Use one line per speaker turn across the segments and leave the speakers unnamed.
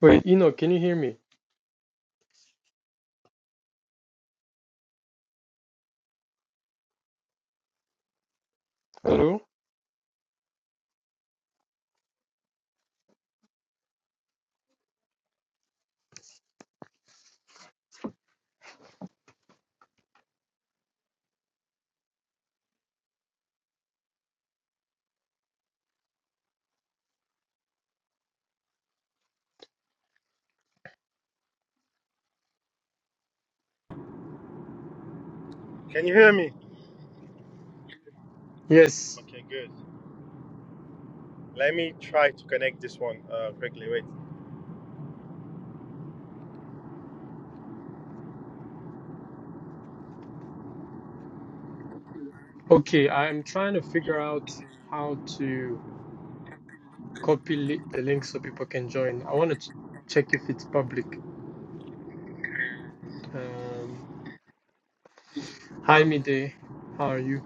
Wait, Eno, can you hear me? Hello?
Can you hear me?
Yes.
Okay, good. Let me try to connect this one uh, quickly. Wait.
Okay, I'm trying to figure out how to copy li the link so people can join. I want to ch check if it's public. Um, hi, Mide. How are you?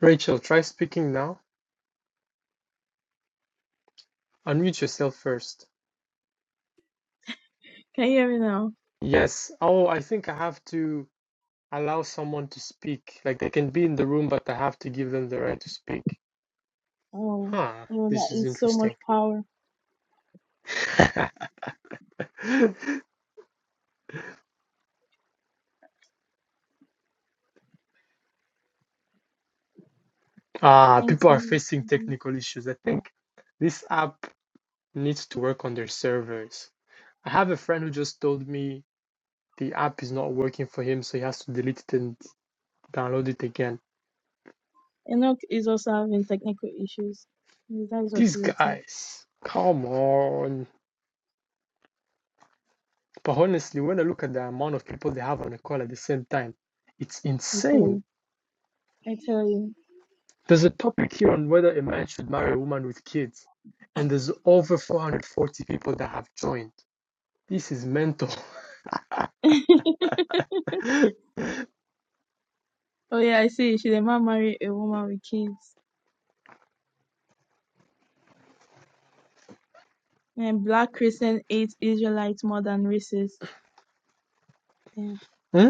Rachel, try speaking now. Unmute yourself first.
Can you hear me now?
Yes. Oh, I think I have to allow someone to speak. Like they can be in the room, but I have to give them the right to speak.
Oh,
Huh,
oh,
this
that
is
is so much
interesting.
power.
Ah,
Thanks.
people are facing
Lord.
technical issues. I think this app needs to work on their servers. I have a friend who just told me the app is not working for him, so he has to delete it and download it again.
Enoch is also having technical issues. Yes, That is what
These
he wrote here.
guys, come on. But honestly, when I look at the amount of people they have on a call at the same time, it's
I tell
insane.
you. I tell you.
There's a topic here on whether a man should marry a woman with kids, and there's over 440 people that have joined. This is mental.
oh yeah, I see. Should a man marry a woman with kids? And black Christian hate Israelites more than racists. Damn.
Hmm?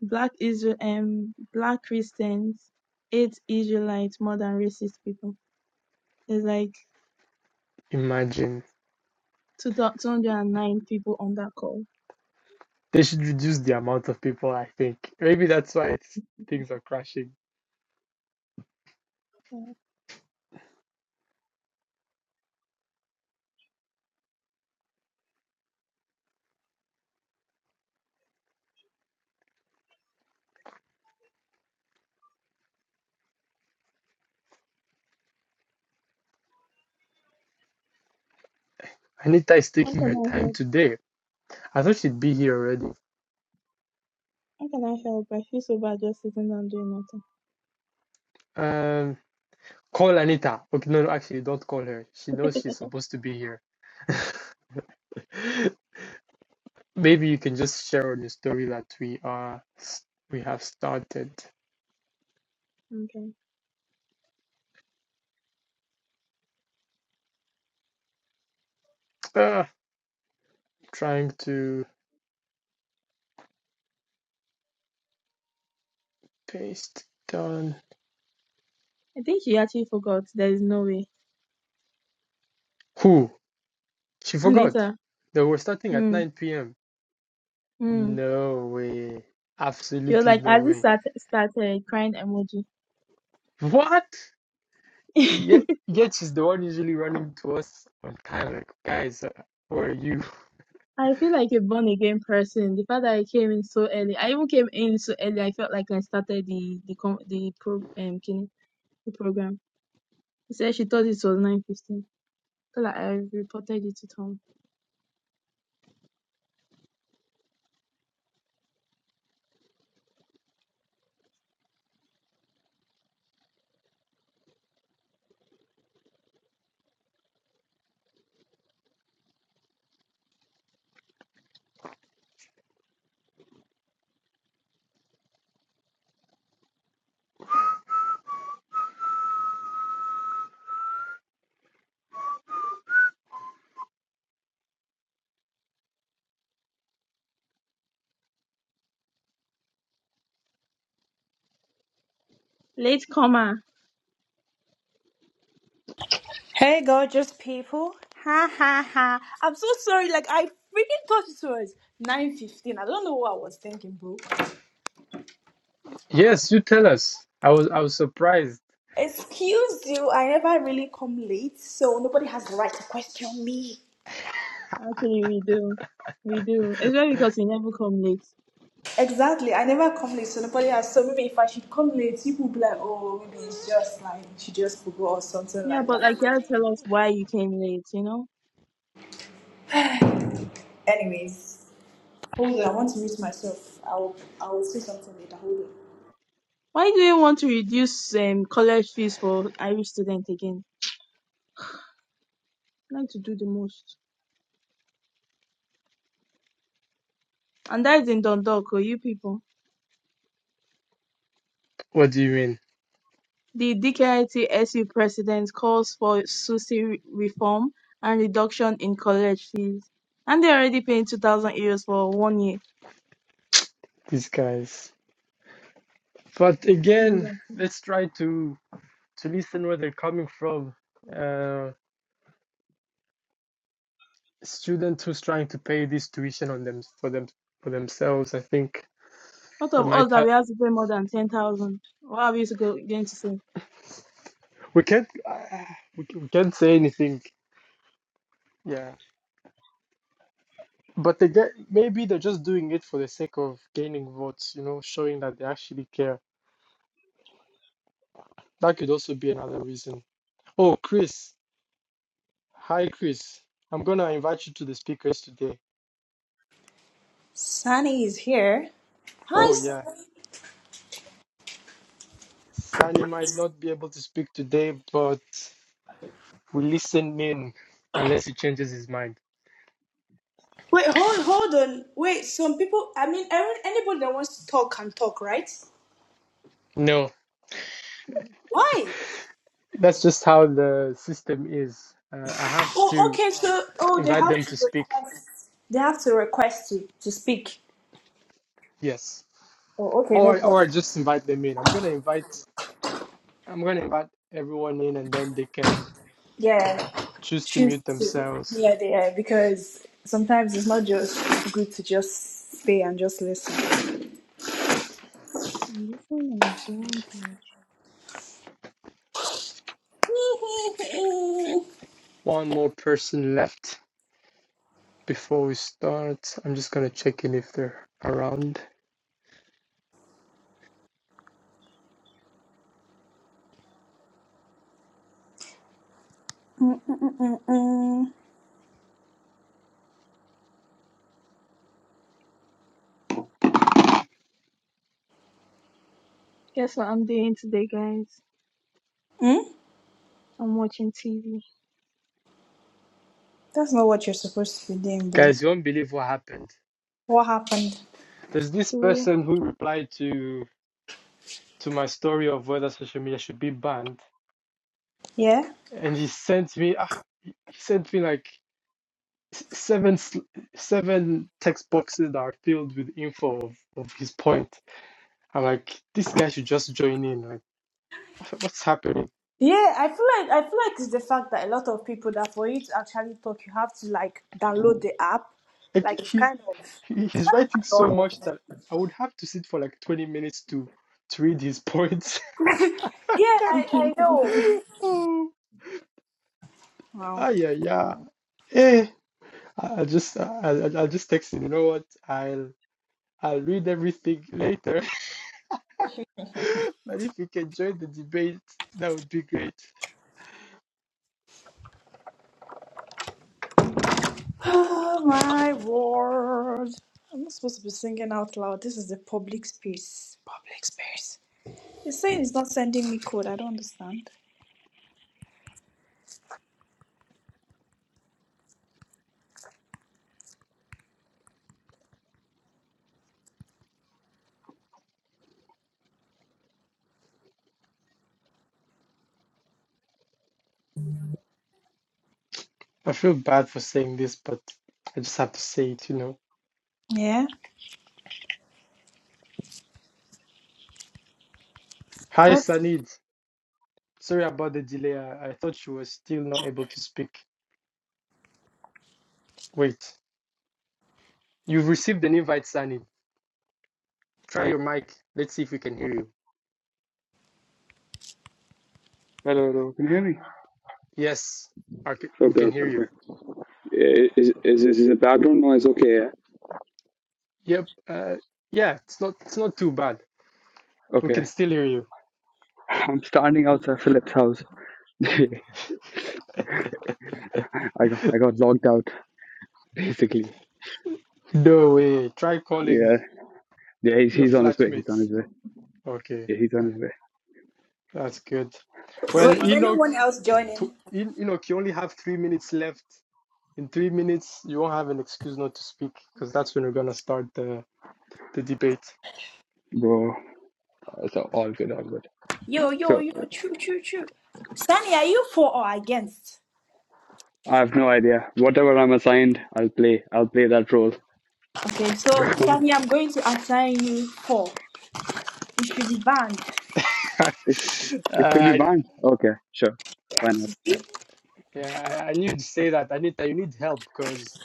Black Israel um black Christians hate Israelites more than racist people. There's like
Imagine.
two hundred and nine people on that call.
They should reduce the amount of people, I think. Maybe that's why it's, things are crashing.
Yeah.
Anita is
How
taking
can
her
I
time
help?
today. I thought she'd be here already.
How can I help? I feel so bad just sitting down doing nothing.
Um, call Anita. Okay, no, no, actually, don't call her. She knows she's supposed to be here. Maybe you can just share on the story that we are we have started.
Okay.
Uh, trying to paste down.
I think she actually forgot. There is no way.
Who? She forgot.
Anita.
They were starting at
Hmm.
9 p.m.
Hmm.
No way.
She was
Absolutely
like,
no
as it
way.
start, started crying emoji.
What? Yet,
I
yet is the one usually running to us on time. Like, guys, uh, where are you?
feel like a born again person. The fact that I came in so early, I even came in so early. I felt like I started the the com- the pro um kin- the program. She said she thought it was nine fifteen. So like I reported it to Tom. Late comer.
Hey, gorgeous people! Ha ha ha! I'm so sorry. Like I freaking thought it was nine fifteen. I don't know what I was thinking, bro.
Yes, you tell us. I was I was surprised.
Excuse you. I never really come late, so nobody has the right to question me.
Actually, we do, we do. Especially because we never come late.
Exactly. I never come late, so nobody has. So maybe if I should come late, people will be like, "Oh, maybe it's just like she just forgot or something
Yeah,
like
but
that."
like you had to tell us why you came late, you know?
Anyways, hold on. I want to mute myself. I'll I'll say something later. Hold on.
Why do you want to reduce um, college fees for Irish students again? You like to do the most. And that is in Dundalk, oh, you people.
What do you mean,
The DKIT SU president calls for SUSI re- reform and reduction in college fees. And they're already paying 2,000 euros for one year.
these guys? But again, let's try to to listen where they're coming from. Uh, student who's trying to pay this tuition on them for them for themselves. I think
Out
they
of us
might
that
have.
we have to pay more than 10,000. What are we to go, going to say?
We can't. Uh, we, c- we can't say anything. Yeah. But they get maybe they're just doing it for the sake of gaining votes, you know, showing that they actually care. That could also be another reason. Oh, Chris. Hi, Chris. I'm gonna invite you to the speakers today.
Sunny is here. Hi,
Oh, yeah.
Sunny.
Sunny might not be able to speak today, but we listen in unless he changes his mind.
Wait, hold, hold on. Wait, some people. I mean, every, anybody that wants to talk can talk, right?
No,
Why?
that's just how the system is. Uh, I have
Oh,
to
okay. So, oh, they
invite
have
them
to
to speak.
request. They have to request to to speak.
Yes.
Oh, okay, no
Or or I
problem.
just invite them in. I'm gonna invite I'm going to invite everyone in and then they can
Yeah,
choose to
choose
mute
to.
themselves.
Yeah, they are because sometimes it's not just good to just stay and just listen.
I'm listening and doing good.
One more person left before we start. I'm just going to check in if they're around.
Mm, mm, mm, mm.
Guess what I'm doing today, guys?
Hmm?
I'm watching TV.
that's not what you're supposed to be doing, bro.
Guys, you won't believe what happened.
What happened?
There's this
to
person who replied to to my story of whether social media should be banned
Yeah.
and he sent me ah, he sent me like s- seven s- seven text boxes that are filled with info of, of his point. I'm like this guy should just join in like what's happening?
Yeah, I feel like I feel like it's the fact that a lot of people that for you to actually talk, you have to like download the app.
like
Like it's
he's
kind of
He- He's writing so
annoying.
much that I would have to sit for like 20 minutes to to read his points.
Yeah, I
what
I know.
Oh,
Wow.
ah, yeah, yeah. Eh, I, I just, I, I, I just text him. You know what? I'll, I'll read everything later. But if you can join the debate, that would be great.
Oh my word! I'm not supposed to be singing out loud. This is the public space. Public space. It's saying it's not sending me code. I don't understand.
I feel bad for saying this, but I just have to say it. You know.
Yeah.
Hi,
What?
Sanid. Sorry about the delay. I, I thought you were still not able to speak. Wait, you've received an invite, Sanid. Try your mic. Let's see if we can hear you.
Hello, hello. Can you hear me?
Yes, I c- we
Okay,
can
okay,
hear you.
okay. I- Is, is, is is the background noise okay? Yeah?
Yep. Uh, yeah, it's not it's not too bad. We
Okay.
can still hear you.
I'm standing outside Philip's house. I got I got locked out basically.
No way. Try calling
Yeah. Yeah. He's
your
he's on his way. He's on
flatmates.
his way.
Okay,
Yeah. He's on his way.
that's good. Well,
Wait, is
Enoch,
anyone else joining?
to, En- Enoch, you only have three minutes left. In three minutes, you won't have an excuse not to speak because that's when we're gonna start the the debate.
Bro. So all good, all good.
Yo yo
So
yo! True true true. Sunny, are you for or against?
I have no idea. Whatever I'm assigned, I'll play. I'll play that role.
Okay, so Tammy, I'm going to assign you four. You should be banned.
uh,
It, sh- it should be
I,
banned. Okay. Sure. Why
Yes.
not?
you see?
yeah, I, I need to say that. I need that you need help because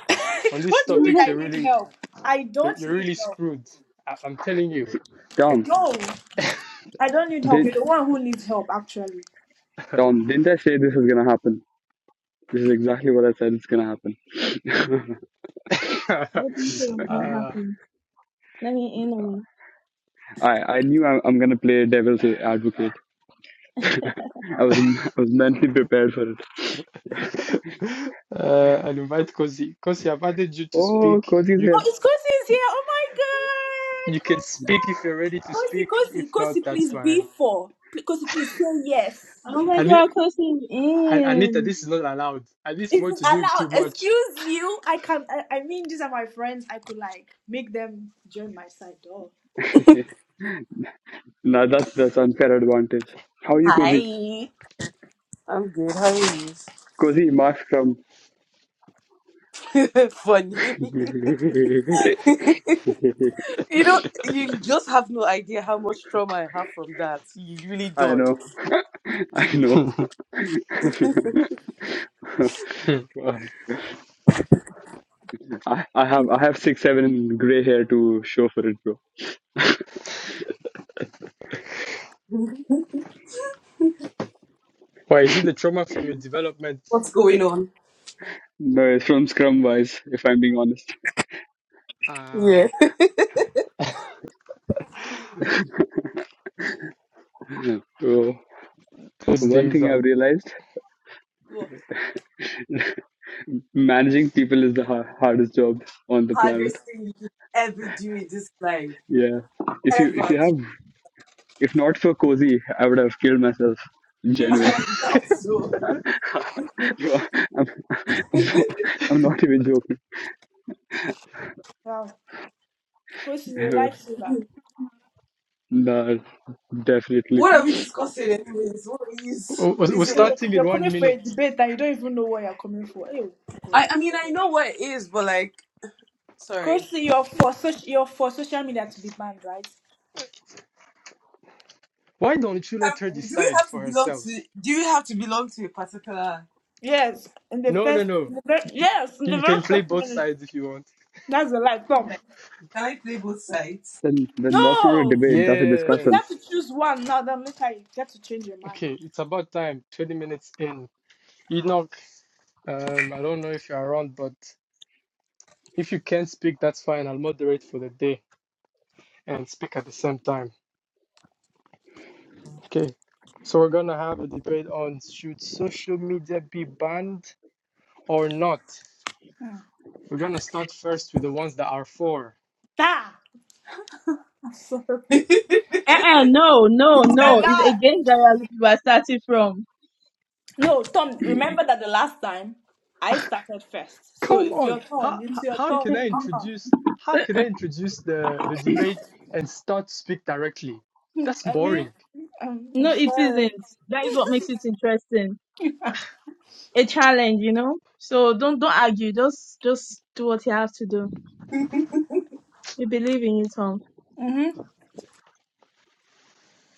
on this
what do you mean
topic, you're
I need
really
help? I
You're,
don't
you're
need
really
help.
screwed. I, I'm telling you.
Tom.
Like,
No, I don't need help.
Did
You're the one who needs help, actually.
Tom? Didn't I say this is gonna happen? This is exactly what I said. It's gonna happen.
uh,
do you feel when that
uh,
happened? Let me in on it.
I, I knew I, I'm gonna play devil's advocate. I was I was mentally prepared for it.
and invite Kosi. Kosi, I've added you to
Oh,
speak.
Cozy's
You
Oh,
here.
c-
it's Kosi is here. Oh
you can speak if you're ready to
my god. Kosi.
speak.
Kosi, Kosi,
If not,
Kosi,
that's
please be
fine.
four. Pl- Kosi, please say yes.
Oh my
Ani-
god, Kosi is
An- Anita,
in.
this is not allowed. At this
It's
point, you're doing
allowed.
too much.
Excuse you. I can I, I mean these are my friends. I could like make them join my side. Oh.
Now that's that's unfair advantage. How are you, Cozy?
Hi. I'm good. How are you?
Cozy, Mark from.
Funny. you know, you just have no idea how much trauma I have from that. You really
I
don't.
know, I know. I, I have I have six seven in gray hair to show for it, bro.
Why is it the trauma from your development?
What's going on?
No, it's from Scrum Wise, if I'm being honest.
Yeah.
Ah,
So
those
one
days
thing I've
are.
realized:
Well,
managing people is the har hardest job on the planet.
hardest thing you could ever do in this life.
Yeah. If you if
Ever
you
do.
have if not for Cozy, I would have killed myself.
Hmm.
I
Genuine.
doubt so.
Bro, I'm, I'm, I'm not even joking.
Wow. Kosi is a lifesaver.
That definitely.
What are we discussing anyways? What are you
We're we're
busy
So
with?
you're,
starting in
you're
one
coming for a
minute.
debate and you don't even know what you're coming for. Hey, Oh God.
I,
I-
I mean, I know what it is, but like, sorry.
Currently, you're for such, you're for social media to be banned, right?
Why don't you let her
Um, Do we
decide
have to
for
belong
herself?
to do we have to belong to a particular
Yes, in the
No, no,
first,
no.
in the very, yes, in
You
the
you
very
can play
first
both
minute.
sides if you want.
That's a lie, Tom.
Can I play both sides?
Then then that's not a
No,
debate. That's a
but you
Yes.
discussion.
have to choose one now. Then later you get to change your mind.
Okay, it's about time. 20 minutes in. Enoch, um, I don't know if you're around, but if you can't speak, that's fine. I'll moderate for the day and speak at the same time. Okay. So we're gonna have a debate on should social media be banned or not.
Hmm.
We're gonna start first with the ones that are for.
Ah, I'm sorry. The
Uh-uh, no, no, no. It's
lie.
against that you are starting from.
No, Tom. Remember that the last time I started first, so
Come
it's
on,
your turn.
how
It's
how
your
how
turn.
can I
Uh-uh.
introduce how can I introduce the the debate and start to speak directly? That's
I mean,
boring.
I'm, I'm
No, it
sorry.
isn't. That is what makes it interesting. A challenge, you know? So don't don't argue. Just just do what you have to do. You believe in it, Tom.
Mm-hmm.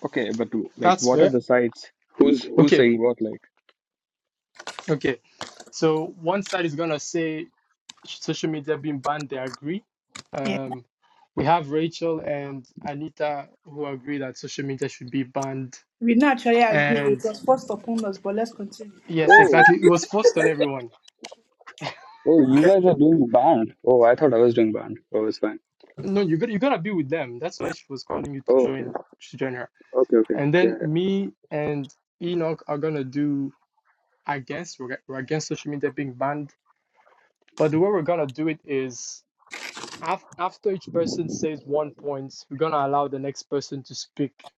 Okay, but like,
That's
what are
fair.
the sites? Who's who's
Okay,
saying what? Like,
okay. So one side is gonna say social media being banned. They agree.
Yeah.
Um, we have Rachel and Anita who agree that social media should be banned.
We naturally agree. It
And
was forced upon us, but let's continue.
yes,
oh,
exactly. It was forced on everyone.
oh, you guys are doing banned. Oh, I thought I was doing banned. Oh, it's fine.
No, you got you gotta be with them. That's why she was calling you to
Oh, okay,
join to join her.
okay, okay.
And
Yeah.
then
yeah.
me and Enoch are gonna do against we're, we're against social media being banned. But the way we're gonna do it is Af- After each person says one point, we're gonna allow the next person to speak.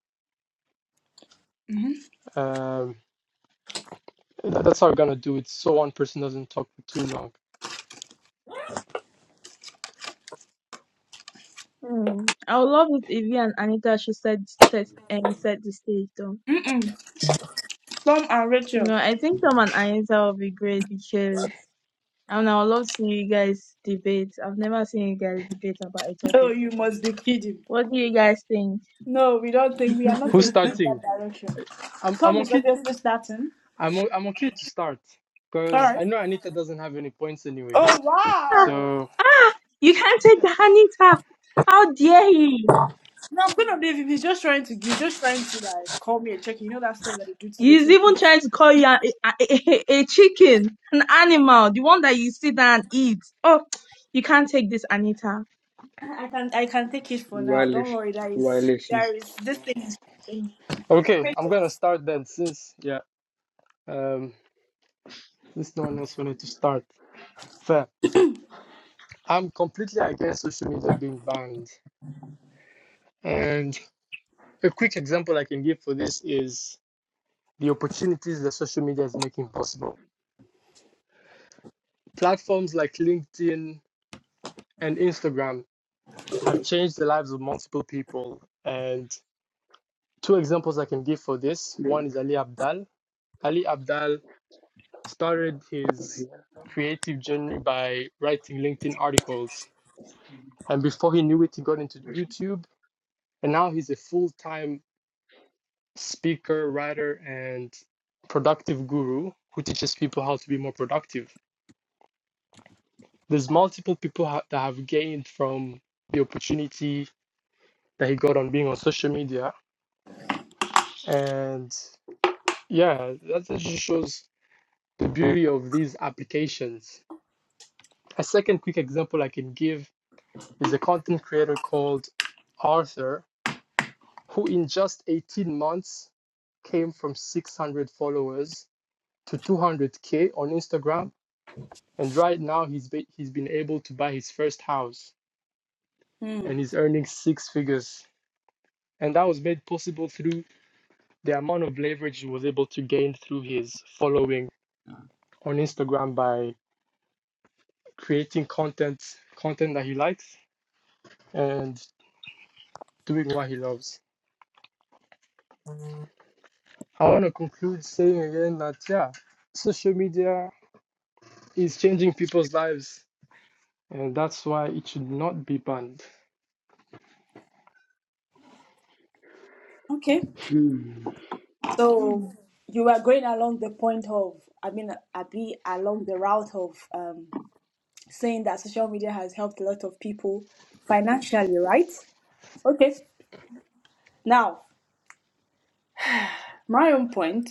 Um, tha- that's how we're gonna do it, so one person doesn't talk for too long.
Hmm. I would love it if you and Anita should set set and set the stage though.
Mm-mm. Tom and Rachel.
No, I think Tom and Anita will be great because And I would love to see you guys debate. I've never seen you guys debate about a
Oh,
topic.
you must be kidding.
What do you guys think?
No, we don't think we are not
Who's
taking in that
starting?
direction.
I'm I'm
Tom is
okay.
obviously starting.
I'm o- I'm okay to start
All
because I
right.
know Anita doesn't have any points anyway.
Oh
Ah,
wow.
So
ah, you can't take the Anita. How dare he?
Now, Queen of David He's just trying to he's just trying to like call me a check. You know that stuff that they do to
He's
little
even
kids.
trying to call you a, a, a, a chicken, an animal, the one that you sit down and eat. Oh, you can't take this, Anita.
I I can I can take it for now. Don't
Violation,
worry. That is
violation.
there is this thing is
okay, I'm gonna
patience.
start then since yeah, um, since no one else wanted to start. Fair. I'm completely against social media being banned, and a quick example I can give for this is. the opportunities that social media is making possible. Platforms like LinkedIn and Instagram have changed the lives of multiple people. And two examples I can give for this one is Ali Abdal. Ali Abdal started his creative journey by writing LinkedIn articles. And before he knew it, he got into YouTube. And now he's a full time speaker, writer, and productive guru who teaches people how to be more productive There's multiple people ha- that have gained from the opportunity that he got on being on social media, and yeah, that just shows the beauty of these applications. A second quick example I can give is a content creator called Arthur, who in just 18 months came from 600 followers to 200k on Instagram, and right now he's be- he's been able to buy his first house
Hmm.
and he's earning six figures, and that was made possible through the amount of leverage he was able to gain through his following on Instagram by creating content content that he likes and doing what he loves. I want to conclude saying again that yeah, social media is changing people's lives and that's why it should not be banned.
Okay.
Hmm.
So you are going along the point of, I mean, I be along the route of um, saying that social media has helped a lot of people financially, right? Okay. Now, my own point,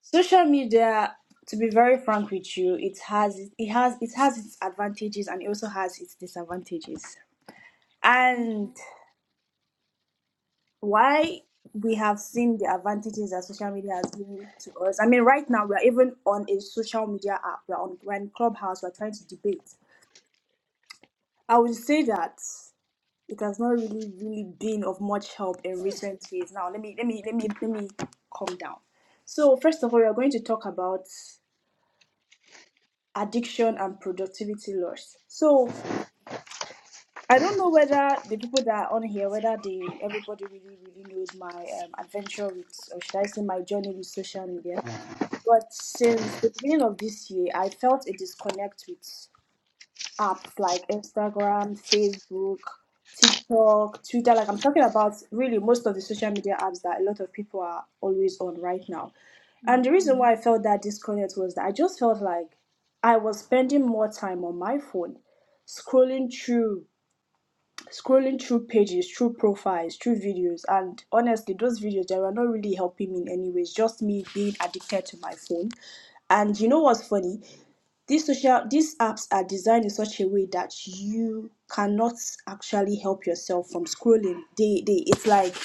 social media, to be very frank with you, it has it has it has its advantages and it also has its disadvantages. And. why we have seen the advantages that social media has given to us. I mean, right now we're even on a social media app. We're on we're in Clubhouse. We're trying to debate. I would say that it has not really, really been of much help in recent years. Now, let me, let me, let me, let me calm down. So, first of all, we're going to talk about addiction and productivity loss. So, I don't know whether the people that are on here, whether they everybody really, really knows my um, adventure with, or should I say, my journey with social media But since the beginning of this year, I felt a disconnect with apps like Instagram, Facebook, TikTok, Twitter. Like I'm talking about really most of the social media apps that a lot of people are always on right now. And the reason why I felt that disconnect was that I just felt like I was spending more time on my phone, scrolling through scrolling through pages, through profiles, through videos, and honestly, those videos they were not really helping me in any ways. Just me being addicted to my phone. And you know what's funny? These social these apps are designed in such a way that you cannot actually help yourself from scrolling. They they it's like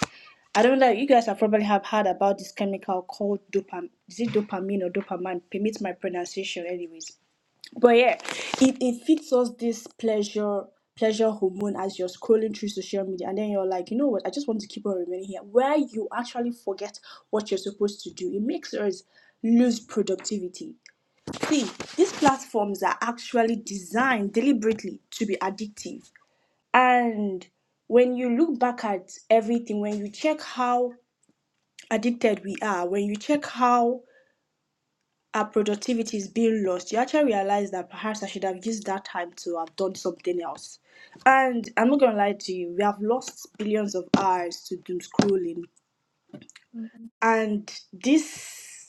I don't know. You guys have probably have heard about this chemical called dopam. Is it dopamine or dopamine? Permit my pronunciation, anyways. But yeah, it, it feeds us this pleasure pleasure hormone as you're scrolling through social media and then you're like, you know what, I just want to keep on remaining here. Where you actually forget what you're supposed to do. It makes us lose productivity. See, these platforms are actually designed deliberately to be addictive. And when you look back at everything, when you check how addicted we are, when you check how her productivity is being lost, You actually realize that perhaps I should have used that time to have done something else. And I'm not gonna lie to you, we have lost billions of hours to doom scrolling. And this,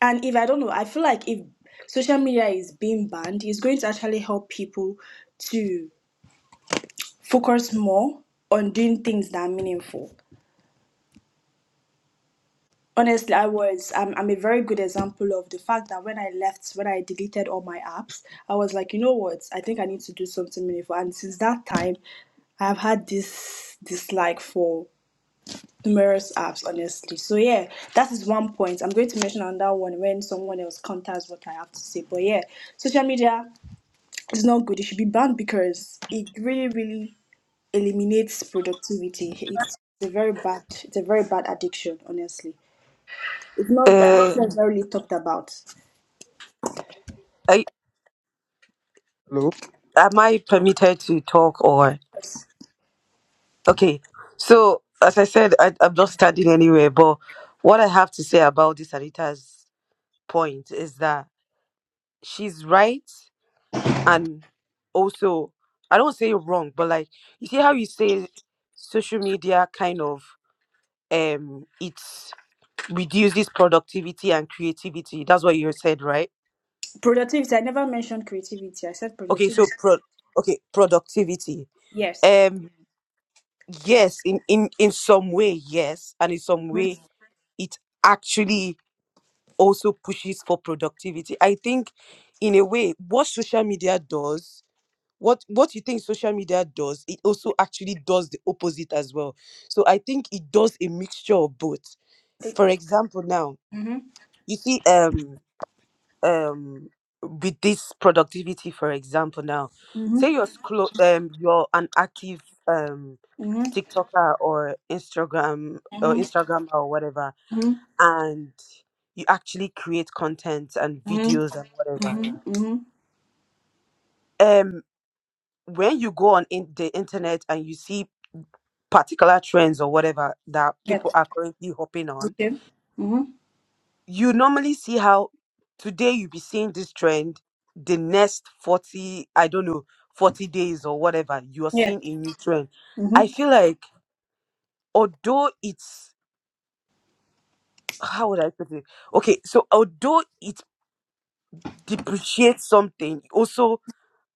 and if I don't know, I feel like if social media is being banned, it's going to actually help people to focus more on doing things that are meaningful. Honestly, I was. I'm, I'm a very good example of the fact that when I left, when I deleted all my apps, I was like, you know what? I think I need to do something meaningful. And since that time, I have had this dislike for numerous apps, honestly. So, yeah, that is one point. I'm going to mention another one when someone else counters what I have to say. But, yeah, social media is not good. It should be banned because it really, really eliminates productivity. It's a very bad, it's a very bad addiction, honestly. It's not that
Uh,
it's not really talked about.
I,
Hello.
am I permitted to talk or? Okay. So, as I said, I, I'm not standing anywhere, but what I have to say about this Anita's point is that she's right and also, I don't say wrong, but like, you see how you say social media kind of, um, it reduces productivity and creativity. That's what you said, right?
Productivity. I never mentioned creativity. I said
Okay.
productivity.
So, pro- okay, productivity.
Yes.
Um, yes, in in in some way, yes, and in some way, it actually also pushes for productivity. I think, in a way, what social media does, what what you think social media does, it also actually does the opposite as well. So I think it does a mixture of both.
Take.
For example, now
Mhm.
you see, um, um, with this productivity, for example, now, say
Mhm.
you're Mhm. scro- um, you're an active um
Mhm.
TikToker or Instagram or
Mhm.
Instagram or whatever,
Mhm.
and you actually create content and
Mhm.
videos and whatever.
Mhm. Mhm.
Um, when you go on in the internet and you see particular trends or whatever that
Yep.
people are currently hopping on,
Okay. Mhm.
you normally see how today you be seeing this trend, the next forty, I don't know, forty days or whatever, you are
Yeah.
seeing a new trend. I
Mhm.
feel like although it's how would I put it? Okay, so although it depreciate something also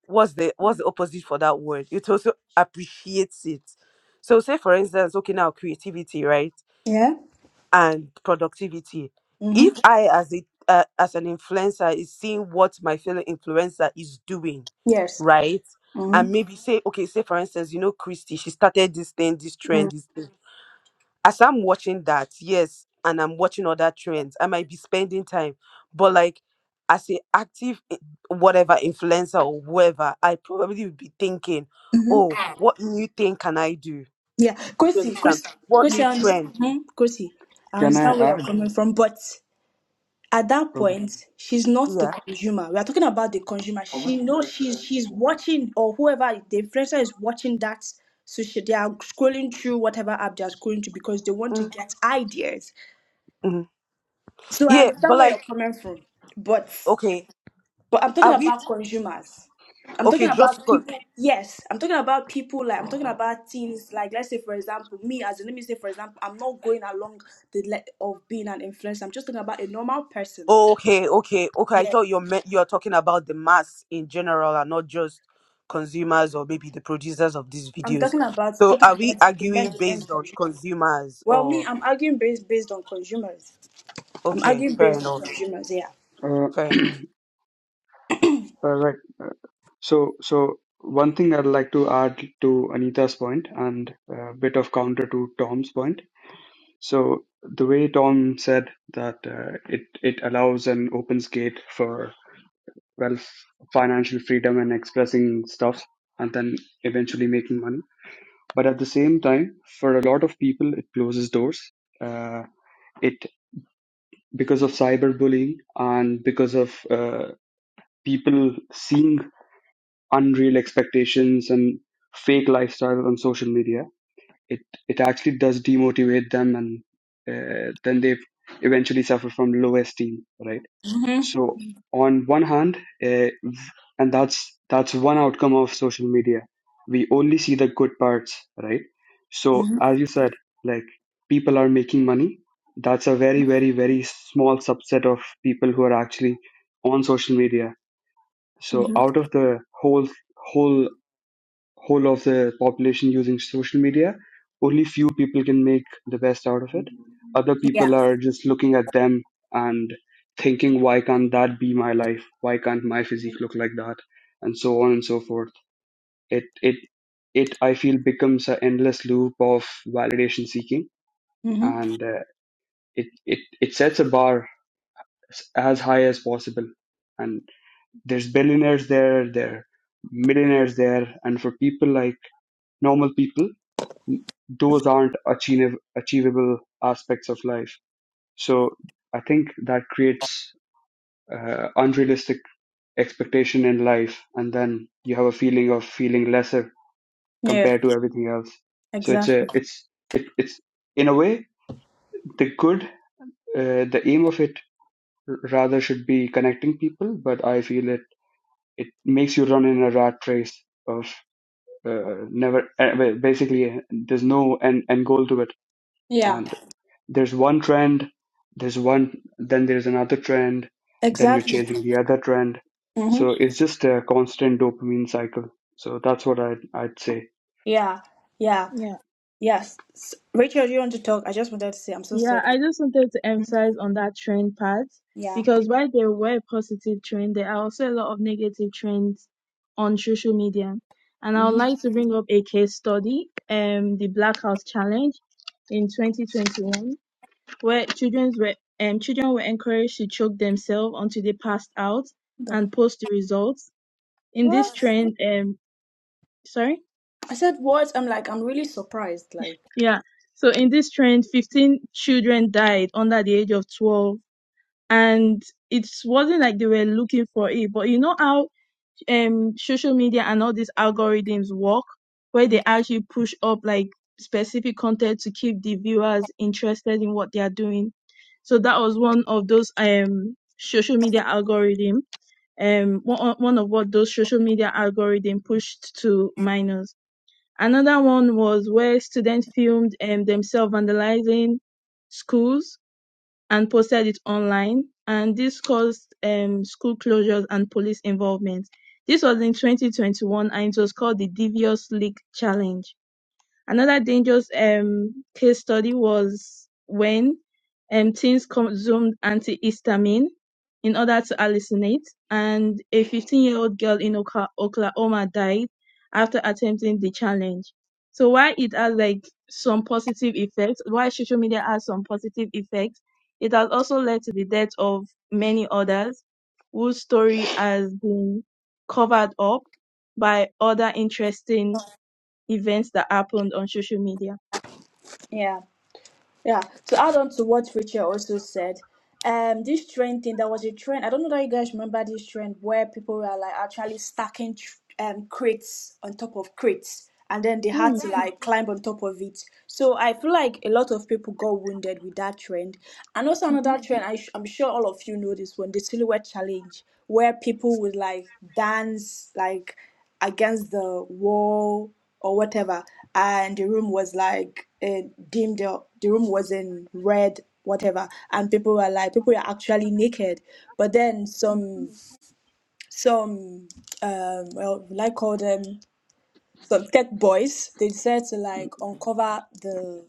what's the what's the opposite for that word it also appreciates it so say for instance okay now creativity right
Yeah.
and productivity if
Mhm.
i as a uh, as an influencer is seeing what my fellow influencer is doing
Yes.
right and
Mhm.
maybe say okay say for instance you know christy she started this thing this
Mm.
trend this as I'm watching that, yes, and I'm watching other trends, I might be spending time, but like as an active i- whatever influencer or whoever, I probably would be thinking, oh, what new thing can I do?
Yeah.
You
Kosi.
understand?
Kosi.
What
Kosi.
new
I
trend?
understand. Mhm. Kosi. I
Can I
understand where you're
add?
coming from, but. at that
Okay.
point she's not the
Yeah.
consumer we are talking about the consumer she knows she's she's watching or whoever the influencer is watching that social they are scrolling through whatever app they are scrolling to because they want to get ideas
Mm-hmm.
so i
Yeah, but
understand where
like,
you're coming from but
okay,
but i'm talking
are we
about consumers i'm talking
okay? Just
about people yes i'm talking about people like i'm talking about things. like let's say for example me as in, let me say for example i'm not going along the le- of being an influencer i'm just talking about a normal person
Okay, okay, okay. I
Yeah.
thought you're me- you're talking about the mass in general and not just consumers or maybe the producers of these
I'm
videos.
talking about
So
talking
are
about
we
the
arguing
end-to-end
based on
consumer.
consumers
Well, me,
or
I'm arguing based based on consumers. I'm
okay,
arguing
fair
based on
enough.
consumers. Yeah.
Uh,
Fair enough.
uh, right. Uh, So, so one thing I'd like to add to Anita's point and a bit of counter to Tom's point. So the way Tom said that uh, it it allows and opens gate for wealth, financial freedom, and expressing stuff, and then eventually making money. But at the same time, for a lot of people, it closes doors. Uh, it because of cyberbullying and because of uh, people seeing unreal expectations and fake lifestyles on social media, it it actually does demotivate them, and uh, then they eventually suffer from low esteem, right?
Mhm.
So on one hand, uh, and that's that's one outcome of social media. We only see the good parts, right? So
Mhm.
as you said, like people are making money. That's a very, very, very small subset of people who are actually on social media. So
Mhm.
out of the whole whole whole of the population using social media, only few people can make the best out of it. Other people
Yeah.
are just looking at them and thinking, why can't that be my life? Why can't my physique look like that? And so on and so forth. It it it I feel becomes an endless loop of validation seeking,
Mhm.
and uh, it it it sets a bar s- as high as possible. And there's billionaires there, there are millionaires there, and for people like normal people those aren't achievable achievable aspects of life. So I think that creates uh, unrealistic expectation in life, and then you have a feeling of feeling lesser
Yeah.
compared to everything else. So it's a
Exactly.
it's it, it's in a way the good uh, the aim of it r- rather should be connecting people, but I feel it it makes you run in a rat race of uh, never uh, well, basically there's no end, end goal to it
Yeah.
and There's one trend, there's one, then there's another trend, then you're
Exactly.
chasing the other trend.
Mhm.
So it's just a constant dopamine cycle. So that's what I'd, I'd say.
Yeah. Yeah.
Yeah.
Yes. S- Rachel, do you want to talk? I just wanted to say I'm so sorry.
Yeah, I just wanted to
Mhm.
emphasize on that trend part
Yeah.
because while there were positive trends, there are also a lot of negative trends on social media. And I would
Mhm.
like to bring up a case study, um, the Black House Challenge in 2021, where children were um, children were encouraged to choke themselves until they passed out
The
and post the results. In this
what?
trend, um, sorry,
I said what? I'm like I'm really surprised. Like.
yeah. So in this trend, 15 children died under the age of 12 and it wasn't like they were looking for it. But you know how um social media and all these algorithms work, where they actually push up like specific content to keep the viewers interested in what they are doing. So that was one of those um social media algorithm, um one one of what those social media algorithm pushed to minors. Another one was where students filmed um, themselves vandalizing schools and posted it online, and this caused um, school closures and police involvement. This was in 2021, and it was called the Devious League Challenge. Another dangerous um, case study was when um, teens consumed antihistamine in order to hallucinate, and a 15 year old girl in Oka- Oklahoma died after attempting the challenge. So, while it has like some positive effects, while social media has some positive effects, it has also led to the death of many others whose story has been covered up by other interesting events that happened on social media.
Yeah. Yeah, to add on to what Rachel also said, um, this trend thing that was a trend. I don't know that you guys remember this trend where people were like actually stacking tr- um crates on top of crates, and then they had
Mm,
to Right. like climb on top of it. So I feel like a lot of people got wounded with that trend, and also
mm-hmm.
another trend. I sh- I'm sure all of you know this one, the silhouette challenge, where people would like dance like against the wall or whatever and the room was like uh, dimmed up the room was in red whatever and people were like people were actually naked but then some some um well like call them some tech boys they decided to like uncover the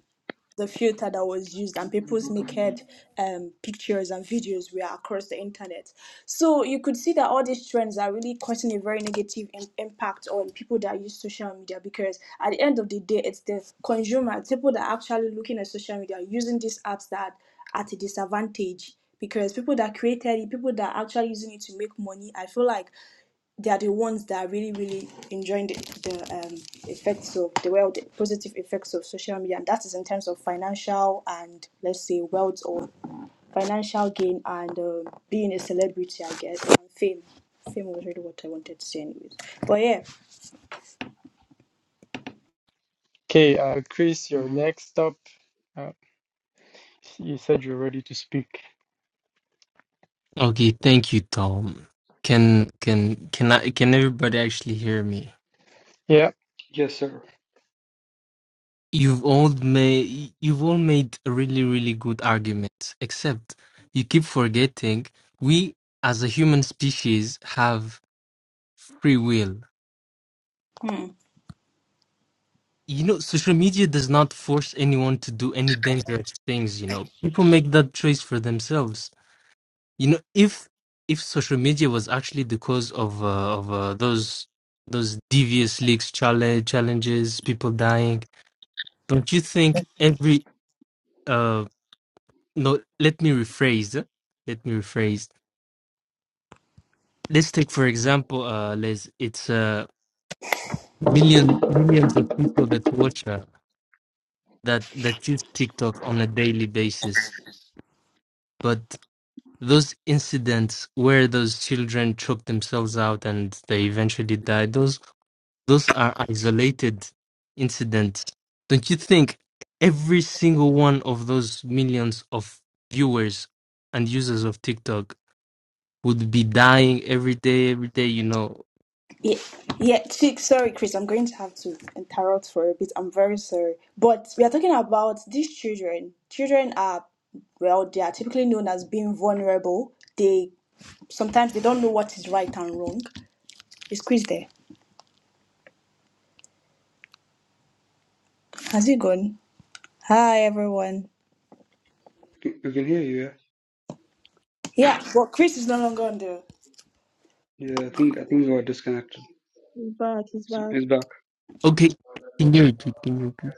the filter that was used and people's naked um, pictures and videos were across the internet. So you could see that all these trends are really causing a very negative im- impact on people that use social media because at the end of the day, it's the consumer, people that are actually looking at social media using these apps that are at a disadvantage because people that created it, people that are actually using it to make money, I feel like they are the ones that are really really enjoying the, the um, effects of the well the positive effects of social media and that is in terms of financial and let's say wealth or financial gain and um being a celebrity i guess and fame fame was really what i wanted to say anyways but yeah
Okay, uh, Chris, you're
hmm
next up. Uh, you said you're ready to speak.
Okay, thank you, Tom. Can can can I can everybody actually hear me?
Yeah,
Yes, sir.
You've all made you've all made a really really good argument, except you keep forgetting we as a human species have free will.
hmm.
You know, social media does not force anyone to do any dangerous things, you know. People make that choice for themselves you know if if social media was actually the cause of uh, of uh, those those devious leaks challenge challenges people dying don't you think every uh no let me rephrase let me rephrase let's take for example uh les it's uh million millions of people that watch uh, that that use tiktok on a daily basis but those incidents where those children choked themselves out and they eventually died those Those are isolated incidents. Don't you think every single one of those millions of viewers and users of TikTok would be dying every day, every day, you know?
yeah yeah chick sorry chris i'm going to have to interrupt for a bit i'm very sorry but we are talking about these children children are well, they are typically known as being vulnerable. They Sometimes they don't know what is right and wrong. Is Chris there? Has he gone? Hi, everyone.
We can we can hear you. Yeah,
Yeah, but Chris is no longer on the.
yeah. I think I think we are disconnected.
It's back, it's
So
bad.
He's back.
Okay, can you repeat? Can you repeat?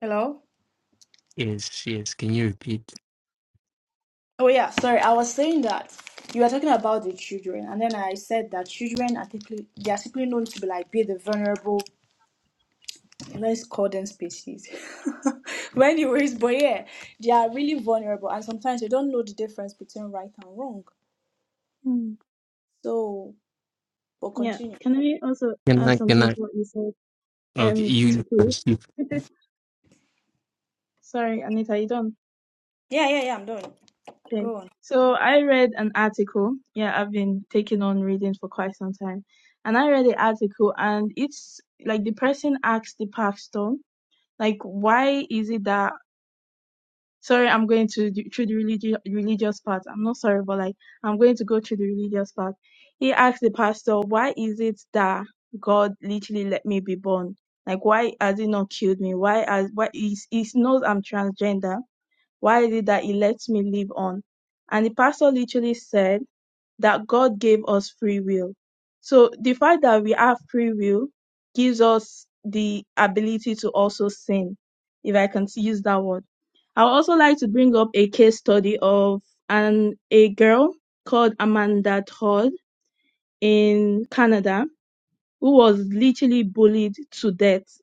Hello?
Yes, yes, can you repeat?
Oh, yeah, sorry. I was saying that you were talking about the children, and then I said that children are typically, they are simply known to be like, be the vulnerable, let's call them species. but, anyways, but yeah, they are really vulnerable, and sometimes they don't know the difference between right and wrong.
Mm.
So, but
Yeah.
continue.
Can I also
Can
add
I, can
something to
I?
what you said?
Okay,
Um, to
you
prove.
first. you-
Sorry, Anita, you done?
Yeah, yeah, yeah, I'm done.
Okay.
Go on.
So I read an article. Yeah, I've been taking on reading for quite some time. And I read the article and it's like the person asked the pastor, like, why is it that sorry, I'm going to do, through the religious religious part. I'm not sorry, but like I'm going to go through the religious part. He asked the pastor, why is it that God literally let me be born? Like why has he not killed me? Why has why he, he knows I'm transgender why is it that he lets me live on? And the pastor literally said that God gave us free will. So the fact that we have free will gives us the ability to also sin, if I can use that word. I would also like to bring up a case study of an a girl called Amanda Todd in Canada who was literally bullied to death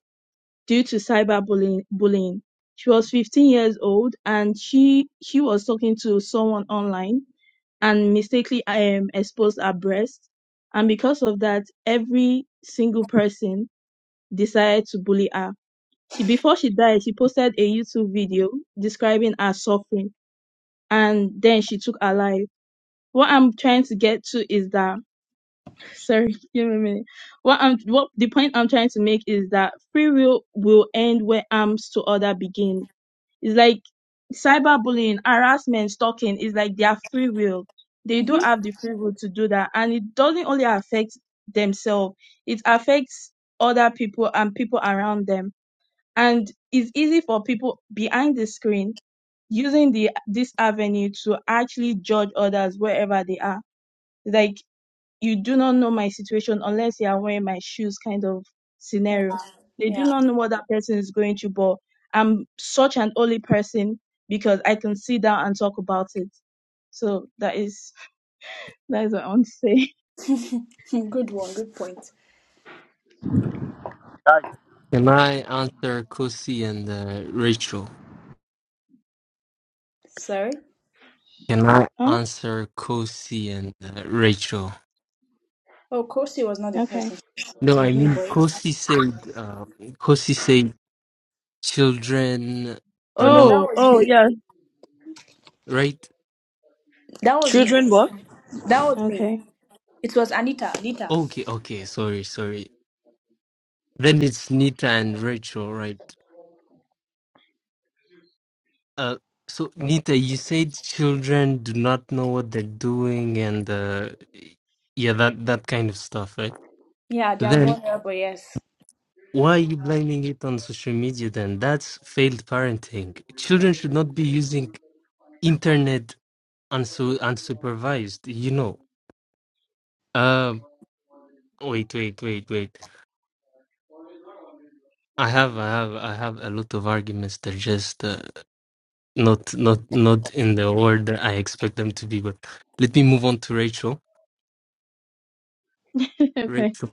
due to cyberbullying. Bullying. She was 15 years old and she she was talking to someone online and mistakenly um, exposed her breast. And because of that, every single person decided to bully her. She before she died, she posted a YouTube video describing her suffering, and then she took her life. What I'm trying to get to is that sorry, give me a minute. What I'm what the point I'm trying to make is that free will will end where arms to other begin. It's like cyberbullying, harassment, stalking is like their free will. They do
Mm-hmm.
have the free will to do that, and it doesn't only affect themselves; it affects other people and people around them. And it's easy for people behind the screen using the this avenue to actually judge others wherever they are. Like you do not know my situation unless you are wearing my shoes kind of scenario. They do
Yeah.
not know what that person is going through, but I'm such an only person because I can sit down and talk about it. So that is that is what I want to say.
Good one, good point.
Hi.
Can I answer Kosi and uh, Rachel?
Sorry.
Can I
Oh,
answer Kosi and uh, Rachel?
Oh, Kosi was not the
okay.
person. It
No, I
was me,
mean
boy.
Kosi said. Uh, Kosi said. Children do
Oh no,
not,
that
Oh,
was
oh
me.
yeah.
right?
That was me.
Children, what?
That was me.
Okay.
It was Anita. Anita.
Okay, okay, sorry, sorry. Then it's Nita and Rachel, right? Uh, so Nita, you said children do not know what they're doing, and uh, yeah, that that kind of stuff, right?
Yeah, they are
Then
vulnerable. Yes.
why are you blaming it on social media? Then that's failed parenting. Children should not be using internet unsu- unsupervised. You know. Um. Wait, wait, wait, wait. I have, I have, I have a lot of arguments. They're just uh, not, not, not in the order I expect them to be. But let me move on to Rachel.
okay.
Rachel,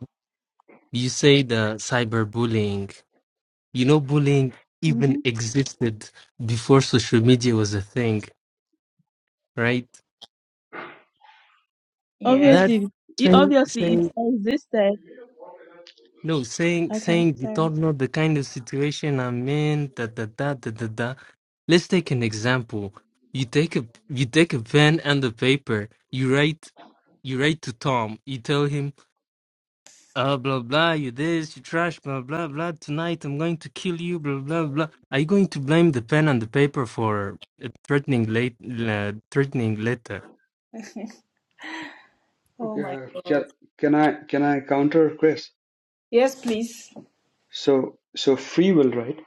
you say the cyberbullying. You know, bullying even
hmm
existed before social media was a thing, right?
hmm
Yes.
That
Obviously, it
saying,
obviously it
saying
existed.
No, saying
Okay,
saying you
sorry.
don't know the kind of situation I'm in. Da da da da da da. Let's take an example. You take a you take a pen and a paper. You write you write to Tom. You tell him, uh, blah blah. You this. You trash. Blah blah blah. Tonight I'm going to kill you. Blah blah blah. Are you going to blame the pen and the paper for a threatening late uh, threatening letter?
oh my
Uh, can,
God.
can I can I counter Chris?
Yes, please.
So so free will, right?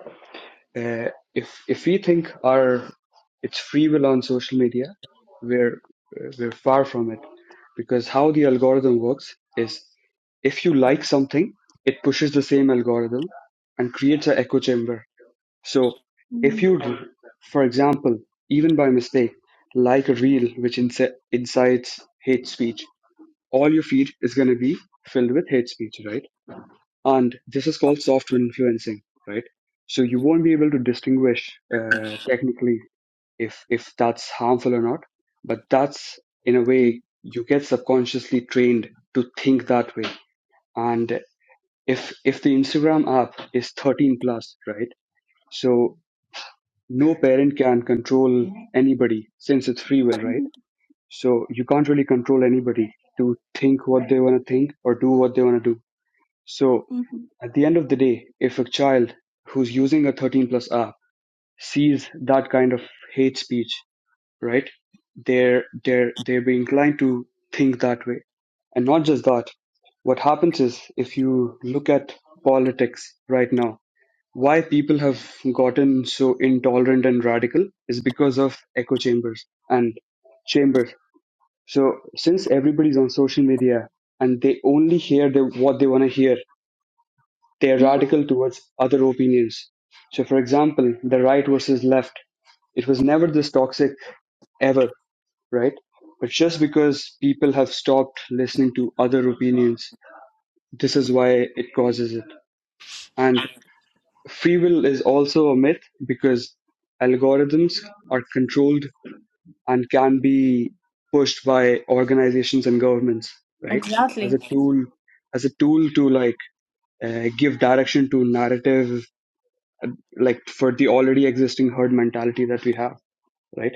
uh, if if we think our it's free will on social media, we're uh, we're far from it because how the algorithm works is if you like something, it pushes the same algorithm and creates an echo chamber. So if
Mm-hmm.
you, for example, even by mistake, like a reel which inci- incites hate speech, all your feed is going to be filled with hate speech, right? and this is called software influencing right so you won't be able to distinguish uh, technically if if that's harmful or not but that's in a way you get subconsciously trained to think that way and if if the instagram app is 13 plus right so no parent can control anybody since it's free will right
Mm-hmm.
so you can't really control anybody to think what they want to think or do what they want to do so
Mm-hmm.
At the end of the day, if a child who's using a 13 plus app sees that kind of hate speech, right, they're they're they're be inclined to think that way. And not just that, what happens is if you look at politics right now, why people have gotten so intolerant and radical is because of echo chambers and chambers. So since everybody's on social media and they only hear the, what they want to hear they are
Mm-hmm.
radical towards other opinions. So, for example, the right versus left, it was never this toxic ever, right? But just because people have stopped listening to other opinions, this is why it causes it. And free will is also a myth because algorithms are controlled and can be pushed by organizations and governments, right? As
Exactly.
a tool, as a tool to like uh, give direction to narrative like for the already existing herd mentality that we have right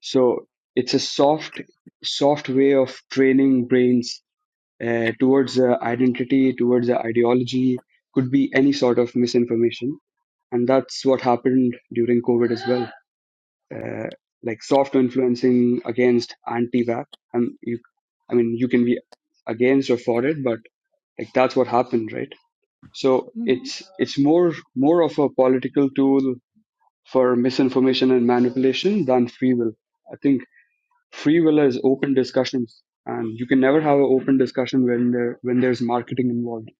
so it's a soft soft way of training brains uh, towards the identity towards the ideology could be any sort of misinformation and that's what happened during covid as well uh, like soft influencing against anti-vax um, you, i mean you can be against or for it but like that's what happened right so
Mm-hmm.
it's it's more more of a political tool for misinformation and manipulation than free will. I think free will is open discussions, and you can never have an open discussion when there when there's marketing involved.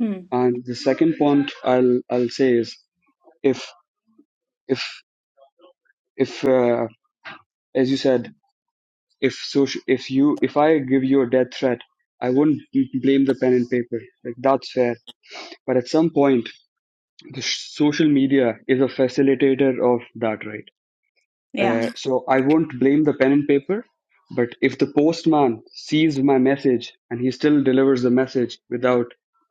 Hmm.
And the second point I'll I'll say is if if if uh, as you said if social if you if I give you a death threat. I wouldn't blame the pen and paper. Like that's fair. But at some point, the sh- social media is a facilitator of that, right?
Yeah.
Uh,
Yeah.
so I won't blame the pen and paper But if the postman sees my message and he still delivers the message without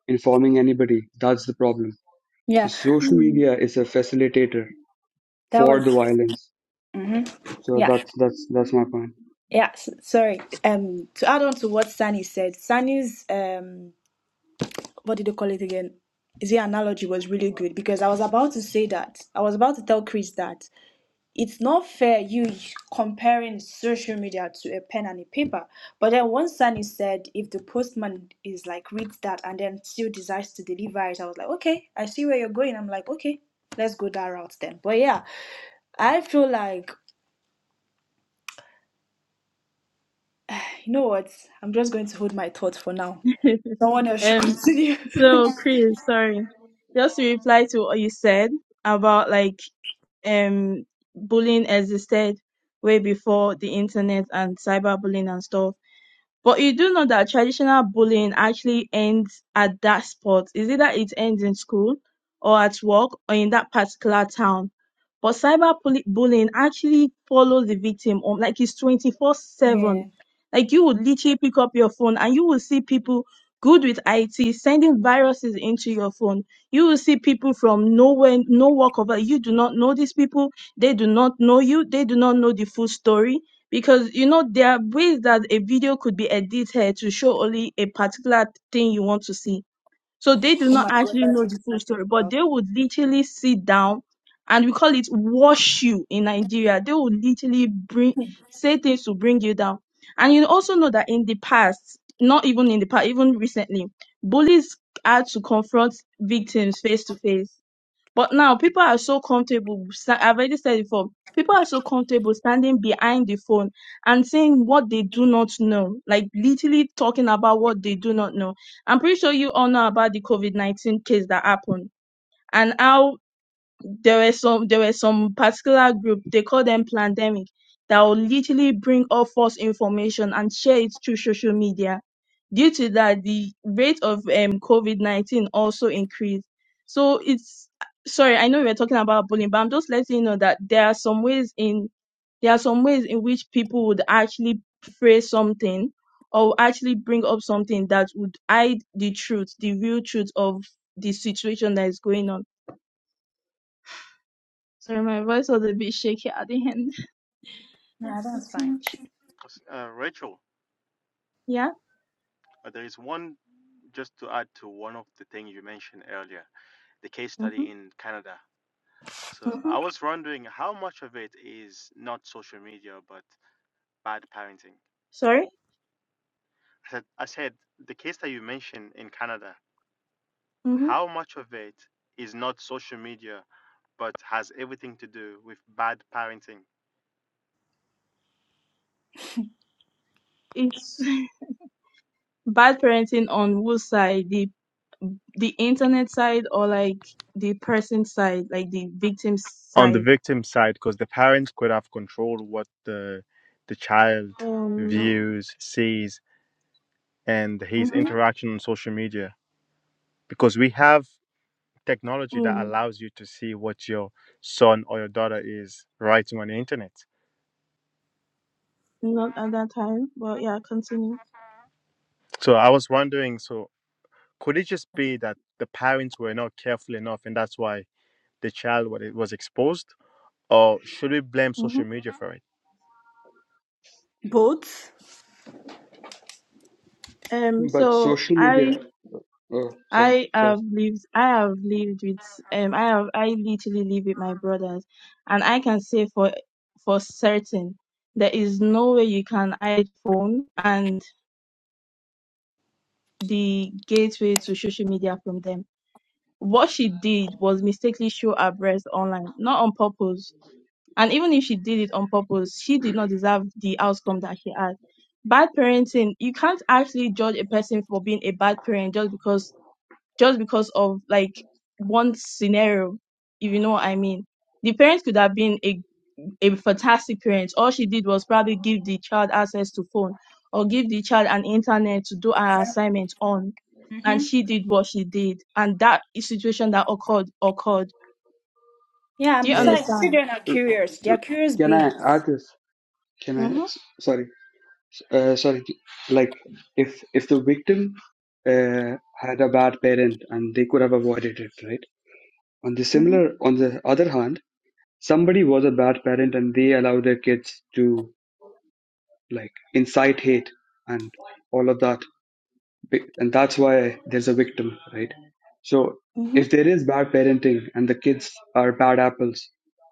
informing anybody, that's the problem. So
Yeah.
social media is a facilitator
That was.
for the violence.
hmm
So
Yeah.
that's that's that's
Mm.
my point.
Yeah. S- sorry. Um. To add on to what Sunny said, Sunny's um what did they call it again? the analogy was really good because I was about to say that. I was about to tell Chris that it's not fair you comparing social media to a pen and a paper. But then one Sunny said, if the postman is like reads that and then still decides to deliver it, I was like, okay, I see where you're going. I'm like, okay, let's go that route then. But yeah, I feel like you know what? I'm just going to hold my thoughts for now. Someone else should
um,
continue.
so Chris, sorry, just to reply to what you said about like um bullying existed way before the internet and cyberbullying and stuff. But you do know that traditional bullying actually ends at that spot. It's either it ends in school or at work or in that particular town. But cyber bully- bullying actually follows the victim on like it's 24
yeah.
7. Like you would literally pick up your phone and you will see people good with IT sending viruses into your phone. You will see people from nowhere, no work of you do not know these people. They do not know you. They do not know the full story because you know there are ways that a video could be edited to show only a particular thing you want to see so they do
Oh
not
my god,
actually
that's
know the
just
full story but they would literally sit down and we call it wash you in nigeria they would literally bring say things to bring you down and you also know that in the past not even in the past even recently bullies had to confront victims face to face but now people are so comfortable. sta- I've already said it before. People are so comfortable standing behind the phone and saying what they do not know, like literally talking about what they do not know. I'm pretty sure you all know about the COVID 19 case that happened and how there were some there were some particular group they call them pandemic that will literally bring up false information and share it through social media due to that the rate of um, covid-19 also increased so it's sorry i know we we're talking about bullying but i'm just letting you know that there are some ways in there are some ways in which people would actually phrase something or actually bring up something that would hide the truth the real truth of the situation that is going on Sorry, my voice was a bit shaky at the end. I've
yeah, that's
talked so
fine.
much.
Uh, Rachel,
Yeah.
uh, there is one just to add to one of the things you mentioned earlier, the case
Mhm.
study in Canada. So
Mhm.
I was wondering how much of it is not social media but bad parenting.
Sorry.
I said, I said the case that you mentioned in Canada,
Mhm.
how much of it is not social media but has everything to do with bad parenting?
It's bad parenting on whose side? The the internet side or like the person side, like the victim's
on the
side?
victim side because the parents could have control what the the child
Oh no.
views sees and his
Mhm.
interaction on social media because we have technology that
Mm.
allows you to see what your son or your daughter is writing on the internet
Not at that time, but yeah, continue.
so i was wondering so could it just be that the parents were not careful enough and that's why the child wa- was exposed or should we blame
Mhm.
social media for it
Both,
Um.
But
So
social
I
media. Oh, sorry,
I
sorry.
have lived I have lived with um I have I literally live with my brothers and I can say for for certain there is no way you can hide phone and the gateway to social media from them. What she did was mistakenly show her breast online, not on purpose. And even if she did it on purpose, she did not deserve the outcome that she had. Bad parenting, you can't actually judge a person for being a bad parent just because just because of like one scenario, if you know what I mean. The parent could have been a, a fantastic parent. All she did was probably give the child access to phone or give the child an internet to do her assignment on. And
Mm-hmm.
she did what she did. And that is situation that occurred occurred.
Yeah,
Do
and
you
Uh,
besides,
understand?
children are
r-
curious. They are
r-
curious
can I
beings.
add this? Can I?
Mm-hmm.
s- Sorry, uh, sorry. Like, if if the victim uh, had a bad parent and they could have avoided it, right? On the
Mm-hmm.
similar, on the other hand, somebody was a bad parent and they allow their kids to like incite hate and all of that and that's why there's a victim right so
mm-hmm.
if there is bad parenting and the kids are bad apples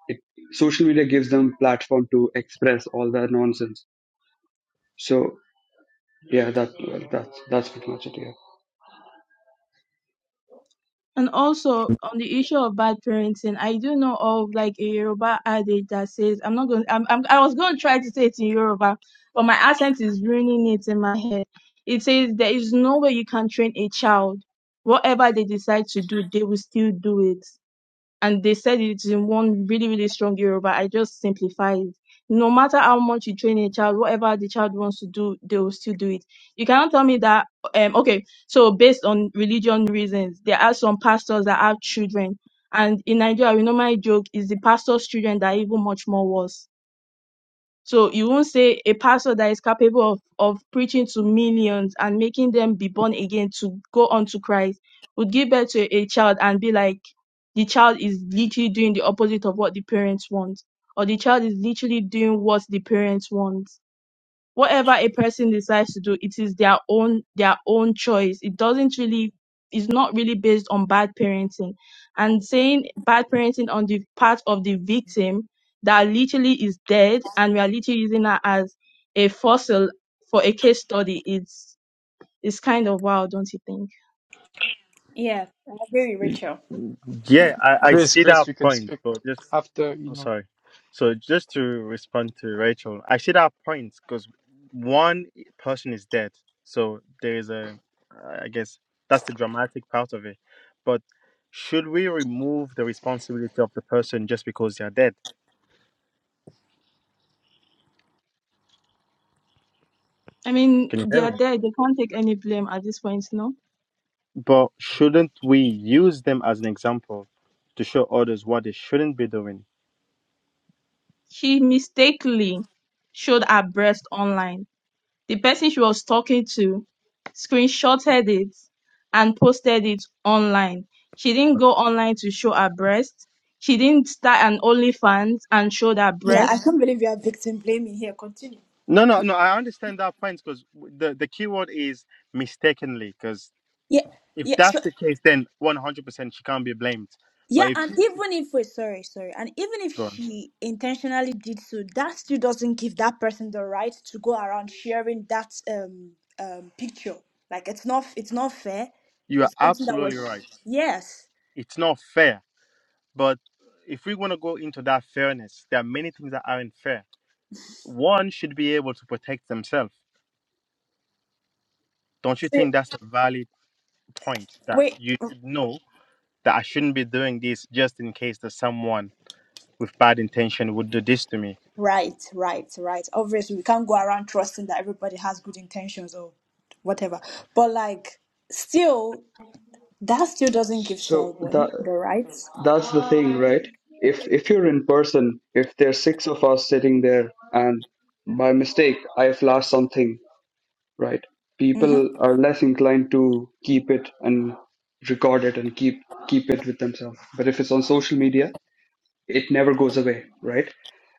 it, social media gives them platform to express all that nonsense so yeah that that's that's pretty much it yeah
And also on the issue of bad parenting, I do know of like a Yoruba adage that says, I'm not going, I'm, I'm, I was going to try to say it in Yoruba, but my accent is ruining it in my head. It says, there is no way you can train a child. Whatever they decide to do, they will still do it and they said it in one really, really strong Yoruba. I just simplified. it. No matter how much you train a child, whatever the child wants to do, they will still do it. You cannot tell me that, um, okay, so based on religion reasons, there are some pastors that have children. And in Nigeria, we normally joke, it's the pastor's children that are even much more worse so you won't say a pastor that is capable of, of preaching to millions and making them be born again to go on to Christ would give birth to a child and be like the child is literally doing the opposite of what the parents want, or the child is literally doing what the parents want whatever a person decides to do it is their own their own choice it doesn't really it's not really based on bad parenting and saying bad parenting on the part of the victim that literally is dead and we are literally using her as a fossil for a case study it's it's kind of wild don't you think
Yeah, I agree with Rachel.
yeah i, I
Chris,
see
Chris,
that
you can
point
speak
but just
after you
Oh,
know.
sorry. So just to respond to Rachel, I see that point because one person is dead, so there is a, uh, I guess that's the dramatic part of it. But should we remove the responsibility of the person just because they are dead?
i mean
Can you
they
hear
are
me?
dead they can't take any blame at this point no
But shouldn't we use them as an example to show others what they shouldn't be doing?
She mistakenly showed her breast online. The person she was talking to screenshotted it and posted it online. She didn't go online to show her breast. She didn't start an OnlyFans and showed her
Yeah, I
breast.
can't believe you are victim blaming here. Continue.
No, no, no. I understand that point because the the key word is mistakenly. Because
Yeah,
If
yeah, so,
that's the case, then 100% she can't be blamed.
yeah,
But if
and even if we sorry, sorry, and even if
Bro.
she intentionally did so, that still doesn't give that person the right to go around sharing that um um picture. Like it's not it's not fair.
you are
It's something that
absolutely right,
was yes.
it's not fair. But if we want to go into that fairness, there are many things that aren't fair. One should be able to protect themselves. Don't you
So,
think that's a valid point that
wait.
you should know that I shouldn't be doing this just in case that someone with bad intention would do this to me?
Right, right, right. Obviously, we can't go around trusting that everybody has good intentions or whatever. But like, still, that still doesn't give
so
someone
that
the right.
that's the thing right if if you're in person if there's six of us sitting there and by mistake i flash something right?
Mm-hmm.
People are less inclined to keep it and record it and keep keep it with themselves. But if it's on social media, it never goes away, right?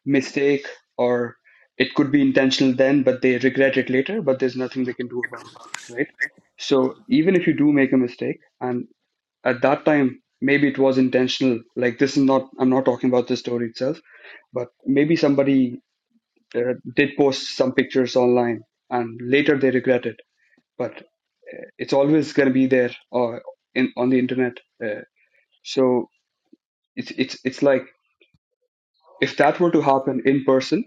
Mistake or it could be intentional then, but they regret it later, but there's nothing they can do about it, right? So even if you do make a mistake and at that time maybe it was intentional, like this is not I'm not talking about the story itself, but maybe somebody uh, did post some pictures online and later they regret it but it's always going to be there or in on the internet uh, so it's it's it's like if that were to happen in person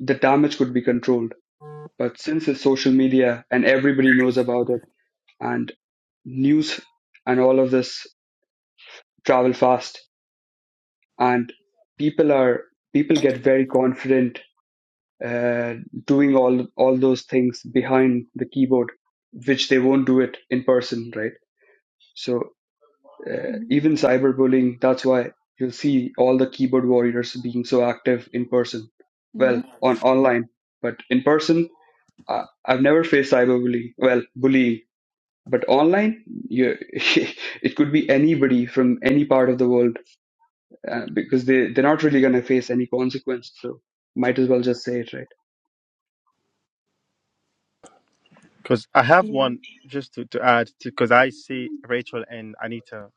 the damage could be controlled but since it's social media and everybody knows about it and news and all of this travel fast and people are people get very confident uh, doing all all those things behind the keyboard which they won't do it in person right so uh,
Mhm.
even cyberbullying that's why you'll see all the keyboard warriors being so active in person
Mm-hmm.
well on online but in person I, i've never faced cyberbullying well bullying but online you, it could be anybody from any part of the world uh, because they, they're not really going to face any consequence so might as well just say it right
Because I have
Yeah.
one just to, to add, because I see Rachel and Anita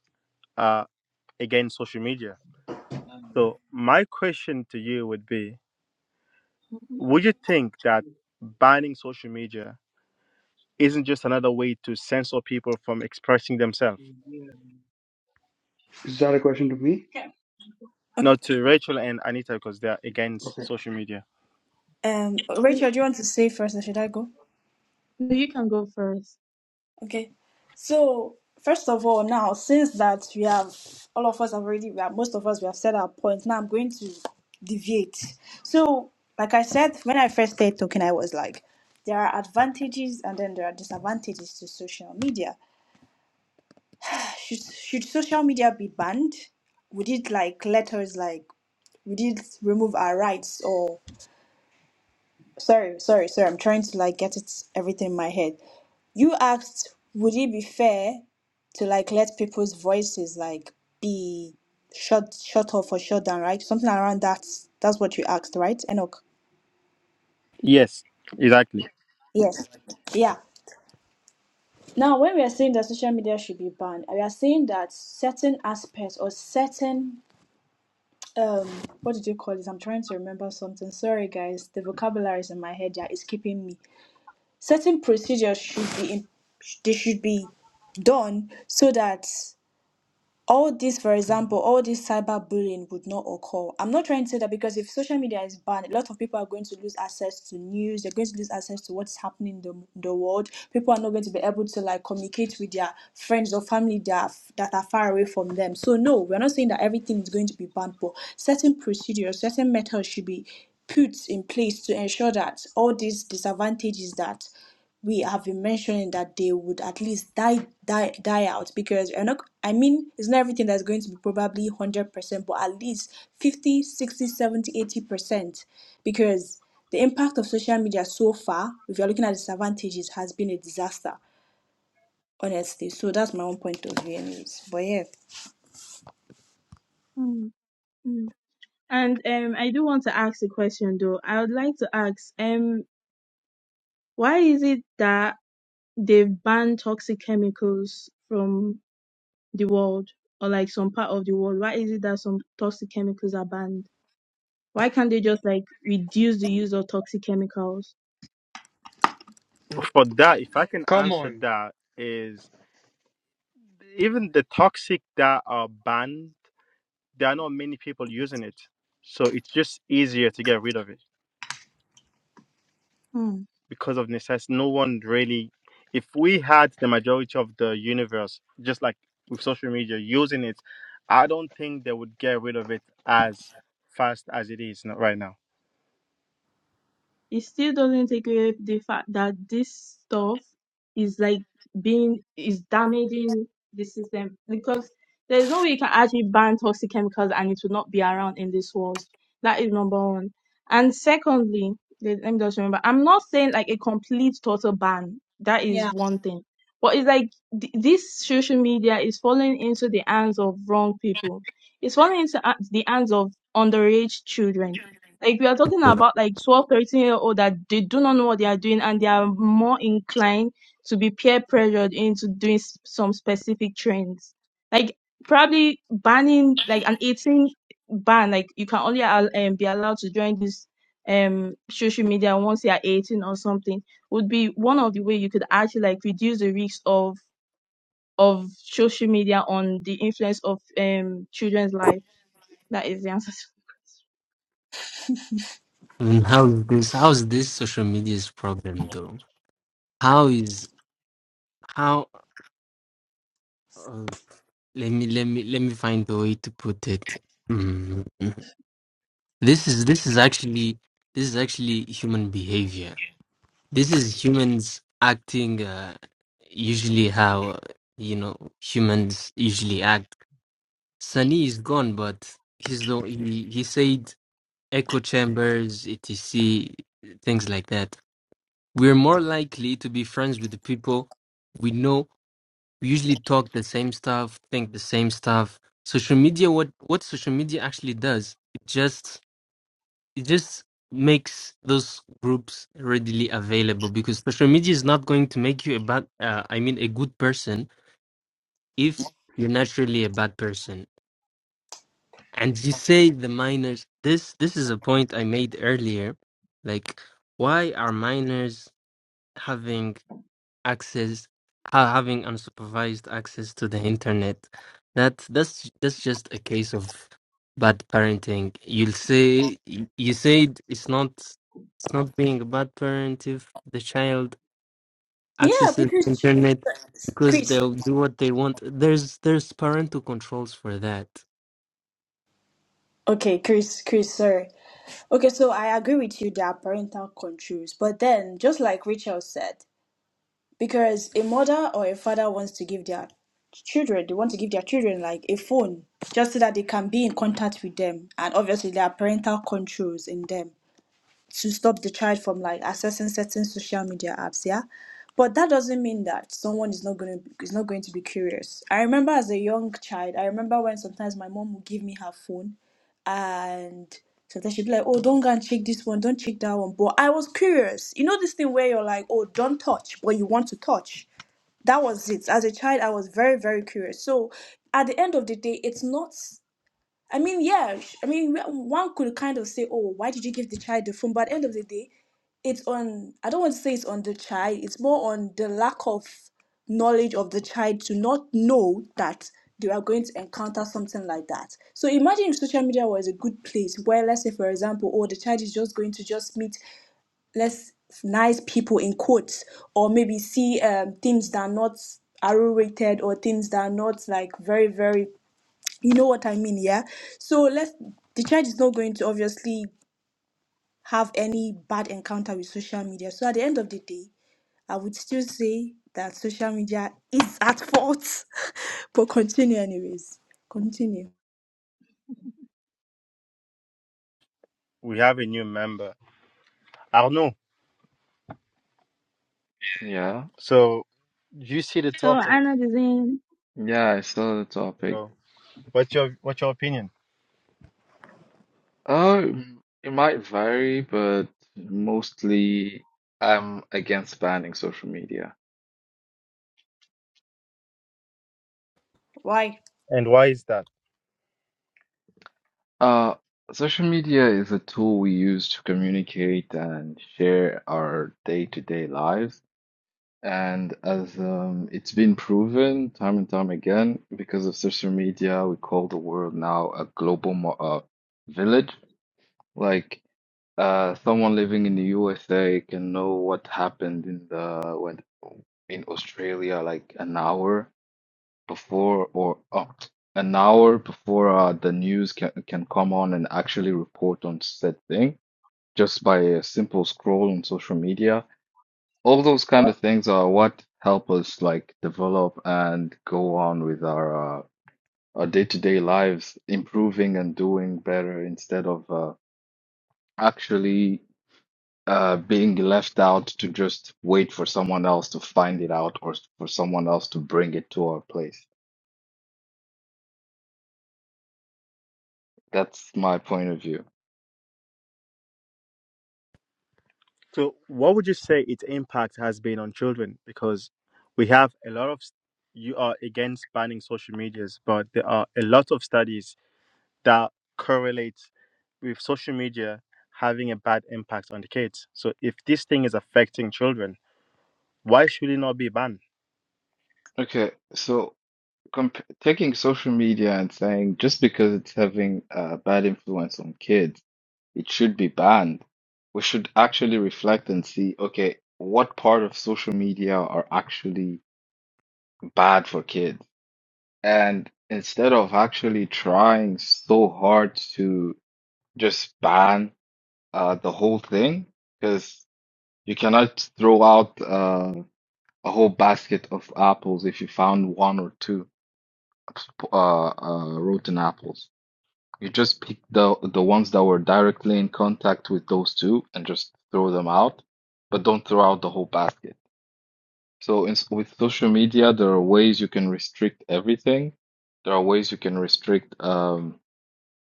uh, against social media. So my question to you would be,
Mhm.
would you think that banning social media isn't just another way to censor people from expressing themselves?
is that a question to me
Okay.
Not to Rachel and Anita because they're against social media.
Um,
So
Rachel, do you want to say first, or should I go?
you can go first.
Okay. So first of all, now since that we have all of us have already, we have, most of us we have said our points. Now I'm going to deviate. So, like I said, when I first started talking, I was like, there are advantages and then there are disadvantages to social media. should should social media be banned? Would it like let us like would it remove our rights or sorry, sorry, sorry, I'm trying to like get it everything in my head. You asked would it be fair to like let people's voices like be shut shut off or shut down, right? Something around that that's what you asked, right, Enoch?
Yes, exactly.
Yes. Yeah. Now, when we are saying that social media should be banned, we are saying that certain aspects or certain um what did you call this? i'm trying to remember something sorry guys the vocabularies in my head yeah is keeping me certain procedures should be in, they should be done so that all this, for example, all this cyberbullying would not occur. I'm not trying to say that because if social media is banned, a lot of people are going to lose access to news. They're going to lose access to what's happening in the, the world. People are not going to be able to like communicate with their friends or family that are, f- that are far away from them. So no, we're not saying that everything is going to be banned, but certain procedures, certain methods should be put in place to ensure that all these disadvantages that we have been mentioning that they would at least die die die out because we're not i mean it's not everything that's going to be probably 100% but at least fifty, sixty, seventy, eighty percent because the impact of social media so far if you're looking at disadvantages has been a disaster honestly so that's my own point of view anyways but yeah
Mm, mm. And um, I do want to ask a question though. I would like to ask um, why is it that they've banned toxic chemicals from the world or like some part of the world? Why is it that some toxic chemicals are banned? Why can't they just like reduce the use of toxic chemicals?
For that, if I can
Come
answer
on.
that is even the toxic that are banned, there are not many people using it. So it's just easier to get rid of it. because of necessity. No one really. If we had the majority of the universe, just like with social media, using it, I don't think they would get rid of it as fast as it is not right now.
it still doesn't take away the fact that this stuff is like being is damaging the system because there's no way you can actually ban toxic chemicals and it will not be around in this world. That is number one. And secondly, let let me just remember, I'm not saying like a complete total ban. That
Yeah.
is one thing. But it's like th- this social media is falling into the hands of wrong people. It's falling into uh, the hands of underage children like we are talking about like 12, 13 year old that they do not know what they are doing and they are more inclined to be peer pressured into doing s- some specific trends. Like probably banning like an 18 ban, like you can only al- um, be allowed to join this um social media once you are 18 or something would be one of the way you could actually like reduce the risk of of social media on the influence of um children's life. That is the answer.
And how is this? How is this social media's problem though? How is how? Let me let me let me find the way to put it. Mm. This is this is actually this is actually human behavior. This is humans acting uh, usually how you know humans usually act. Sunny is gone, but he's the he, he said echo chambers, etc, things like that. We're more likely to be friends with the people we know we usually talk the same stuff, think the same stuff. Social media, what what social media actually does, it just it just makes those groups readily available because social media is not going to make you a bad, uh, I mean, a good person if you're naturally a bad person. And you say the minors. This this is a point I made earlier. Like, why are minors having? access ha- having unsupervised access to the internet that that's that's just a case of bad parenting you'll say you you said it's not it's not being a bad parent if the child
yeah
accesses the
because ch-
internet because
chris
they'll do what they want there's there's parental controls for that
okay chris chris sorry okay so i agree with you there are parental controls but then just like rachel said because a mother or a father wants to give their children they want to give their children like a phone just so that they can be in contact with them and obviously there are parental controls in them to stop the child from like accessing certain social media apps yeah but that doesn't mean that someone is not going to is not going to be curious i remember as a young child i remember when sometimes my mom would give me her phone and sometimes she'd be like oh don't go and check this one don't check that one but i was curious you know this thing where you're like oh don't touch but you want to touch that was it as a child i was very very curious so at the end of the day it's not i mean yeah sh- i mean wh- one could kind of say oh why did you give the child the phone but at the end of the day it's on i don't want to say it's on the child it's more on the lack of knowledge of the child to not know that they are going to encounter something like that so imagine if social media was a good place where let's say for example oh the child is just going to just meet Less nice people in quotes or maybe see um, things that are not arrow rated or things that are not like very very you know what i mean yeah so let's the child is not going to obviously have any bad encounter with social media so at the end of the day i would still say that social media is at fault but continue anyways continue
We have a new member. I don't know.
Yeah,
So you see the
So
topic.
Anna is in.
yeah, it's still a topic.
So what's your what's your opinion,
Um, it might vary, but mostly I'm against banning social media.
Why?
and why is that?
Uh, social media is a tool we use to communicate and share our day-to-day lives. And as um, it's been proven time and time again, because of social media, we call the world now a global mo uh, village. Like Uh, someone living in the USA can know what happened in the when in Australia like an hour before or oh, an hour before uh, the news can can come on and actually report on said thing just by a simple scroll on social media. All those kind of things are what help us like develop and go on with our uh, our day-to-day lives, improving and doing better instead of uh, actually. uh, being left out to just wait for someone else to find it out or s- for someone else to bring it to our place. That's my point of view.
So what would you say its impact has been on children? Because we have a lot of st- you are against banning social medias, but there are a lot of studies that correlates with social media having a bad impact on the kids. So if this thing is affecting children, why should it not be banned?
Okay, so comp taking social media and saying just because it's having a bad influence on kids, it should be banned. We should actually reflect and see, okay, what part of social media are actually bad for kids? And instead of actually trying so hard to just ban uh, the whole thing because you cannot throw out uh, a whole basket of apples if you found one or two uh, uh, rotten apples. You just pick the the ones that were directly in contact with those two and just throw them out, but don't throw out the whole basket. So in, with social media, there are ways you can restrict everything. There are ways you can restrict um,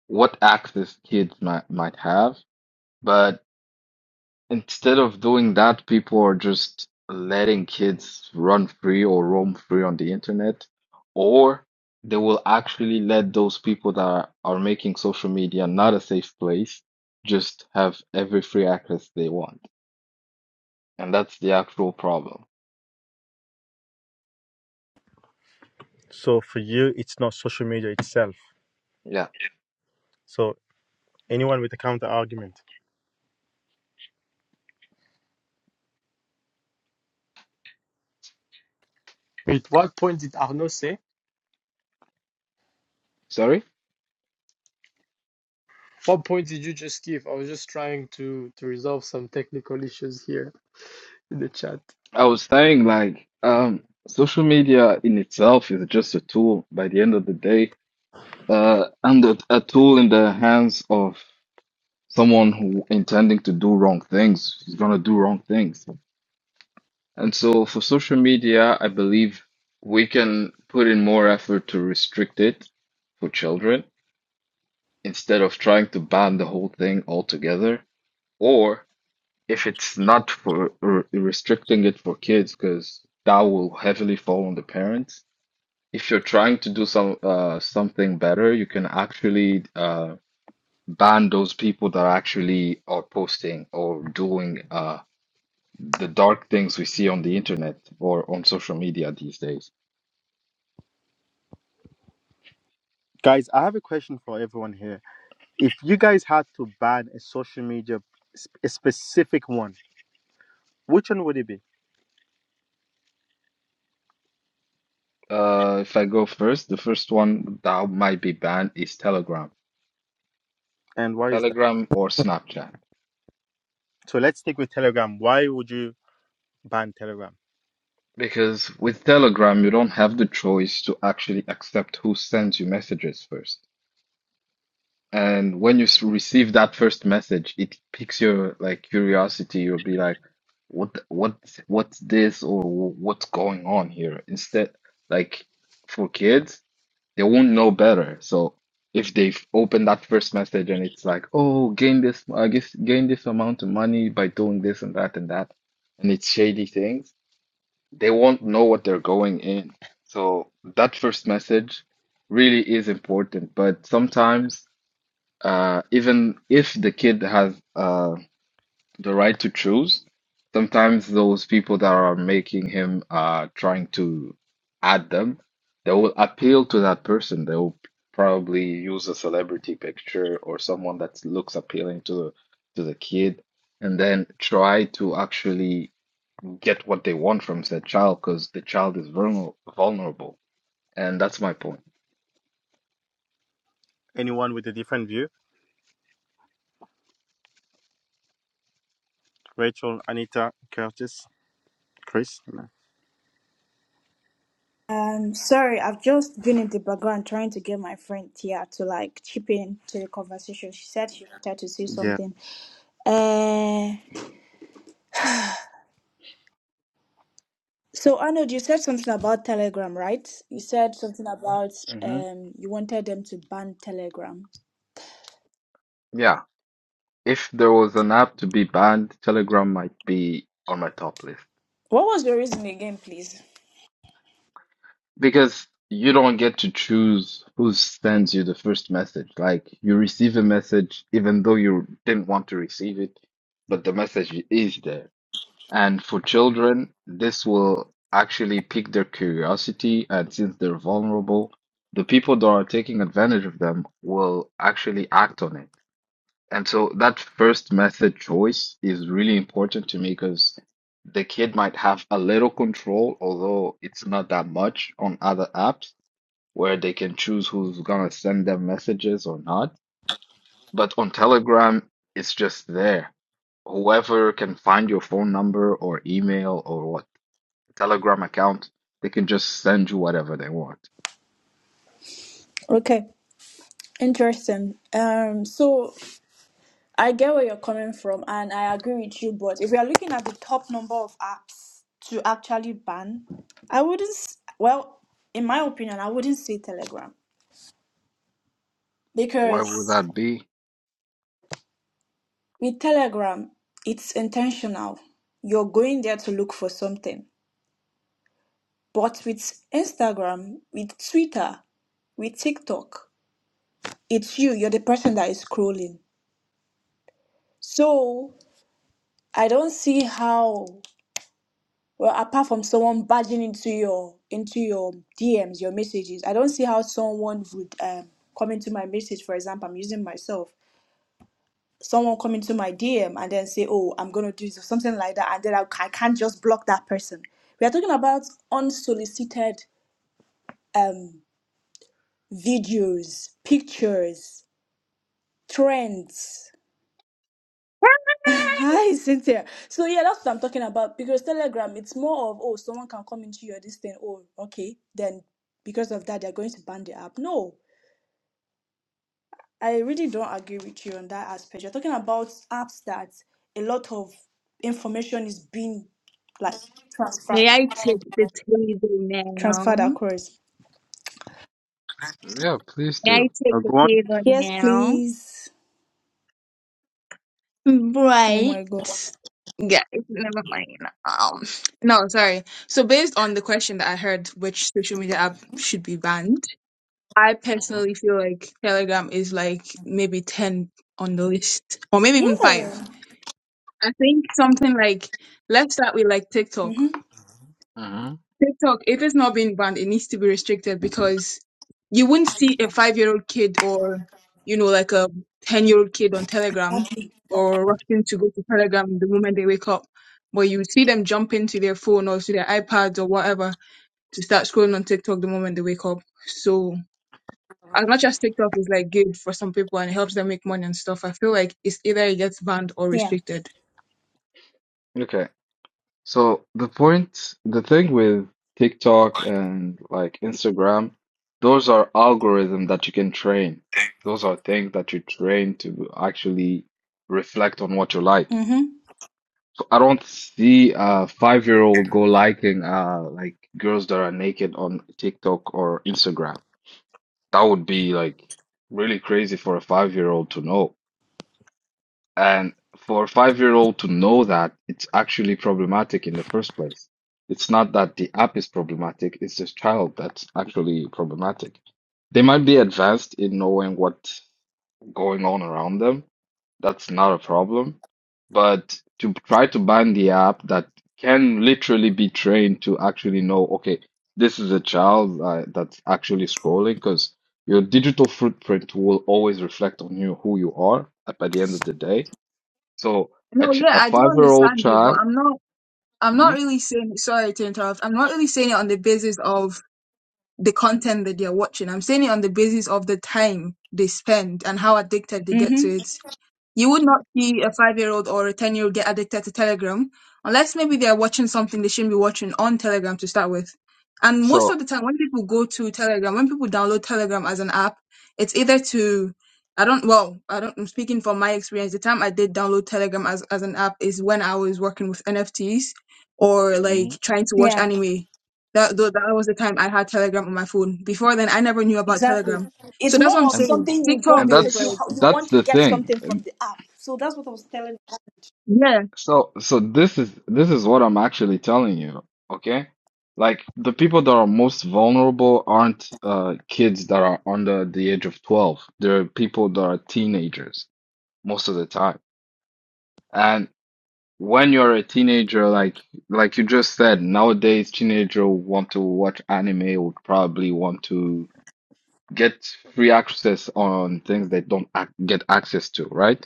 what access kids might might have, but Instead of doing that, people are just letting kids run free or roam free on the internet, or they will actually let those people that are, are making social media not a safe place just have every free access they want. And that's the actual problem.
So for you, it's not social media itself.
Yeah.
So anyone with a counter argument.
Wait, what point did Arnaud say?
Sorry?
What point did you just give? I was just trying to to resolve some technical issues here in the chat.
I was saying like um social media in itself is just a tool by the end of the day, uh and a, a tool in the hands of someone who intending to do wrong things is going to do wrong things. And so for social media, I believe we can put in more effort to restrict it for children instead of trying to ban the whole thing altogether. Or if it's not for r- restricting it for kids, because that will heavily fall on the parents. If you're trying to do some uh, something better, you can actually uh, ban those people that actually are posting or doing uh, the dark things we see on the internet or on social media these days.
Guys, I have a question for everyone here. If you guys had to ban a social media, a specific one, which one would it be?
Uh, if I go first, the first one that might be banned is Telegram.
And why is that?
Telegram or Snapchat.
So let's stick with Telegram. Why would you ban Telegram?
Because with Telegram, you don't have the choice to actually accept who sends you messages first. And when you s- receive that first message, it piques your like curiosity. You'll be like, what, th- what, what's this or wh- what's going on here? Instead, like for kids. They won't know better. So if they open that first message and it's like, oh, gain this, I guess, gain this amount of money by doing this and that and that, and it's shady things, they won't know what they're going in. So that first message really is important. But sometimes, uh, even if the kid has, uh, the right to choose. Sometimes those people that are making him uh trying to add them, they will appeal to that person. They will probably use a celebrity picture or someone that looks appealing to the to the kid, and then try to actually get what they want from said child because the child is vulner vulnerable. And that's my point.
Anyone with a different view? Rachel, Anita, Curtis, Chris?
Um, sorry, I've just been in the background trying to get my friend Tia to like chip in to the conversation. She said she wanted to say
Yeah.
something. Uh, so Arnold, you said something about Telegram, right? You said something about
hmm
um, you wanted them to ban Telegram.
Yeah. If there was an app to be banned, Telegram might be on my top list.
What was the reason again, please?
Because you don't get to choose who sends you the first message. Like you receive a message even though you didn't want to receive it, but the message is there. And for children, this will actually pique their curiosity. And since they're vulnerable, the people that are taking advantage of them will actually act on it. And so that first method choice is really important to me because the kid might have a little control, although it's not that much on other apps where they can choose who's gonna send them messages or not. But on Telegram, it's just there. Whoever can find your phone number or email or what Telegram account, they can just send you whatever they want.
Okay, interesting. Um, so I get where you're coming from, and I agree with you. But if we are looking at the top number of apps to actually ban, I wouldn't. s- Well, in my opinion, I wouldn't say Telegram
Why would
because
that be?
with Telegram, it's intentional. You're going there to look for something. But with Instagram, with Twitter, with TikTok, it's you. You're the person that is scrolling. So I don't see how. Well, apart from someone barging into your into your DMs, your messages, I don't see how someone would um, come into my message. For example, I'm using myself. Someone come into my DM and then say, "Oh, I'm gonna do this," or something like that, and then I, I can't just block that person. We are talking about unsolicited um, videos, pictures, trends. Hi, Cynthia. So yeah, that's what I'm talking about. Because Telegram, it's more of oh, someone can come into your this thing. Oh, okay. Then because of that, they're going to ban the app. No, I really don't agree with you on that aspect. You're talking about apps that a lot of information is being like transferred
May I take the table
transferred
now?
across.
Yeah, please
May I
do.
take
Uh,
the
go on.
table
Yes,
now?
please. Oh my God.
Right. Yeah, it's- never mind. Um, no, sorry. So based on the question that I heard, which social media app should be banned, I
hmm
personally feel like Telegram is like maybe 10 on the list, or maybe even five.
Yeah.
I think something like, let's start with like TikTok.
Mhm.
hmm
TikTok, if it's not being banned, it needs to be restricted because you wouldn't see a five year old kid or, you know, like a 10 year old kid on Telegram
Exactly.
or rushing to go to Telegram the moment they wake up. But you would see them jump into their phone or to their iPads or whatever to start scrolling on TikTok the moment they wake up. So, as much as TikTok is like good for some people and it helps them make money and stuff, I feel like it's either it gets banned or
Yeah.
restricted.
Okay. So the point, the thing with TikTok and like Instagram, those are algorithms that you can train. Those are things that you train to actually reflect on what you like.
Mhm.
So I don't see a five-year-old go liking uh like girls that are naked on TikTok or Instagram. That would be like really crazy for a five-year-old to know. And for a five-year-old to know that, it's actually problematic in the first place. It's not that the app is problematic, it's the child that's actually problematic. They might be advanced in knowing what's going on around them. That's not a problem. But to try to ban the app that can literally be trained to actually know, okay, this is a child uh, that's actually scrolling, because your digital footprint will always reflect on you who you are at by the end of the day so a,
No,
ch
yeah,
a
I do
five-year-old
understand you, but
child.
I'm not. I'm
hmm
not really saying sorry to interrupt. I'm not really saying it on the basis of the content that they're watching. I'm saying it on the basis of the time they spend and how addicted they get to
Mhm.
it. You would not see a five year old or a 10 year old get addicted to Telegram unless maybe they're watching something they shouldn't be watching on Telegram to start with. And most of
So
the time, when people go to Telegram, when people download Telegram as an app, it's either to, I don't, well, I don't, I'm speaking from my experience. The time I did download Telegram as, as an app is when I was working with NFTs or
hmm
like trying to watch
Yeah.
anime. That, tho- that was the time I had Telegram on my phone. Before then, I never knew about
Exactly.
Telegram.
It's
So that's
more
what I'm
of
and
saying.
something you go
TikTok
and
is
because you
like,
that's
you
that's
want to
the
get
thing.
something from
And
the app. So that's what I was telling.
yeah.
so so this is this is what I'm actually telling you, okay? Like the people that are most vulnerable aren't uh kids that are under the age of 12. They're people that are teenagers most of the time. And when you're a teenager, like like you just said, nowadays teenager want to watch anime, would probably want to get free access on things they don't ac- get access to, right?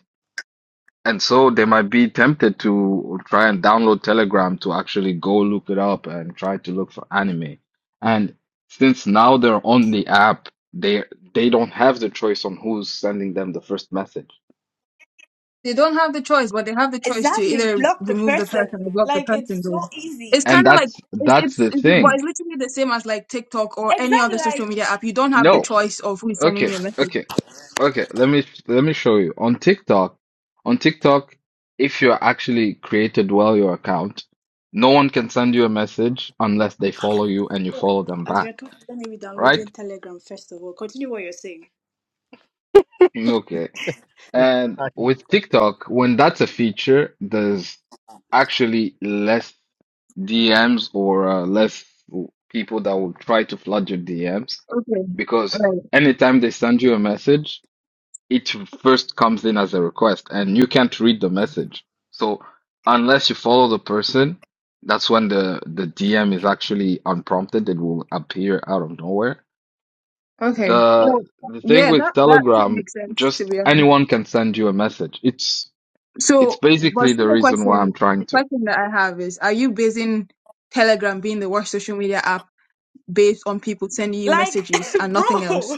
And so they might be tempted to try and download Telegram to actually go look it up and try to look for anime. And since now they're on the app, they they don't have the choice on who's sending them the first message.
They don't have the choice, but they have the choice to
Exactly.
either
Block the
remove the
person.
person or block the
Like
person.
it's
Though
so
it's
easy.
And
kind of like
that's
it's
that's
it's
the
it's, but
thing.
it's literally the same as like TikTok or any
Exactly.
other social
Like
media app. You don't have the
No.
choice of who is sending
Okay,
you a message.
okay, okay. Let me let me show you. On TikTok, on TikTok, if you're actually created well your account, no one can send you a message unless they follow you and you follow them
as you're
back,
talking, let me be
right?
downloading Telegram first of all. Continue what you're saying.
Okay.
Yes,
And
Tati.
with TikTok, when that's a feature, there's actually less DMs or uh, less people that will try to flood your DMs
Okay.
because
Right.
anytime they send you a message it first comes in as a request and you can't read the message. So unless you follow the person, that's when the the DM is actually unprompted. It will appear out of nowhere.
Okay.
The
Well,
the thing
yeah, that
with
that could
Telegram,
make sense to
just
be honest.
anyone can send you a message. It's it's
So, but
basically
see
the
the
reason why I'm
question,
trying
the
to.
question that I have is, are you basing Telegram being the worst social media app based on people sending you
Like,
messages and nothing
bro.
else?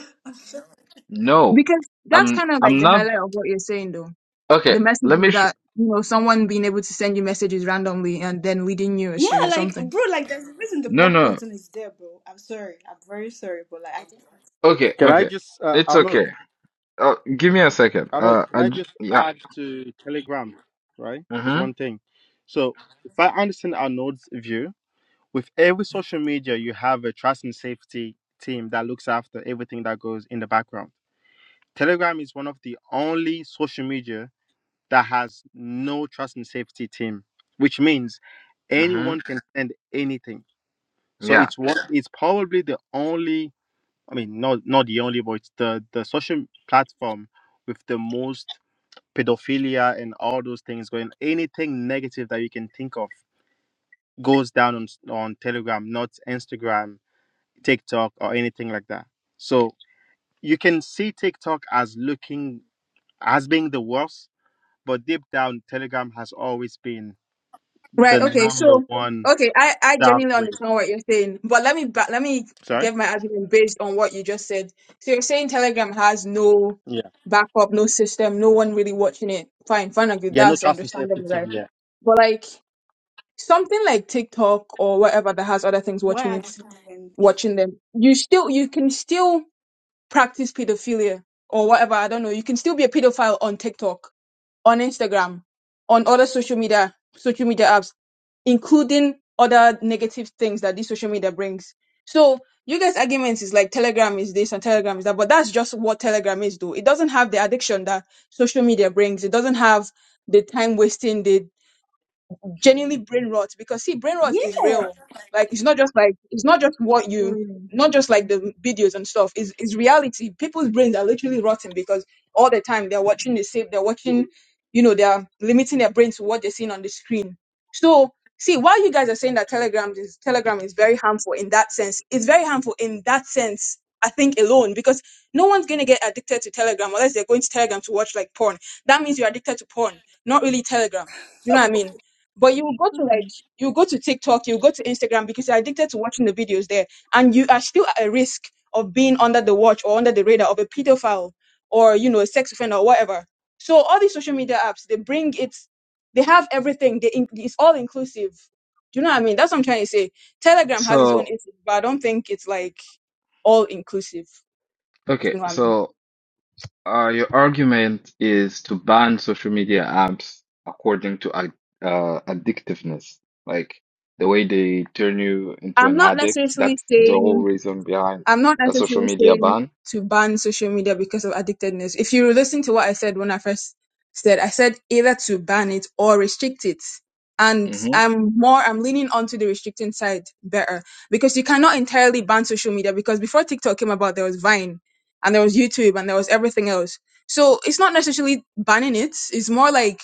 No,
Because that's
I'm
kind of like
I'm
the
not.
highlight of what you're saying, though
Okay,
the message
let
is
me. Sh
that you know someone being able to send you messages randomly and then leading you
Yeah,
astray or
like,
something.
bro. Like, there's a reason the
no,
block
no.
button is there, bro. I'm sorry. I'm very sorry, but like, I just have to say that.
Okay,
Can I
okay.
just, uh,
It's
Arnold,
okay. Uh, give me a second.
Arnold,
Uh,
can
I
I
j
just
yeah.
add to Telegram, right? Just one
Mm-hmm.
thing. So, if I understand Arnold's view, with every social media, you have a trust and safety team that looks after everything that goes in the background. Telegram is one of the only social media that has no trust and safety team, which means
Mm-hmm.
anyone can send anything. So
Yeah.
it's one. It's probably the only I mean, not not the only, but it's the the social platform with the most pedophilia and all those things going. Anything negative that you can think of goes down on on Telegram, not Instagram, TikTok, or anything like that. So you can see TikTok as looking as being the worst, but deep down, Telegram has always been the
Right. Okay.
number
So
one
okay, I I
dark
genuinely
web.
understand what you're saying, but let me ba- let me
Sorry.
give my argument based on what you just said. So you're saying Telegram has no
Yeah.
backup, no system, no one really watching it. Fine, fine, agree.
Yeah. No
That's
trust and safety
understandable, right?
team. Yeah.
But like something like TikTok or whatever that has other things watching
Why are
it,
people doing?
watching them, you still you can still practice pedophilia or whatever. I don't know. You can still be a pedophile on TikTok, on Instagram, on other social media social media apps, including other negative things that this social media brings. So you guys' arguments is like Telegram is this and Telegram is that, but that's just what Telegram is though. It doesn't have the addiction that social media brings. It doesn't have the time wasting, The genuinely brain rot because see brain rot is
Yeah.
real like it's not just like it's not just what you
Lord have
not just like
mercy.
the videos and stuff is is reality people's brains are literally rotting because all the time they're watching the same they're watching you know they're limiting their brain to what they're seeing on the screen so see while you guys are saying that telegram is telegram is very harmful in that sense it's very harmful in that sense i think alone because no one's going to get addicted to telegram unless they're going to telegram to watch like porn that means you're addicted to porn not really telegram you know what i mean but you go to like you go to TikTok, you go to Instagram because you're addicted to watching the videos there, and you are still at a risk of being under the watch or under the radar of a pedophile or you know a sex offender or whatever. So all these social media apps, they bring it, they have everything. They in, it's all inclusive. Do you know what I mean? That's what I'm trying to say. Telegram has its own
So,
issues, but I don't think it's like all inclusive. If
okay,
you know what
so uh, your argument is to ban social media apps according to ad uh, addictiveness, like the way they turn you
I
into an addict. That's the
mean.
whole reason behind
I'm not
a social
necessarily
media
saying
ban.
to ban social media because of addictedness. If you listen to what I said when I first said, I said either to ban it or restrict it. And
hmm
I'm more, I'm leaning onto the restricting side better because you cannot entirely ban social media because before TikTok came about, there was Vine and there was YouTube and there was everything else. So it's not necessarily banning it. It's more like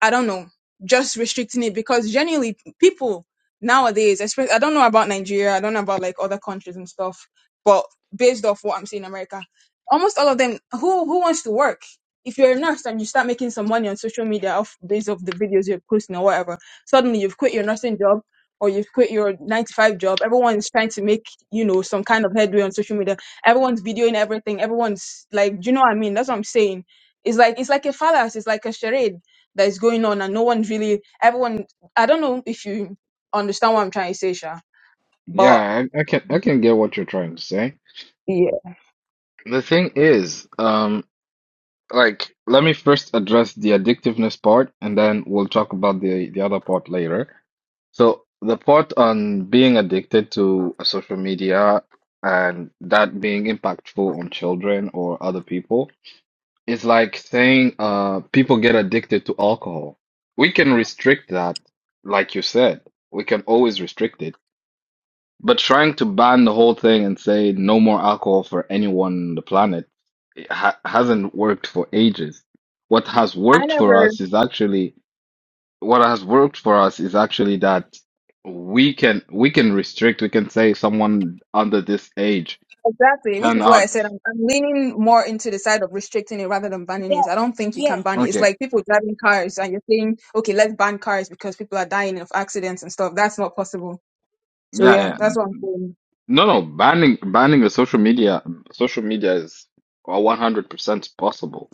I don't know, just restricting it because generally people nowadays, especially I don't know about Nigeria, I don't know about like other countries and stuff, but based off what I'm seeing in America, almost all of them who who wants to work. If you're a nurse and you start making some money on social media off based off the videos you're posting or whatever, suddenly you've quit your nursing job or you've quit your nine to five job. Everyone's trying to make, you know, some kind of headway on social media. Everyone's videoing everything. Everyone's like, do you know what I mean? That's what I'm saying. It's like it's like a fallacy, it's like a charade that is going on and no one really everyone I don't know if you understand what I'm trying to say, Sha. But
Yeah, I, I can I can get what you're trying to say.
yeah.
The thing is, um. like let me first address the addictiveness part and then we'll talk about the the other part later. So the part on being addicted to a social media and that being impactful on children or other people is like saying uh people get addicted to alcohol. We can restrict that, like you said. We can always restrict it. But trying to ban the whole thing and say no more alcohol for anyone on the planet ha hasn't worked for ages. What has
I
worked for
never
us is actually what has worked for us is actually that we can we can restrict. We can say someone under this age
exactly, which is why I
cannot.
said I'm, I'm leaning more into the side of restricting it rather than banning
Yeah.
it. I don't think you can
Yeah.
ban it. It's
Okay,
like people driving cars and you're saying, okay, let's ban cars because people are dying of accidents and stuff. That's not possible. So
yeah,
yeah,
yeah.
that's what I'm saying.
No, no. Banning banning the social media social media is one hundred percent possible.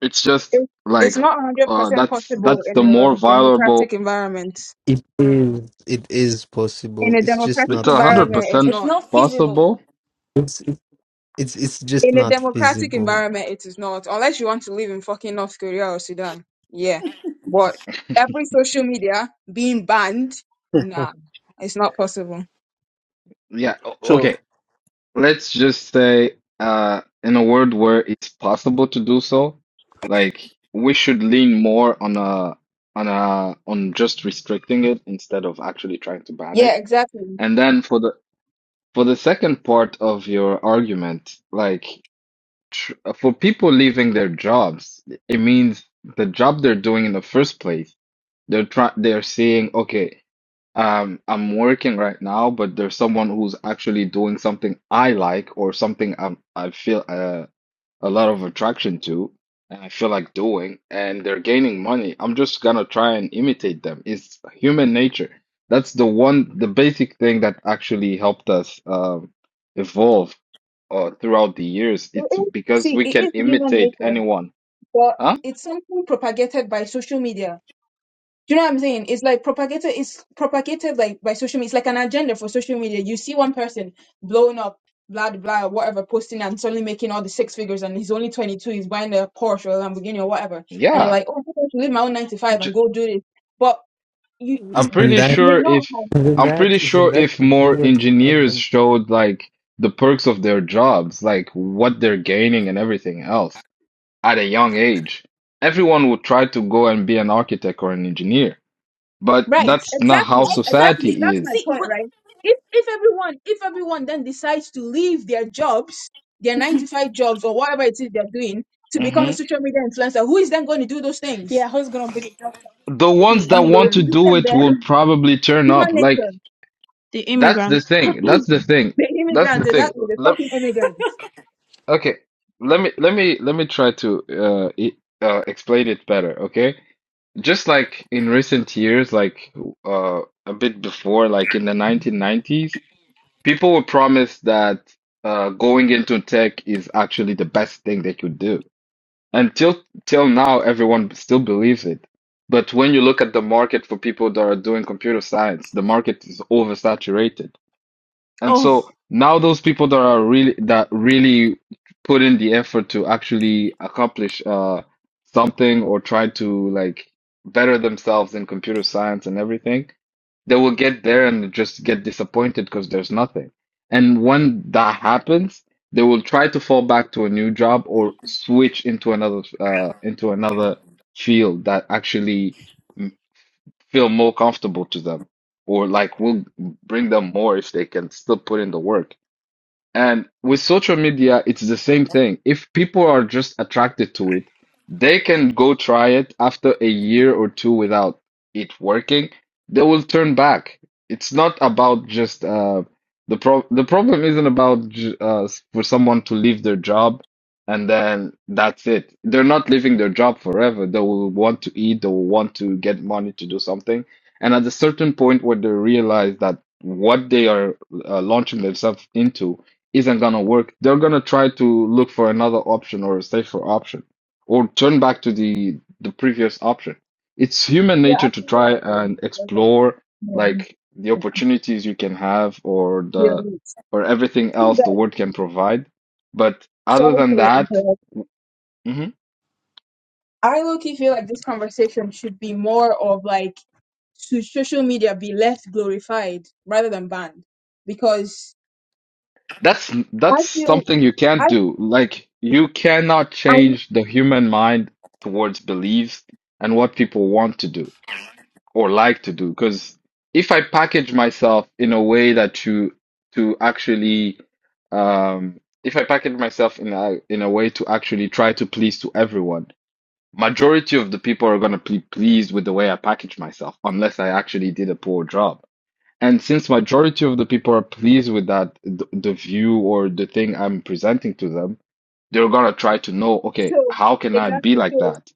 It's just
It's it's
like
not
uh,
100%
that's
possible
that's
in
the
a
more viable.
democratic environment.
it is it is
In
possible
a
it's just
democratic
It's
not
a hundred
feasible
environment, it's
It's
not.
percent
not feasible.
possible.
it's it's it's just
In a
not
democratic
feasible
environment, it is not. Unless you want to live in fucking North Korea or Sudan. Yeah. But every social media being banned, nah, it's not possible.
Yeah. o-
So,
Okay. Let's just say, uh, in a world where it's possible to do so, like we should lean more on a on a on just restricting it instead of actually trying to ban
Yeah,
it.
exactly.
And then for the for the second part of your argument, like tr for people leaving their jobs, it means the job they're doing in the first place, they're try they're saying, okay. Um, I'm working right now, but there's someone who's actually doing something I like or something i I feel uh, a lot of attraction to, and I feel like doing, and they're gaining money. I'm just gonna try and imitate them. It's human nature. That's the one, the basic thing that actually helped us um, evolve uh, throughout the years.
It
It's
is,
because
see,
we
it
can
is human
imitate
nature,
anyone.
but
Huh?
it's something propagated by social media. Do you know what I'm saying? It's like propagated, it's propagated like by social media. It's like an agenda for social media. You see one person blowing up, blah blah, blah whatever, posting and suddenly making all the six figures, and he's only 22. He's buying a Porsche or a Lamborghini or whatever, and you're
Yeah.
like, oh, I'm going to leave my own 9 to 5 and go do this. But you,
I'm
isn't
pretty
you
that?
may
sure
not
if
have
Isn't
I'm
that
pretty sure
isn't that
if
the
more
viewers
engineers
problem?
showed like the perks of their jobs, like what they're gaining and everything else at a young age, everyone would try to go and be an architect or an engineer. But
right.
that's not how
Exactly, exactly. So
Exactly.
society
that's
is.
my
See,
point,
but
right? If if everyone if everyone then decides to leave their jobs, their 9 to 5 jobs or whatever it is they're doing to become a
hmm
social media influencer, who is then going to do those things?
Yeah, who's gonna be the doctor?
The
The
ones that
trying
want to
to
immigrants.
do
do
them
it
better.
will probably turn
Human
up. Like
nature.
The
that's the
immigrants.
thing. That's the thing.
They're
That's the
immigrants,
thing.
exactly. They're
Let,
fucking immigrants.
okay. Let me let me let me try to uh, e- uh explain it better, okay? Just like in recent years, like uh, a bit before, like in the 1990s, people were promised that uh, going into tech is actually the best thing they could do. Until till till now, everyone still believes it. But when you look at the market for people that are doing computer science, the market is oversaturated. And
Oh.
so now those people that are really that really put in the effort to actually accomplish uh something or try to like better themselves in computer science and everything, they will get there and just get disappointed because there's nothing. And when that happens, they will try to fall back to a new job or switch into another uh into another field that actually feel more comfortable to them, or like will bring them more if they can still put in the work. And with social media, it's the same thing. If people are just attracted to it, they can go try it after a year or two without it working. They will turn back. It's not about just uh, the pro the problem isn't about j- uh, for someone to leave their job and then that's it. They're not leaving their job forever. They will want to eat, they will want to get money to do something. And at a certain point where they realize that what they are uh, launching themselves into isn't gonna work, they're gonna try to look for another option or a safer option, or turn back to the the previous option. It's human
You're
nature to
absolutely
try
right there.
and
You're right.
explore like the
Yeah.
opportunities you can have or the
Yeah.
or everything
You
else the
guys,
world can provide. But other
sorry
than
to
that,
interrupt.
mhm,
I low key feel like this conversation should be more of like should social media be less glorified rather than banned? Because
that's
I
that's
feel
something you can't
I
do. Like you cannot
I
change the human mind towards beliefs and what people want to do or like to do because if I package myself in a way that to to actually um if I package myself in a in a way to actually try to please to everyone, majority of the people are going to be pleased with the way I package myself unless I actually did a poor job. And since majority of the people are pleased with that the, the view or the thing I'm presenting to them, they're going to try to know, okay,
so
how can I be
exactly
like
so
that?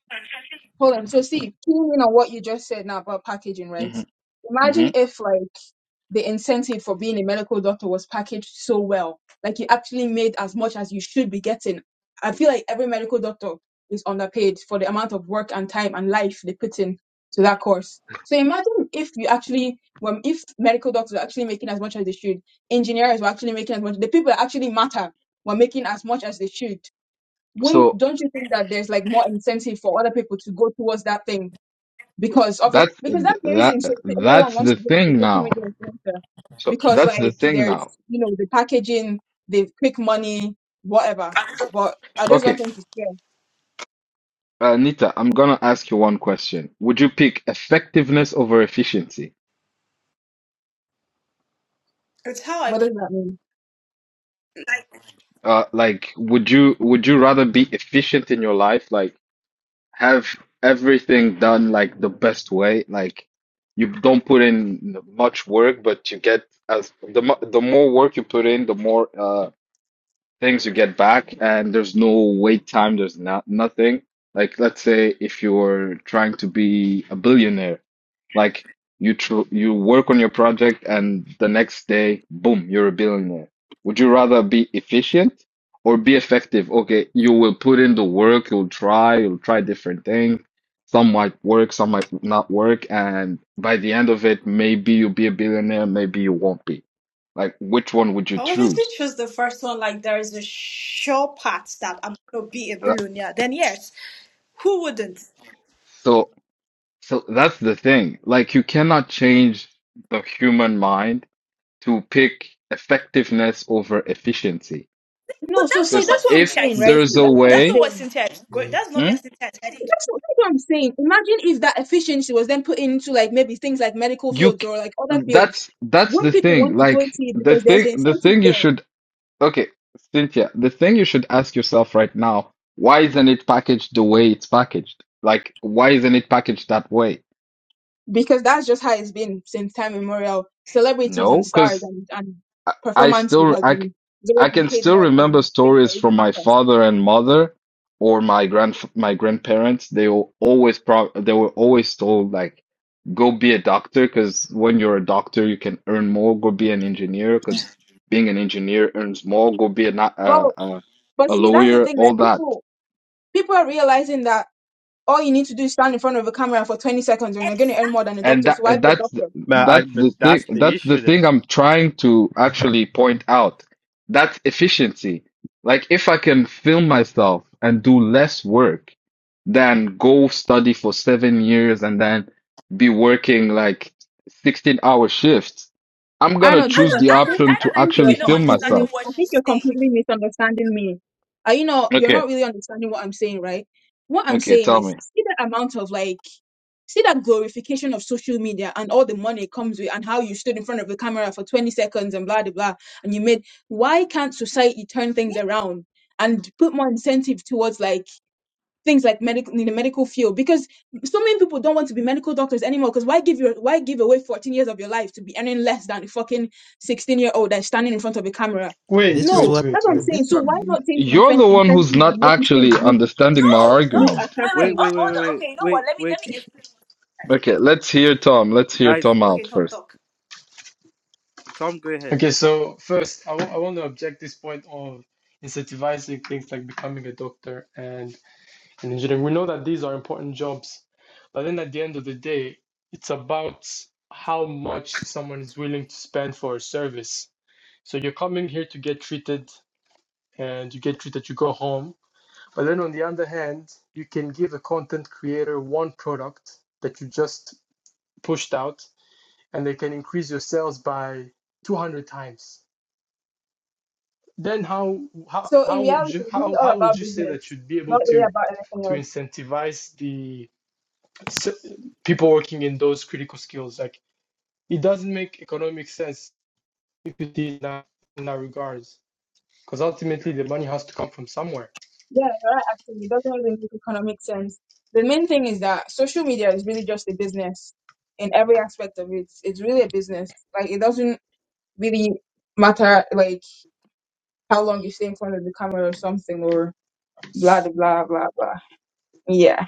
hold on. So see, keying in on what you just said now about packaging, right?
hmm hmm
Imagine if like the incentive for being a medical doctor was packaged so well. Like you actually made as much as you should be getting. I feel like every medical doctor is underpaid for the amount of work and time and life they put in to that course. So imagine if you actually, well, if medical doctors are actually making as much as they should, engineers were actually making as much, the people that actually matter were making as much as they should. Wouldn't,
So
don't you think that there's like more incentive for other people to go towards that thing because obviously
That's
because that's
th-
the
that
reason so everyone
that's
wants
the
to be like a
thing
social
now.
media influencer
So
because
that's the
like
thing
there's
now.
you know the packaging the quick money whatever but i just don't
Okay,
think it's fair
uh, Nita, I'm gonna ask you one question. Would you pick effectiveness over efficiency?
It's how I
what does that mean
like.
Uh, like, would you would you rather be efficient in your life, like have everything done like the best way, like you don't put in much work, but you get as the mo- the more work you put in, the more uh things you get back and there's no wait time there's not nothing like let's say if you're trying to be a billionaire like you tr you work on your project and the next day boom you're a billionaire would you rather be efficient or be effective okay you will put in the work you'll try you'll try different things some might work some might not work and by the end of it maybe you'll be a billionaire maybe you won't be like which one would you
I obviously
choose
choose the first one. Like there is a sure part that I'm gonna be a
That-
billionaire. Then yes, who wouldn't?
so So that's the thing. Like, you cannot change the human mind to pick effectiveness over efficiency.
But
no so
that's
see
not
Because
that's
what
what i'm
if
Cynthia is
saying right
saying,
there's
see,
a
though.
that's what i'm
That's
way,
not what
saying
Cynthia is going. That's not where
Hmm?
Cynthia is heading.
that's what, that's what i'm saying imagine if that efficiency was then put into like maybe things like medical
you
fields
c-
or like other fields
that's that's the
wouldn't people
thing.
want to go into
Like
it
the
because there's
thing,
an
the
incentive
thing you
there
should okay, Cynthia, the thing you should ask yourself right now, why isn't it packaged the way it's packaged? Like, why isn't it packaged that way?
because that's just how it's been since time immemorial. Celebrities and
No,
stars
because
and, and
I, I
performances
still
has
I, c-
been has always
I
been
can
paid
still
more
remember
than things that
stories
really
from my
matter.
father and mother or my grand my grandparents. They will always pro they were always told like go be a doctor because when you're a doctor you can earn more. Go be an engineer because being an engineer earns more. Go be a, not- a
Well,
a
but
a
see, that's the
lawyer.
thing. Like
All that.
people, people are realizing that all you need to do is stand in front of a camera for 20 seconds, and you're going to earn more than a
And
doctor.
that
So why
and
be a
that's th-
doctor?
but I,
that's
but
the thing
that's the
that's the
issue
thing
there.
I'm trying to actually point out. That's efficiency. Like if I can film myself and do less work than go study for seven years and then be working like 16 hour shifts, I'm gonna
Arnold,
I
hold
choose
on.
don't.
the
I
I
think
don't.
option
I
I
to
don't. I
think
think
actually
you're
you're
not
film
understanding
completely
myself.
what
I think
she's
you're
saying.
completely misunderstanding me. Are you not? You're
Okay,
not really understanding what I'm saying, right? What I'm
okay,
saying
tell
is
me.
see the amount of like see that glorification of social media and all the money it comes with and how you stood in front of the camera for 20 seconds and blah blah blah and you made why can't society turn things around and put more incentive towards like things like medical in the medical field because so many people don't want to be medical doctors anymore because why give your why give away 14 years of your life to be earning less than a fucking 16 year old that's standing in front of a camera
This
Wait,
is
no
wait,
what
that's
wait,
what i'm
uh, this
saying
wait.
is
so why not change the
You're
incen-
the one
incentive
who's not
and make these things
actually
look
understanding my
No,
look
no.
argument.
Wait, wait.
Wait,
attractive
Oh,
wait, wait,
hold
wait,
on.
wait,
Okay, you know what?
wait,
Let me let
wait,
me explain. One thing.
Okay, let's hear Tom. Let's hear
guys.
Tom
Okay,
out
talk,
first.
talk.
Tom, go ahead.
Okay, so first, I w- I want to object this point of incentivizing things like becoming a doctor and an engineer. We know that these are important jobs, but then at the end of the day, it's about how much someone is willing to spend for a service. So you're coming here to get treated, and you get treated, you go home. But then on the other hand, you can give a content creator one product that you just pushed out and they can increase your sales by 200 times. Then how how,
so in
how
reality
would you how, how would you say that you'd be able
not really
to
about anything
to
else
incentivize the people working in those critical skills? Like it doesn't make economic sense if it is in that, in that regards because ultimately the money has to come from somewhere.
Yeah, right. Actually, it doesn't really make economic sense. The main thing is that social media is really just a business in every aspect of it. It's really a business. Like it doesn't really matter like how long you stay in front of the camera or something or blah blah blah blah blah. Yeah.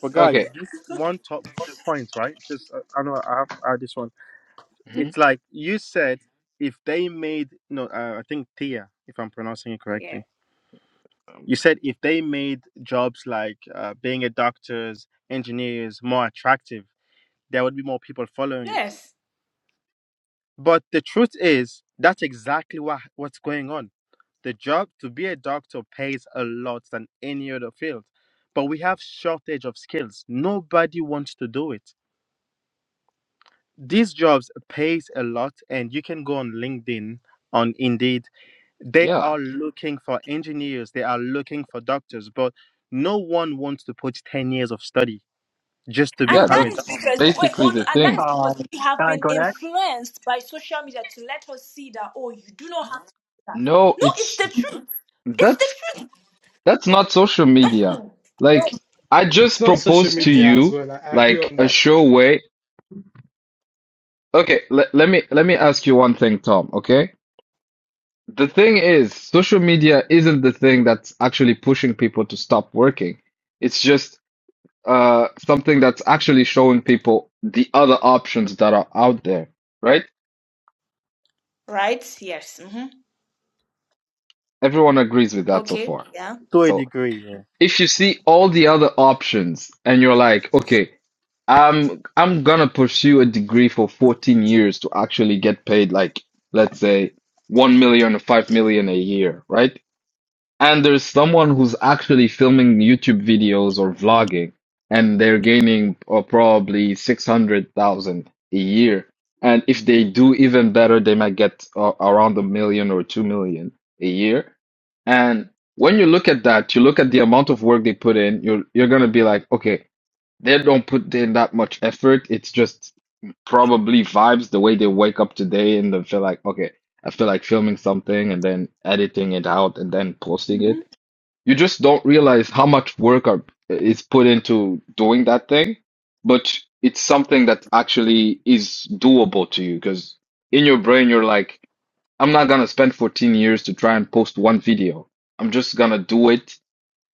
But guys,
Yeah.
Okay.
this one top one point, right? Just uh, I know I have to add this one.
hmm
It's like you said, if they made no, uh, I think Tia, if I'm pronouncing it
Yeah.
correctly, you said if they made jobs like uh, being a doctors, engineers more attractive, there would be more people following it.
Yes.
But the truth is, that's exactly what, what's going on. The job to be a doctor pays a lot than any other field, but we have shortage of skills. Nobody wants to do it. These jobs pays a lot, and you can go on LinkedIn, on Indeed. They
Yeah.
are looking for engineers. They are looking for doctors, but no one wants to put ten years of study just to
And
Yeah,
become
that
a
is
doctor
that's
because wait,
basically
hold on.
the
And that is
thing.
because
Um,
we have
can I
been
go next?
influenced by social media to let us see that oh, you do not have to do that.
No,
No, it's the
it's
truth. It's the
that's
truth.
that's not social media. Like I
It's
just
not social
proposed to
media as
you
well. I agree
like
on
a
that
show way. Okay, le let me let me ask you one thing, Tom, okay? The thing is, social media isn't the thing that's actually pushing people to stop working. It's just uh something that's actually showing people the other options that are out there, right?
Right? Yes. hmm
Everyone agrees with that so
Okay.
far.
Yeah.
to a
So
degree. Yeah.
if you see all the other options and you're like, okay, I'm I'm gonna pursue a degree for 14 years to actually get paid like let's say 1 million or 5 million a year, right? and there's someone who's actually filming YouTube videos or
Mm.
vlogging, and they're gaining uh, probably 600,000 a year. And if they do even better, they might get uh, around a million or two million a year. And when you look at that, you look at the amount of work they put in, you're, you're going to be like, okay, they don't put in that much effort. It's just probably vibes the way they wake up today and they feel like, okay, I feel like filming something and then editing it out and then posting it. You just don't realize how much work are, is put into doing that thing, but it's something that actually is doable to you because in your brain, you're like, I'm not gonna spend 14 years to try and post one video. I'm just gonna do it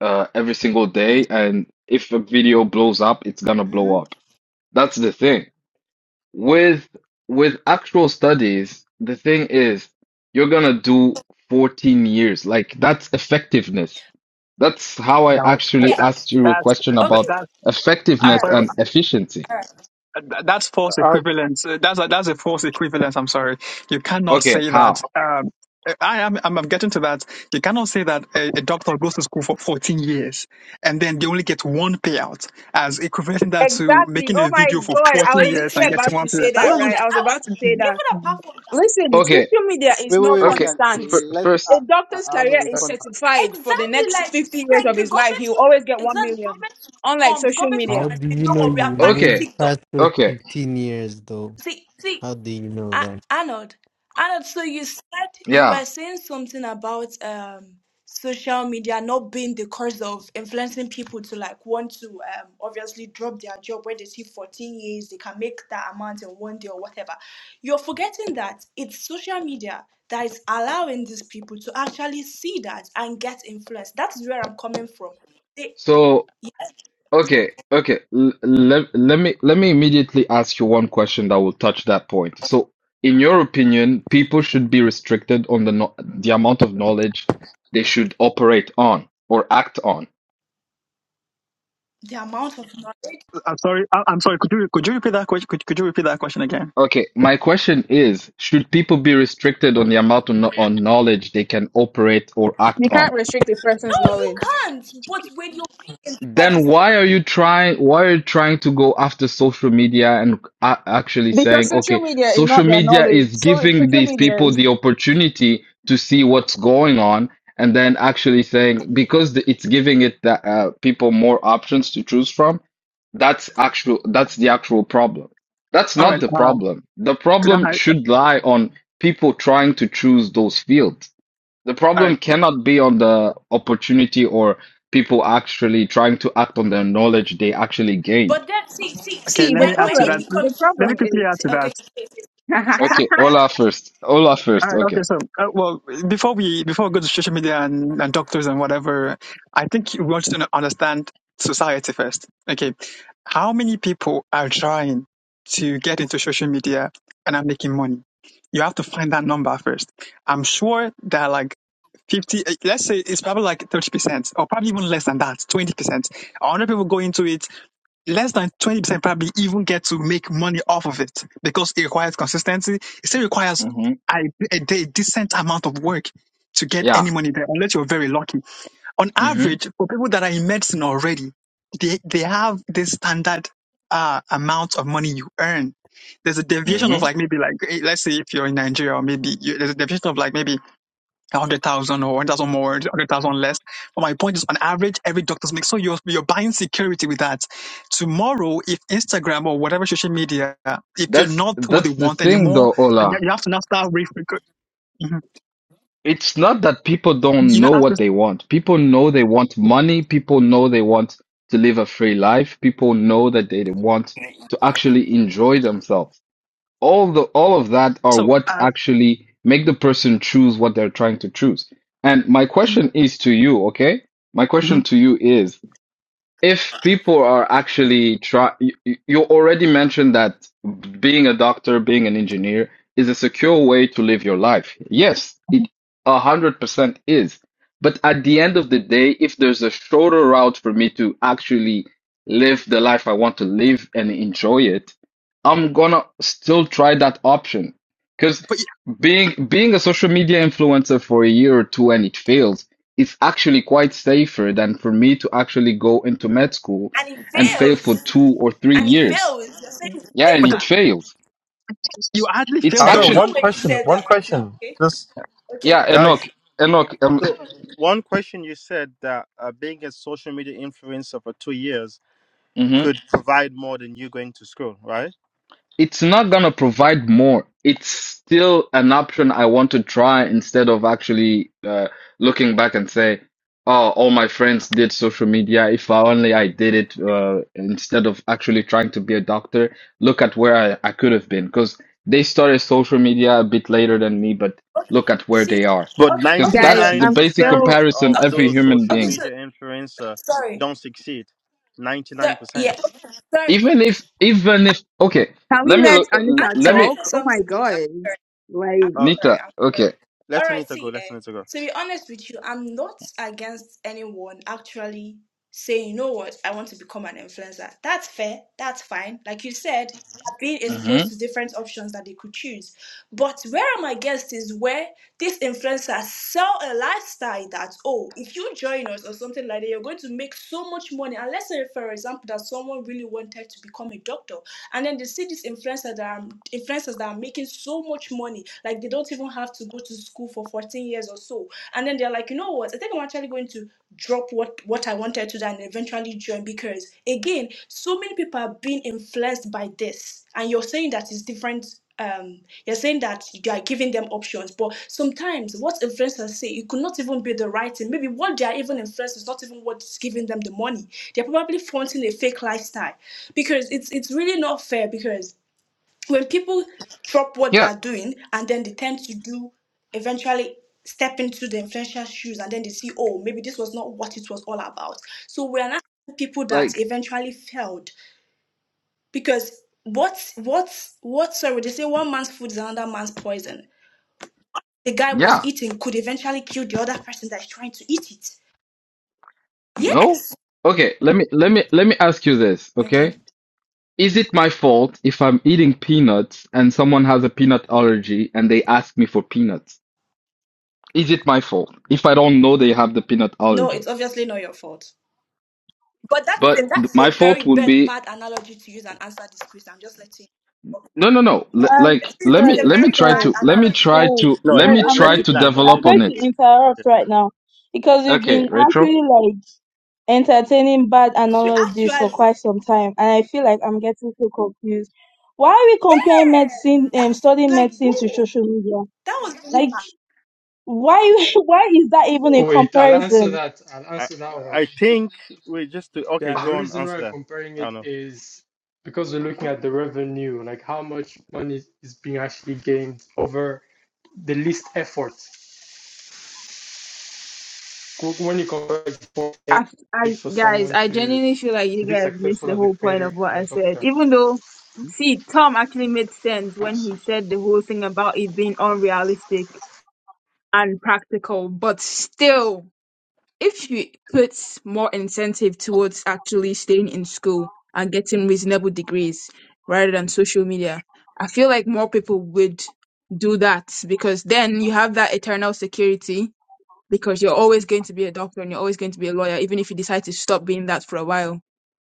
uh, every single day. And if a video blows up, it's gonna blow up. That's the thing. With with actual studies, the thing is, you're gonna do 14 years. Like that's effectiveness. That's how I
No, that,
actually
Yeah.
that,
asked you a
that's
question
that,
about
Okay.
that's. I'm
All
effectiveness
right.
sorry.
and efficiency.
All right.
that- That's false
Uh,
equivalence. Uh, That's a, that's a false equivalence. I'm sorry. You cannot
Okay,
say that.
how?
Um, I am. I'm, I'm getting to that. You cannot say that a, a doctor goes to school for 14 years and then they only get one payout as equivalent that to
Exactly.
making
Oh
a
my
video for
God. I
14
was
years
Like,
and
literally about
getting one
to
payout.
say
That
bro,
that, right? I
like,
was
I would,
about to say that.
even
doesn't.
apart from that,
Listen,
Okay,
social media is
wait, wait,
not
wait, wait.
okay.
guys.
F
constant.
Let I,
A
first,
I,
doctor's
I want to
career
uh,
is
respond
certified for the
exactly
next
like
50 years
like
of
the
his life. He
government.
will always get 1
Exactly, the
million.
government to
Unlike
come. The
social
government to come
how
media,
and
do
say, you
you
know
know
what? We
you
are banning
okay,
lived
TikTok.
past those
okay,
fifteen years though?
See, see,
How do you know
A- Arnold, Arnold, so you said you
yeah.
were saying something about um social media not being the cause of influencing people to like want to um obviously drop their job when they see 14 years they can make that amount in one day or whatever. You're forgetting that it's social media that is allowing these people to actually see that and get influenced. That's where I'm coming from. The,
So. Okay, okay. L let let me let me immediately ask you one question that will touch that point. So, in your opinion, people should be restricted on the no the amount of knowledge they should operate on or act on.
the amount of knowledge.
I'm sorry. I, I'm sorry. Could you could you repeat that question? Could, could you repeat that question again?
Okay, my question is, should people be restricted on the amount of no on knowledge they can operate or act
you
on?
can't restrict a
No,
person's
you
knowledge
can't. But when you're being influenced.
Then why are you trying why are you trying to go after social media and a actually
because
saying,
social
okay,
media is
social
not their
media
knowledge.
is
So
giving
social
these
media
people
is.
the opportunity to see what's going on, and then actually saying because the, it's giving it the, uh, people more options to choose from, that's actual that's the actual problem. That's
All
not
right.
the
uh,
problem. The
Could I?
problem should lie on people trying to choose those fields. The
All
problem
right.
cannot be on the opportunity or people actually trying to act on the knowledge they actually
But
gained.
then, see, see,
Okay.
see,
See,
Let
the
me
when
add
when
to
it
that.
problem, the
becomes
Let
when,
me
problem
quickly
is,
add
see,
to that.
okay, she says, yeah,
Okay,
yeah,
Ola first. Ola first.
Uh,
Okay.
okay, so uh, well, before we before we go to social media and, and doctors and whatever, I think we want to understand society first. Okay, how many people are trying to get into social media and are making money? You have to find that number first. I'm sure there are like fifty. eh, Let's say it's probably like thirty percent, or probably even less than that, twenty percent. hundred people go into it, less than 20% probably even get to make money off of it because it requires consistency. It still requires
hmm
I do a decent amount of work to get
Yeah.
any money there, unless you're very lucky. On
hmm
average, for people that are in medicine already, they they have this standard uh, amount of money you earn. There's a deviation of
hmm
like maybe like eh, let's say if you're in Nigeria or maybe you, there's a deviation of like maybe a hundred thousand or one thousand more, hundred thousand less. But my point is, on average, every doctor's make so you're you're buying security with that. Tomorrow, if Instagram or whatever social media, if you're
That's
not what they
that's the
want
thing
anymore,
though,
and
Ola.
you you have to now start refocusing hmm
It's not that people don't
You know,
know
after
what they want. People know they want money. People know they want to live a free life. People know that they want to actually enjoy themselves. all the all of that are
so,
what
uh,
actually make the person choose what they're trying to choose. And my question is to you, okay? My question
mhm.
to you is if people are actually try you, you you already mentioned that being a doctor being an engineer is a secure way to live your life yes it 100% is but at the end of the day if there's a shorter route for me to actually live the life i want to live and enjoy it i'm gonna still try that option because
but yeah,
being being a social media influencer for a year or two and it fails it's actually quite safer than for me to actually go into med school
and it
and fail
fails,
for two or three
and it
years.
fails, you're saying it's
Yeah, and
but the,
it
safer.
fails.
you hardly
It's
feel
I know
though
There's
actually
no
one
way you
question.
said
One
that right now.
question.
Okay,
Just
okay,
yeah,
guys.
Enoch, Enoch. Um,
So one question you said that uh, being a social media influencer for two years could provide more than you going to school, right?
It's not gonna provide more. It's still an option I want to try instead of actually uh, looking back and say, "Oh, all my friends did social media. If I only I did it uh, instead of actually trying to be a doctor. Look at where I, I could have been." Because they started social media a bit later than me, but
okay.
look at where
See,
they are.
But
okay,
Because
okay.
ninety
guys,
So,
that's
nine
the
I'm
basic
percent
still.
comparison
of
okay,
every
those
human
social
okay.
being.
So,
media influencer
sorry,
don't succeed. Ninety
so
nine percent.
yeah, okay, sorry.
Even if, even if, okay,
Can we
let me
let
look.
Anita
Adam,
Let
can I
me,
say
talk? Oh my
something, please?
God. Like,
I'm
Uh,
sorry.
Nita.
I'm sorry.
Okay.
All
let's let
right,
Anita go.
see,
Let's
eh,
Anita go.
to be honest with you, I'm not against anyone actually saying, you know what, I want to become an influencer. That's fair. That's fine. Like you said, being
hmm
exposed to different options that they could choose. But where I'm against is where these influencers sell a lifestyle that, oh, if you join us or something like that, you're going to make so much money. Unless, eh, for example, that someone really wanted to become a doctor and then they see these influencers that are influencers that are making so much money, like they don't even have to go to school for 14 years or so. And then they're like, you know what? I think I'm actually going to drop what what I wanted to do and eventually join because again, so many people are being influenced by this, and you're saying that it's different. Um, you're saying that you are giving them options, but sometimes what influencers say it could not even be the right thing. Maybe what they are even influenced is not even what's giving them the money. They're probably fronting a fake lifestyle, because it's it's really not fair because when people drop what they
Yeah.
are doing and then they tend to do eventually step into the influential shoes and then they see oh maybe this was not what it was all about so we are not people that
Like,
eventually failed because what what what sorry they say one man's food is another man's poison the guy was
yeah,
eating could eventually kill the other person that's trying to eat it yes
no. Okay, let me let me let me ask you this, okay?
okay
Is it my fault if I'm eating peanuts and someone has a peanut allergy and they ask me for peanuts? Is it my fault if I don't know they have the peanut
no it's
allergy?
obviously not your fault But that is a,
But th-
that's
my
a very
fault would
bad
be
bad analogy to use and answer this question. I'm just letting you.
no, no, no. L
Um.
like,
It's
let me
a
Sorry.
let me
very
try
Sorry.
to
bad
let me
analogy.
try
Sorry.
to
No,
let
l-
Sorry.
me
I'm
let
try
going
it
to
to.
land on
I'm
this.
develop
going
on
to
it.
interrupt
Okay.
right now because we've
Okay,
been
Rachel.
actually like entertaining bad
To
analogies for
actually,
quite some time, and I feel like I'm getting so confused. Why are we comparing
yeah,
medicine, um,
that's
studying
like
medicine to
bro,
social media?
that was really
Like,
bad.
why? Why is that even a
Oh, Wait, I'll answer
comparison?
that. I'll
I
answer that
I
one.
I think we just to, okay.
Yeah, the
Go on.
reason why
Answer
I'm
that.
comparing
I don't
it
know.
is because we're looking at the revenue, like how much money is being actually gained over the least effort. When you compare it for
I, I
for
guys,
someone
I
to
genuinely feel like
to
you
be
guys missed
successful
the
as a
whole point
creator
of what
and a
I said.
doctor,
Even though, see, Tom actually made sense when he said the whole thing about it being unrealistic and practical, but still, if you put more incentive towards actually staying in school and getting reasonable degrees rather than social media, I feel like more people would do that because then you have that eternal security because you're always going to be a doctor and you're always going to be a lawyer, even if you decide to stop being that for a while.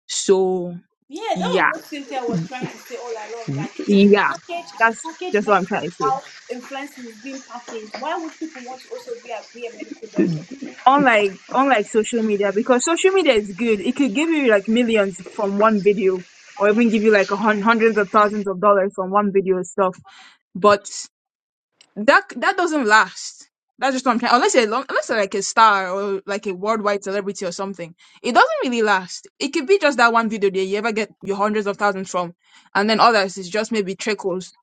So
Yeah, that was
yeah,
what Cynthia was trying to say all along.
Mhm.
Like if you
yeah,
package, if you
that's
package
just what
medical
I'm trying to say.
how influencing is being packaged, why would people want to also be a be a medical doctor?
Unlike unlike social media, because social media is good, it could give you like millions from one video, or even give you like a hun- hundreds of thousands of dollars from one video and stuff. But that that doesn't last. That's just what I'm trying. Unless you're lo- unless you're like a star or like a worldwide celebrity or something, it doesn't really last. It could be just that one video that you ever get your hundreds of thousands from, and then others is just maybe trickles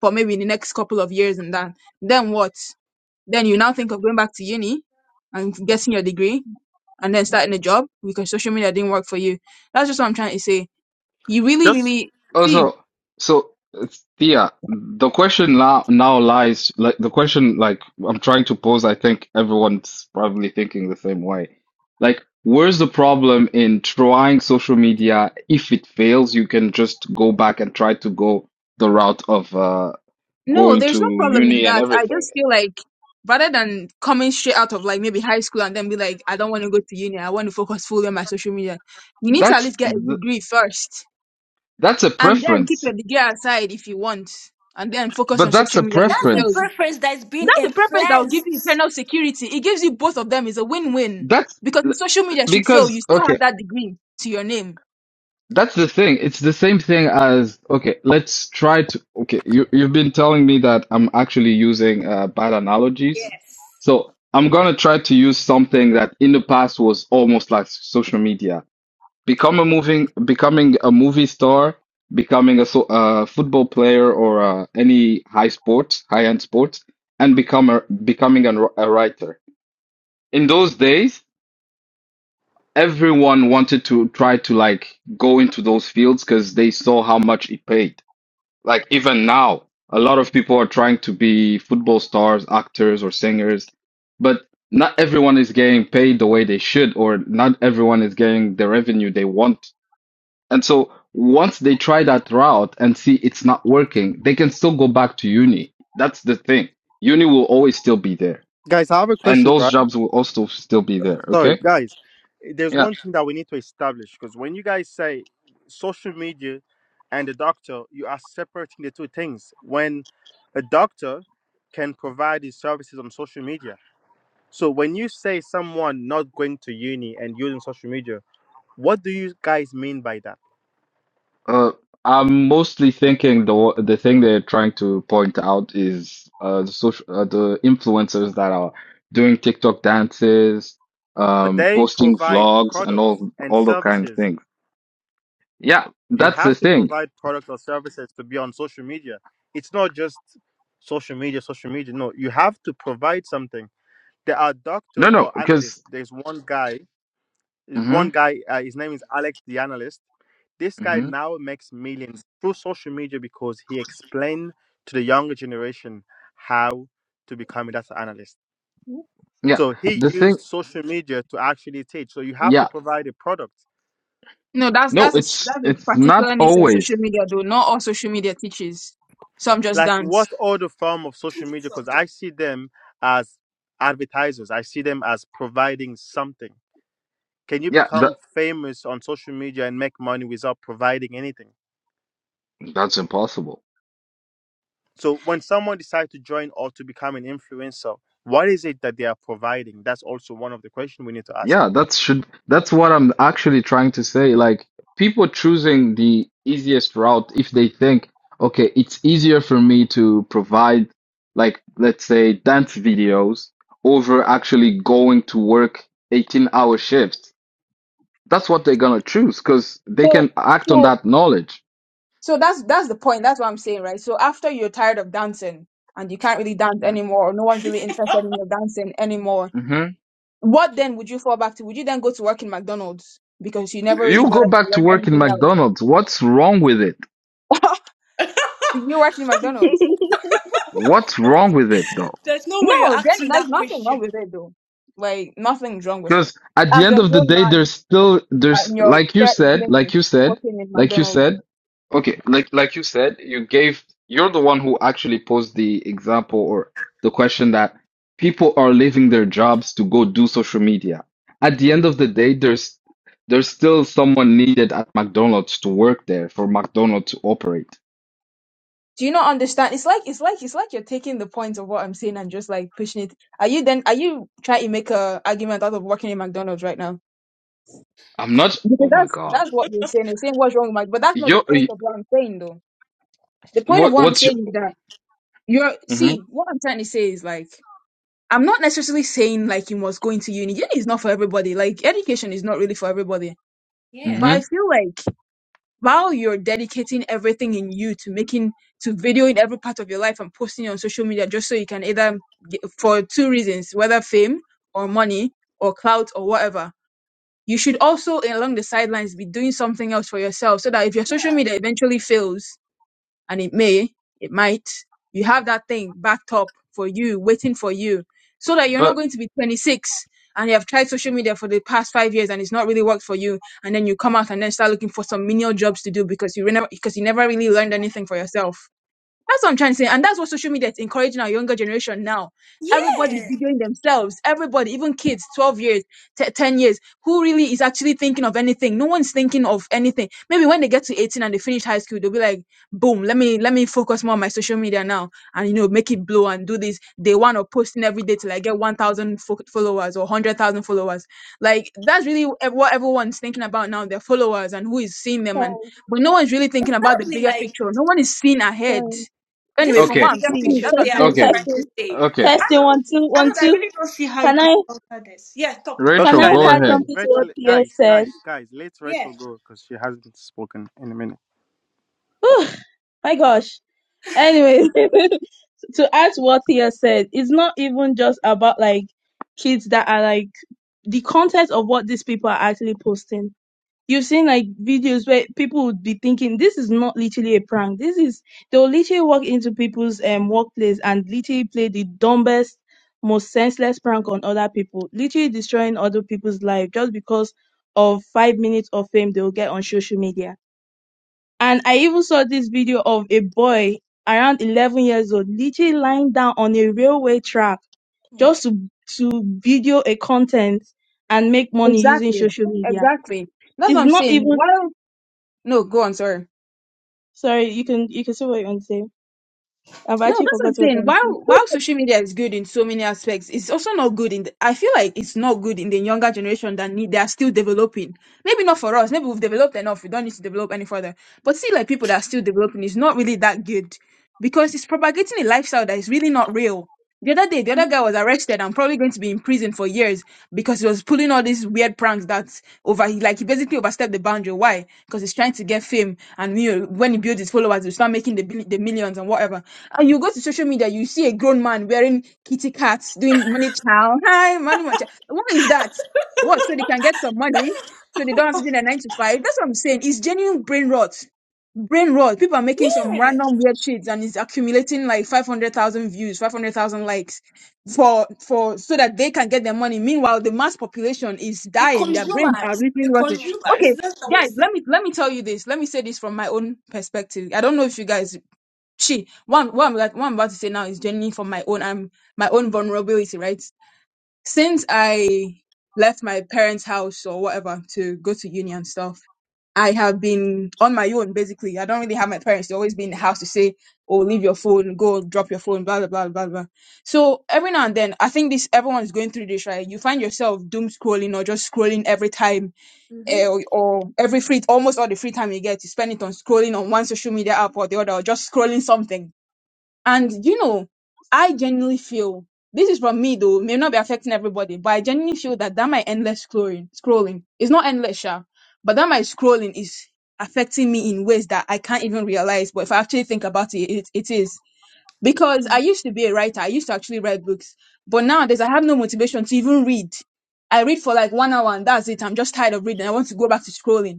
for maybe the next couple of years and that. Then what? Then you now think of going back to uni and getting your degree and then starting a job because social media didn't work for you. That's just what I'm trying to say. You really,
Just
really see.
Also, so it's Thea, the question now now lies like the question like I'm trying to pose, I think everyone's probably thinking the same way. Like, where's the problem in trying social media? If it fails, you can just go back and try to go the route of uh
No,
going
there's
to
no problem in
uni and
that. I
everything.
just feel like rather than coming straight out of like maybe high school and then be like, I don't want to go to uni, I want to focus fully on my social media, you need to at
That's
least get a
th-
degree first.
that's a
And then keep your
preference.
degree aside if you want. And then focus
But
on
that's
social
a
media if
That's
it
the
fails
preference.
you.
preference that is being
That's the preference that will give you
influenced.
internal security. It gives you both of them. It's a win-win.
That's
Because if social media should fail,
because
you still
okay.
have that degree to your name.
That's the thing. It's the same thing as okay, let's try to okay, you you've been telling me that I'm actually using uh, bad analogies.
Yes.
So I'm gonna try to use something that in the past was almost like social media.
Okay.
Become a moving, becoming a movie star, becoming a so, uh, football player or uh, any high sports, high-end sports, and become a, becoming a, a writer. In those days, everyone wanted to try to like go into those fields because they saw how much it paid. Like even now, a lot of people are trying to be football stars, actors, or singers, but not everyone is getting paid the way they should, or not everyone is getting the revenue they want. And so once they try that route and see it's not working, they can still go back to uni. That's the thing. Uni will always still be there.
guys, I have a
And
question,
those
right?
jobs will also still be there.
Sorry,
Okay.
guys. eh, There's
Yeah.
one thing that we need to establish because when you guys say social media and the doctor, you are separating the two things. When a doctor can provide his services on social media. So when you say someone not going to uni and using social media, what do you guys mean by that?
Uh, I'm mostly thinking the wa- the thing they're trying to point out is uh, the social uh, the influencers that are doing TikTok dances,
But
um,
they
posting
provide
vlogs, and
products
all
and
all those kind of
services.
things. Yeah,
You
that's the
have to
thing.
provide products or services to be on social media. It's not just social media, social media. No, you have to provide something There are
No,
doctors
no,
or analysts.
because
There's one guy. There's
hmm
one guy. Uh, his name is Alex the analyst. This guy
hmm
now makes millions through social media because he explained to the younger generation how to become a data analyst.
Hmm?
yeah,
So he
the thing.
used social media to actually teach. So you have to
Yeah,
provide a product.
No, that's
no,
that's a s-
it's
that's a
it's not
particular niche of
always.
social media though. Not all social media teaches. Some just
Like
dance.
what other form of social media?
So
Because I see them as advertisers. I see them as providing something. Can you
Yeah,
become
that
famous on social media and make money without providing anything?
that's impossible.
So when someone decides to join or to become an influencer, what is it that they are providing? That's also one of the questions we need to ask.
Yeah, that's should that's what I'm actually trying to say. Like people choosing the easiest route if they think, okay, it's easier for me to provide like let's say dance videos over actually going to work 18 hour shifts. That's what they're gonna choose because they
So,
can act on
so,
that knowledge.
so that's that's the point. That's what I'm saying, right? So after you're tired of dancing and you can't really dance anymore, or no one's really interested in your dancing anymore,
hmm
what then would you fall back to? Would you then go to work in McDonald's because you never really
You go
bothered to
back to
learn
work in
anything else?
McDonald's. What's wrong with it?
Did you work in McDonald's?
What's wrong with it though?
there's no
No,
way you're
then
asking
there's
that
nothing
question.
wrong with it, though. Like nothing's wrong with it.
Because at the
As
end
a
of the
grown
day,
man
there's still
uh,
there's
in your
like you
thirties,
said,
maybe
like you said,
working in
like you
McDonald's.
said. Okay, like like you said, you gave you're the one who actually posed the example or the question that people are leaving their jobs to go do social media. At the end of the day, there's there's still someone needed at McDonald's to work there for McDonald's to operate.
Do you not understand? It's like it's like it's like you're taking the point of what I'm saying and just like pushing it. Are you then are you trying to make a argument out of working in McDonald's right now?
I'm not.
Because
Oh my
that's
God.
that's what you're saying. You're saying what's wrong with Mc but that's not the
You're,
point of what I'm saying though. The point of
what
what I'm
what's your?
saying is that you're see,
Mm-hmm.
what I'm trying to say is like I'm not necessarily saying like you must go into uni. Uni is not for everybody. Like education is not really for everybody.
Yeah.
But I
Mm-hmm.
feel like while you're dedicating everything in you to making to videoing every part of your life and posting it on social media just so you can either get, for two reasons whether fame or money or clout or whatever you should also along the sidelines be doing something else for yourself so that if your social media eventually fails and it may, it might, you have that thing backed up for you, waiting for you, so that you're not
But
going to be 26 and you have tried social media for the past five years and it's not really worked for you, and then you come out and then start looking for some menial jobs to do because you never because you never really learned anything for yourself. That's what I'm trying to say. And that's what social media is encouraging our younger generation now. Everybody's
Yeah.
videoing themselves. Everybody, even kids, 12 years, te- 10 years, who really is actually thinking of anything? No one's thinking of anything. Maybe when they get to 18 and they finish high school, they'll be like, boom, let me, let me focus more on my social media now and, you know, make it blow and do this. They want to posting every day till I get 1,000 fo- followers or 100,000 followers. Like that's really ev- what everyone's thinking about now, their followers and who is seeing them. And,
sorry,
but no one's really thinking about the
Probably
bigger
like
picture. No one is seeing ahead
sorry.
This
Anyway,
is
from
the
okay,
what I'm
bigger
seeing,
picture
that's what I'm
thing I
trying
testing,
to
was
okay,
say.
trying to
testing,
say.
okay.
I
testing.
don't,
One, two,
I
one,
don't, I
two.
really don't see how you
Can
can
I,
alter this. Yeah, talk, talk.
Okay,
can
Rachel,
I
guys,
go
let's
add
Rach-
ahead.
something to what
Rachel,
you have
guys,
said?
guys, guys, let
Yeah.
Rachel go because she hasn't spoken in a minute.
Whew, my gosh. Anyway, to add what Thea said, it's not even just about like kids that are like the content of what these people are actually posting. You've seen like videos where people would be thinking this is not literally a prank. This is they'll literally walk into people's um workplace and literally play the dumbest, most senseless prank on other people, literally destroying other people's life just because of five minutes of fame they'll get on social media and I even saw this video of a boy around 11 years old literally lying down on a railway track
Oh my.
just to, to video a content and make money using
Exactly.
social media.
Exactly. That's what
It's
I'm
not
saying.
even,
While no, go on, sorry.
sorry, you can, you can say what you want to say. I've
No,
actually
that's what
forgot
I'm
what
saying.
I'm saying.
While while social media is good in so many aspects, it's also not good in the, I feel like it's not good in the younger generation that need they are still developing. Maybe not for us. Maybe we've developed enough. We don't need to develop any further. But see like people that are still developing is not really that good because it's propagating a lifestyle that is really not real The other day, the other guy was arrested and probably going to be in prison for years because he was pulling all these weird pranks that over. He like he basically overstepped the boundary. Why? Because he's trying to get fame, and you know, when he builds his followers, he'll start making the bill- the millions and whatever. And you go to social media, you see a grown man wearing kitty cats, doing money chow. Hi, money chow. What is that? What? So they can get some money, so they don't have to do their nine to five. That's what I'm saying. It's genuine brain rot brain rot. People are making some
Yeah.
random weird shits and it's accumulating like 500,000 views, 500,000 likes for, for, so that they can get their money. Meanwhile, the mass population is
The
dying. Their brains are
consumers, the
literally rotting.
consumers.
Okay.
That's what I
Guys,
was
let me, let me tell you this. Let me say this from my own perspective. I don't know if you guys, she, one, what I'm, like- what I'm about to say now is genuinely from my own, I'm, my own vulnerability, right? Since I left my parents' house or whatever to go to uni and stuff, I have been on my own basically. I don't really have my parents. They always be in the house to say, "Oh, leave your phone, go drop your phone," blah blah blah blah blah. So every now and then, I think this everyone's going through this, right? You find yourself doom scrolling or just scrolling every time,
saying. hmm
eh, or, or every free, almost all the free time you get, you spend it on scrolling on one social media app or the other, or just scrolling something and you know, I genuinely feel this is from me though, may not be affecting everybody, but I genuinely feel that that my endless scrolling, scrolling, it's not endless, sha, but that my scrolling is affecting me in ways that I can't even realize. But if I actually think about it, it, it is because I used to be a writer. I used to actually write books, but nowadays I have no motivation to even read. I read for like one hour and that's it. I'm just tired of reading. I want to go back to scrolling.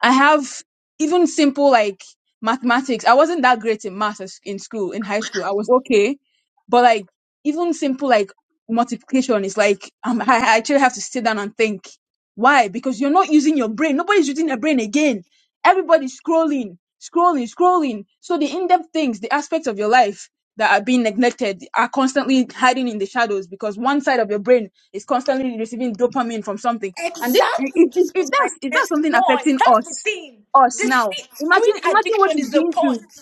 I have even simple like mathematics. I wasn't that great in math as- in school, in high school. I was okay, but like even simple like multiplication is like um, I, I actually have to sit down and think. Why? Because you're not using your brain. Nobody's using their brain again. Everybody's scrolling, scrolling, scrolling. So the in-depth things, the aspects of your life that are being neglected are constantly hiding in the shadows because one side of your brain is constantly receiving dopamine from something and if,
Exactly.
if, if,
This
if
was my
that's if that's
best
something
point.
affecting
That's the
us,
thing.
us
The
now,
se-
imagine
screen
imagine what
addiction
it's
is the
doing to
point.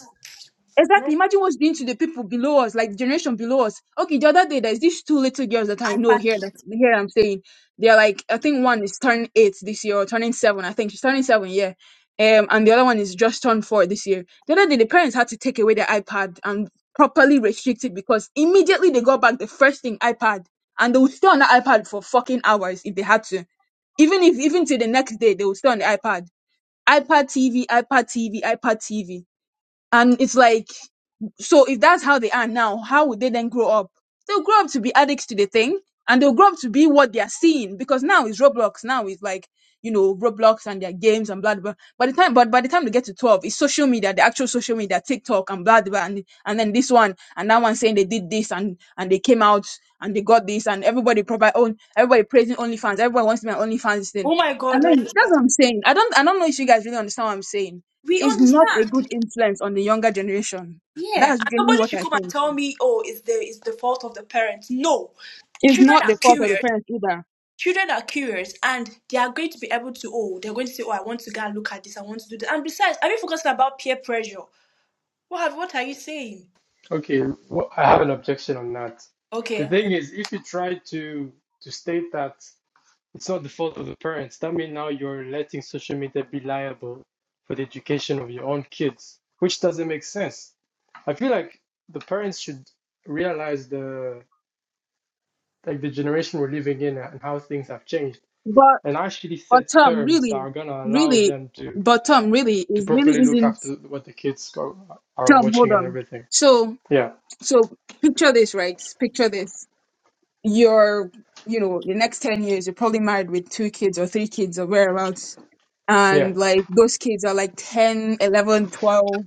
Not
Exactly. Imagine what's doing to the people below us, like the generation below us. Okay, the other day there's these two little girls that I know
iPad
here that
kids.
here I'm saying. They're like I think one is turning eight this year or turning seven. I think she's turning seven, yeah. Um and the other one is just turned four this year. The other day the parents had to take away their iPad and properly restrict it because immediately they got back the first thing iPad and they would stay on the iPad for fucking hours if they had to. Even if even till the next day they would stay on the iPad. iPad TV, iPad TV, iPad TV and it's like, so if that's how they are now, how would they then grow up? They'll grow up to be addicts to the thing and they'll grow up to be what they're seeing because now it's Roblox. Now it's like, you know, Roblox and their games and blah, blah. By the time, but by the time they get to 12, it's social media, the actual social media, TikTok and blah, blah. And, and then this one and that one saying they did this and, and they came out and they got this and everybody provide own, everybody praising OnlyFans. Everybody wants to be an OnlyFans thing.
Oh my God!
And
Don't even
then that's
start.
what I'm saying. I don't, I don't know if you guys really understand what I'm saying
We
is not a
understand.
good influence on the younger generation.
Yeah.
That's
And
really
nobody
what
should
I
come and
think.
tell me, oh, it's the it's the fault of the parents. No.
It's
Children
not
are
the fault of
curious.
the parents either.
Children are curious and they are going to be able to, oh, they're going to say, oh, I want to go and look at this, I want to do this. And besides, have you forgotten about peer pressure? What have, what are you saying?
okay, wh- I have an objection on that. The
Okay.
thing is, if you try to to state that. It's not the fault of the parents. That means now you're letting social media be liable for the education of your own kids, which doesn't make sense. I feel like the parents should realize the like the generation we're living in and how things have changed,
But
and actually
but
set
Tom,
terms that
really,
are gonna allow
really,
them to
but Tom, really,
to
is
properly
really
look
isn't
after what the kids go, are
Tom. Hold
watching and
on.
everything.
So
Yeah,
so picture this, right? Picture this. You're you know the next ten years, you're probably married with two kids or three kids or whereabouts,
yeah,
and like those kids are like 10, 11, 12.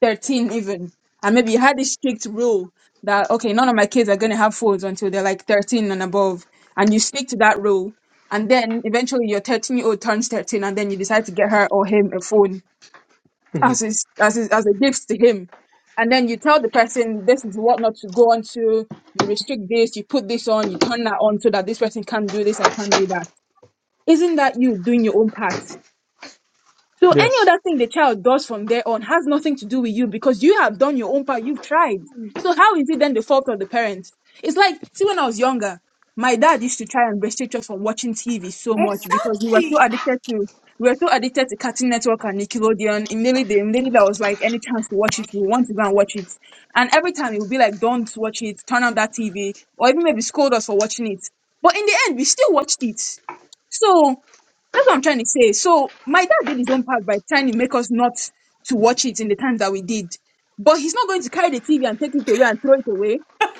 13 even and maybe you had this strict rule that okay none of my kids are going to have phones until they're like 13 and above and you stick to that rule and then eventually your 13 year old turns 13 and then you decide to get her or him a phone
hmm
as his, as his, as a gift to him and then you tell the person this is what not to go on to you restrict this you put this on you turn that on so that this person can't do this and can't do that isn't that you doing your own part so any
yes.
other thing the child does from there on has nothing to do with you because you have done your own part. You've tried.
Mhm.
So how is it then the fault of the parents? It's like, see, when I was younger, my dad used to try and restrict us from watching TV so much because we were so
Exactly.
addicted to we were so addicted to Cartoon Network and Nickelodeon. Immediately, the- immediately there was like any chance to watch it, we want to go and watch it. And every time it would be like, don't watch it, turn on that TV, or even maybe scold us for watching it. But in the end, we still watched it. So that's what I'm trying to say. So my dad did his own part by trying to make us not to watch it in the time that we did. But he's not going to carry the TV and take it away and throw it away.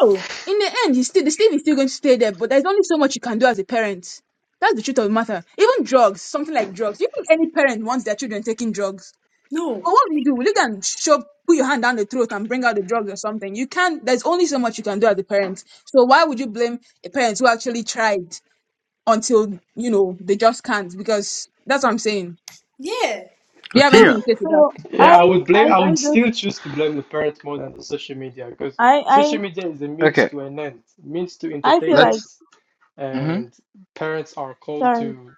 No. In the end, he's still the TV is still going to stay there, but there's only so much you can do as a parent. That's the truth of the matter. Even drugs, something like drugs. You think any parent wants their children taking drugs. But
no.
what do you do? Will you go and shove, put your hand down the throat and bring out the drugs or something? You can't, there's only so much you can do as a parent. So why would you blame a parent who actually tried? until you know they just can't because that's what I'm saying.
Yeah.
Oh,
Do you have
Whew.
Tia,
anything to say to that?
so I,
Yeah, I would
I,
blame, I
I
would
just,
still choose to blame the parents more than the social media because
I, I,
social media is a means
Okay,
to an end, means to
I feel
entertainment,
like,
let's. hmm
and parents are called
sorry,
to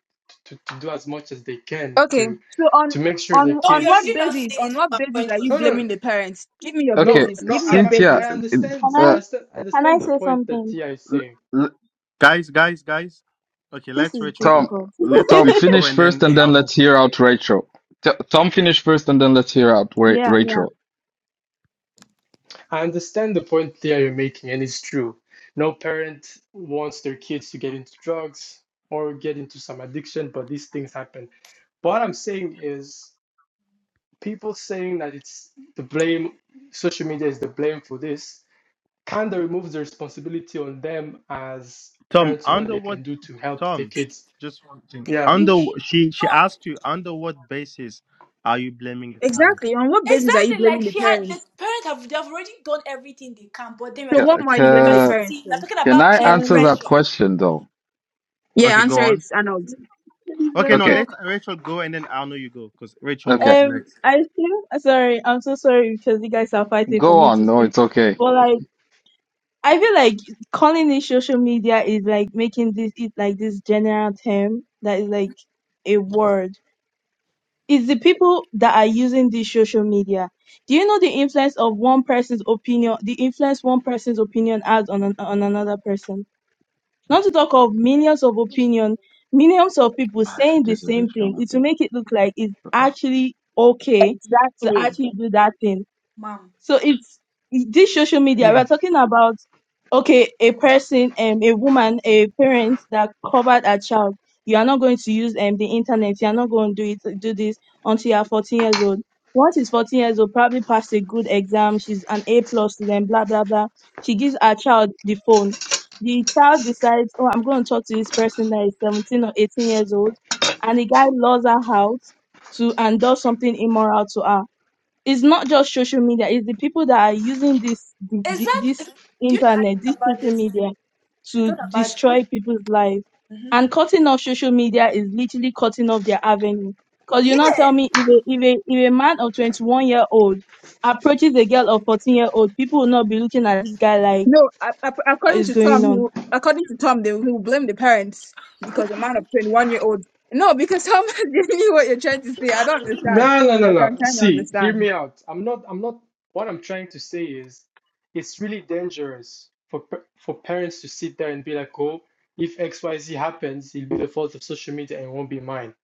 to, to do as much as they can
Okay.
to
So on
to make sure the
on
Oh,
on
you're
what
really
kids.
not
basis?
saying it
On what
from a
basis
point
are
of
you
No,
view.
no,
blaming the parents? Give me your
Okay,
no,
basis.
no.
Give me your
I'm,
Cynthia,
I
basis.
understand,
can
uh,
I,
I st- I
can I
understand the
say
point that
something?
Tia is
l-
saying.
l-
guys, guys, guys. Okay,
This
let's
is
Rachel go.
Tom,
difficult.
Let's
Tom,
Rachel go,
finish
and
first,
then
and
I
then
don't know.
let's hear out Rachel. T- Tom, finish first, and then let's hear out Ra-
Yeah,
Rachel.
yeah.
I understand the point there you're making, and it's true. No parent wants their kids to get into drugs or get into some addiction, but these things happen. What I'm saying is, people saying that it's the blame, social media is the blame for this, kind of removes the responsibility on them as
Tom,
parents on what
under
they
what?
can do to help their
Tom,
Like,
kids.
just one thing.
Yeah.
Under she
No,
she asked you under what basis are you blaming the parents?
Exactly. On what basis are you
exactly. Like
blaming the
she had the
parents?
parents have they've already done everything they can, but then we're
So
Ca
talking
what more are
about
you blaming the
ca
parents
curiosity, we're
for?
talking
can
about
I
peer
answer
Um.
pressure,
that question though?
Yeah,
Okay,
answer
go
it,
on.
Arnold.
Please let
Okay,
me
no,
Okay,
let
talk.
Rachel go, and then I know you go because Rachel
okay,
was
Um,
next.
I feel sorry. I'm so sorry because you guys are fighting for
go
me
on.
to
No,
speak.
it's okay.
But like, I feel like calling it social media is like making this it like this general term that is like a word. It's the people that are using this social media. Do you know the influence of one person's opinion? The influence one person's opinion has on an, on another person. Not to talk of millions of opinion, millions of people
Ah, je suis
saying the
désolé, je
same
suis
thing.
en
It
appel.
will
Je
make it look like it's
peux pas.
actually okay to
Exactly.
actually do that thing.
ma'am.
So it's this social media.
Hmm.
We're talking about okay, a person, um, a woman, a parent that covered a child. You are not going to use um the internet. You are not going to do it, do this until you are 14 years old. Once she's 14 years old, probably passed a good exam. She's an A plus student. Blah blah blah. She gives her child the phone. The child decides, oh, I'm going to talk to this person that is 17 or 18 years old, and the guy lures her out to and does something immoral to her it's not just social media it's the people that are using this the- the-
Exactly.
this
Do you know I
internet
thought
this
about
social
this?
media
I
to
thought about this.
destroy people's lives
Mm-hmm.
and cutting off social media is literally cutting off their avenue because you not
Yeah.
tell me if a, if a if a man of 21 year old approaches a girl of 14 year old people will not be looking at this guy like
No, a- a-
what
according
is
to
going
Tom, he
on
will- according to Tom, they will he will blame the parents because a man of twenty-one year old. No, because Tom is giving you what you're trying to say. I don't understand.
No, no, no,
I can
no.
try to
See, hear
understand.
me out. I'm not, I'm not, what I'm trying to say is it's really dangerous for pa- for parents to sit there and be like, oh, if XYZ happens, it'll be the fault of social media and it won't be mine.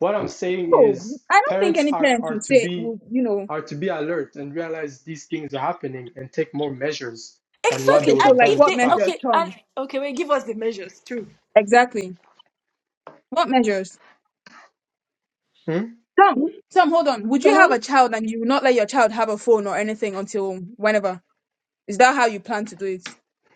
What I'm saying
No,
is
I don't think
parents
any
are
parents
are
would
to
say,
be
would, you know,
are to be alert and realize these things are happening and take more measures than what
Exactly.
okay,
they would
so
And
have
like
done in
if
what
the
they
measures,
past.
okay and
Tom?
okay, wait, give us the measures too.
Exactly. What measures? Tom, Tom, hold on. Would
can
you have
i
a child and you would not let your child have a phone or anything until whenever? Is that how you plan to do it?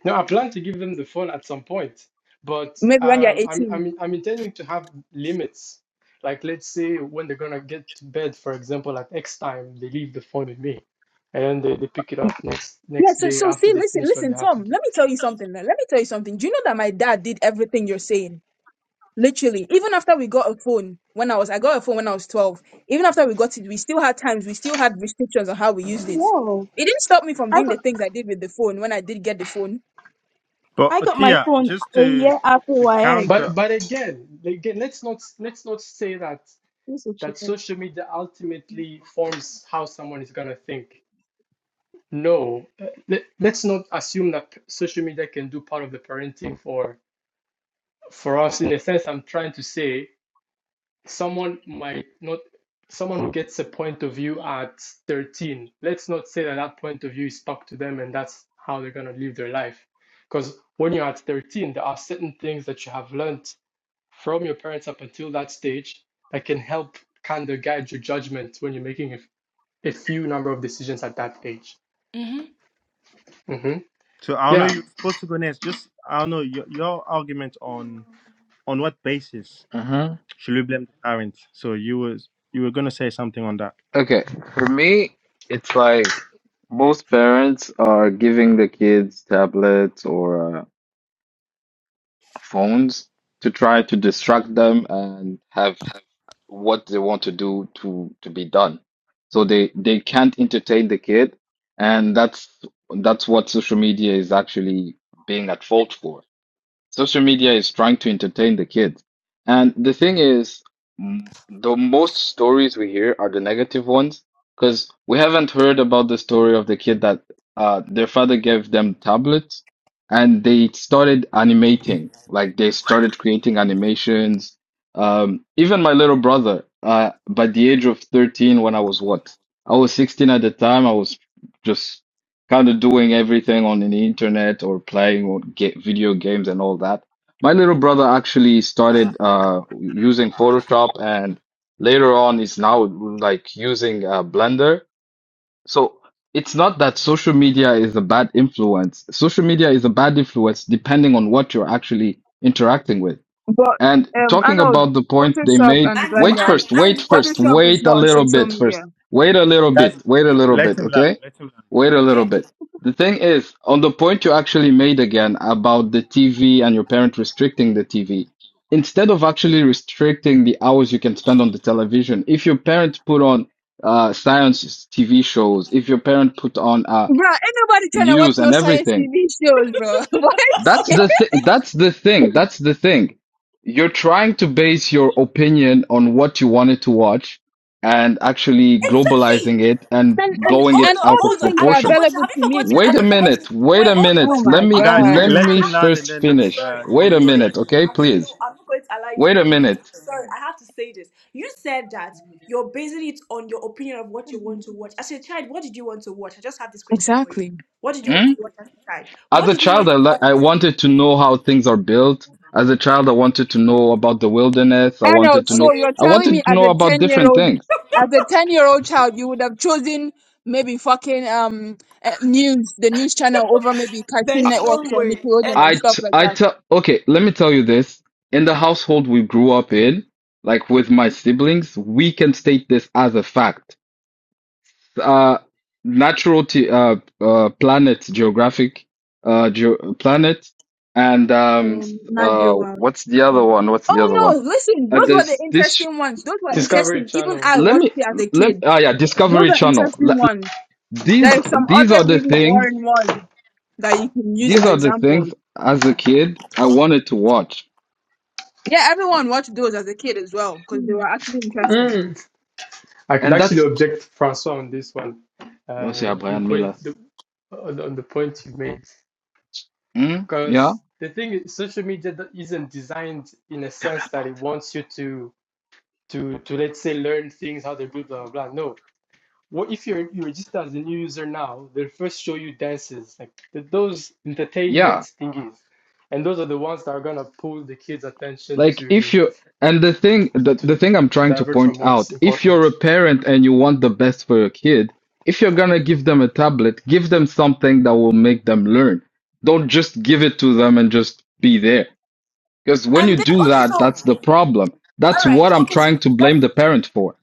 No, I plan to give them the phone at some point, but
Maybe when they're
um, I'm
18.
I'm I'm intending to have limits. Like let's say when they're gonna get to bed, for example, at X time, they leave the phone with me, and then they, they pick it up next
Yeah,
next
so,
day
so
after
see,
they
listen,
finish what
listen,
they have
Tom,
to do.
let me tell you something. Then. Let me tell you something. Do you know that my dad did everything you're saying? Literally, even after we got a phone when I was, I got a phone when I was 12. Even after we got it, we still had times, we still had restrictions on how we used it.
swear
It didn't stop me from
i
doing the
got,
things I did with the phone when I did get the phone.
But
I got my
Atia,
phone
just
a
to
year after
to
yx
But
counter
but again, like, again, let's not let's not say that
who's a
that
cheated
social media ultimately forms how someone is gonna think. No, uh, let, let's not assume that p- social media can do part of the parenting for for us. In a sense, I'm trying to say someone might not someone who gets a point of view at 13 let's not say that that point of view is stuck to them and that's how they're going to live their life because when you're at 13 there are certain things that you have learned from your parents up until that stage that can help kind of guide your judgment when you're making a, a few number of decisions at that age
hmm
hmm
to I know
yeah
you're supposed to go next. Just I don't know your your argument on on what basis
Mhm.
should we blame the parents? So you was you were gonna say something on that.
Okay, for me, it's like most parents are giving the kids tablets or. uh, phones to try to distract them and have what they want to do to to be done. So they they can't entertain the kid, and that's that's what social media is actually being at fault for. Social media is trying to entertain the kids. And the thing is, m- the most stories we hear are the negative ones because we haven't heard about the story of the kid that uh, their father gave them tablets and they started animating. Like they started creating animations. Um, even my little brother, uh, by the age of 13, when I was what? I was 16 at the time. I was just kind of doing everything on the internet or playing or get video games and all that. My little brother actually started uh, using Photoshop and later on is now like using uh, Blender. So it's not that social media is a bad influence. Social media is a bad influence depending on what you're actually interacting with.
But
And
um, I
talking
know
about the point they
Photoshop
made,
and
And
wait
Blender.
and
first, wait
and what
first,
is the
Photoshop is
wait a
not on
little
social
bit
media.
first. Wait a little
Guys,
bit, wait a little
let
bit,
him land.
okay?
Let him land.
Wait a little
okay?
bit. The thing is, on the point you actually made again about the TV and your parent restricting the TV, instead of actually restricting the hours you can spend on the television, if your parent put on uh, science TV shows, if your parent put on uh,
Bruh, ain't nobody trying to watch
news
no
and
science
everything,
TV shows, bro. what?
that's the th- that's the thing. That's the thing. You're trying to base your opinion on what you wanted to watch and actually
Exactly.
globalizing it and
And
But
and
blowing
hold
and
it
on,
out
all
of
those
hold on.
things
Have
were
you
proportion.
forgotten?
available
Have you
to me
forgotten?
because
Wait
Have
a
you forgotten?
minute. Wait
Wait,
a
hold on,
oh
minute.
wait.
Let
my
me
Honor,
Guys,
I
let
god.
just
let
I
me
him
have to.
land, and
say-
first
then
I'm
finish.
sorry.
uh,
I
you
Wait
have
a
will
to
go
say.
minute,
next.
okay?
I'm s- no.
Please.
I'm not going to allow you to
Wait a
wait a minute.
minute.
I'm sorry. I have to say this. You said that you're basing it on your opinion of what you want to watch. As a child, what did you want to watch? I just have this question for you.
Exactly.
What did you want to
Hmm?
watch as a child? What
As a
did you
child, I
want to
li-
watch
I
as a child?
wanted to know how things are built. As a child, I wanted to know about the wilderness. I wanted
Arnold,
to
so
know
Okay.
you're
I
telling me
wanted to
as
know
a
about
10 year
different
old,
things.
as a 10 year old child, you would have chosen maybe fucking, um, eh, news, the news channel over maybe Cartoon
There's
Networks
no
or
way. And,
Nickelodeon and
I
stuff
t
like
I
that.
tell okay, let me tell you this. In the household we grew up in, like with my siblings, we can state this as a fact. Uh, Natural t uh, uh, Planet Geographic, uh, Geo Planet, and um,
um, Nadia
uh, what's the other one? What's the
Oh
other
no,
one?
listen,
Uh,
those were the
there's this. sh-
interesting ones. Those were
discovery
interesting. Even
channel
I
Let
watched
me
it as a
let
kid.
ah yeah,
Those
Discovery
are
Channel.
interesting
Le-
ones.
These
There's some
these are
other
the
really
things.
boring ones that you can use
These
as
are the
examples.
things as a kid I wanted to watch.
Yeah, everyone watched those as a kid as well because they
yeah
were actually interesting.
Mm. i could
and that's.
actually object francois on this one
Oh,
uh,
yeah,
the
Brian Miller.
point the on the point you made
Mm, yeah.
because the thing is social media isn't designed in a
Comme la
sense that it
porte.
wants you to to to let's say learn things how they do blah blah blah no what if you're you register as a new user now they'll first show you dances like those
Yeah.
entertainment thingies and those are the ones that are going to pull the kids attention
Like if
to
you and the thing the, the
to
thing I'm
to
trying to
divert from
point
what's
out, if you're
important
a parent and you want the best for your kid, if you're gonna give them a tablet, give them something that will make them learn. Don't just give it to them and just be there. Because when you
and then
do
okay,
that,
so
that's the problem.
all
That's what
right,
I'm
okay, so
trying to blame
that's
the parent for.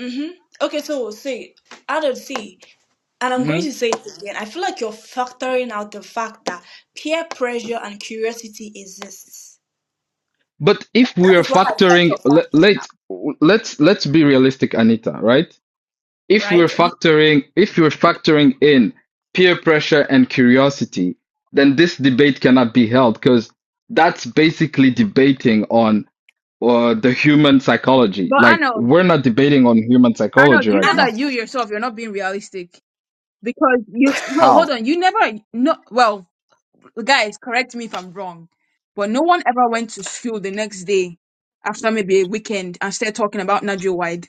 mm-hmm. okay, so see, I don't see, and I'm
hmm
going to say it again. I feel like you're factoring out the fact that peer pressure and curiosity exists.
But
That
if we
that
are
is what I feel like you're
factoring, let,
factoring
let
out,
let's let's be realistic, Anita, right? If we're
right? Mhm.
factoring if we're factoring in peer pressure and curiosity, then this debate cannot be held because that's basically debating on uh, the human psychology.
But
Like
Arnold,
we're not debating on human
Arnold,
psychology
do you
right
know
And
now.
that you yourself, you're not being realistic? because you no hold
How?
on you never no well guys correct me if i'm wrong but no one ever went to school the next day after maybe a weekend and started talking about Nigel Wide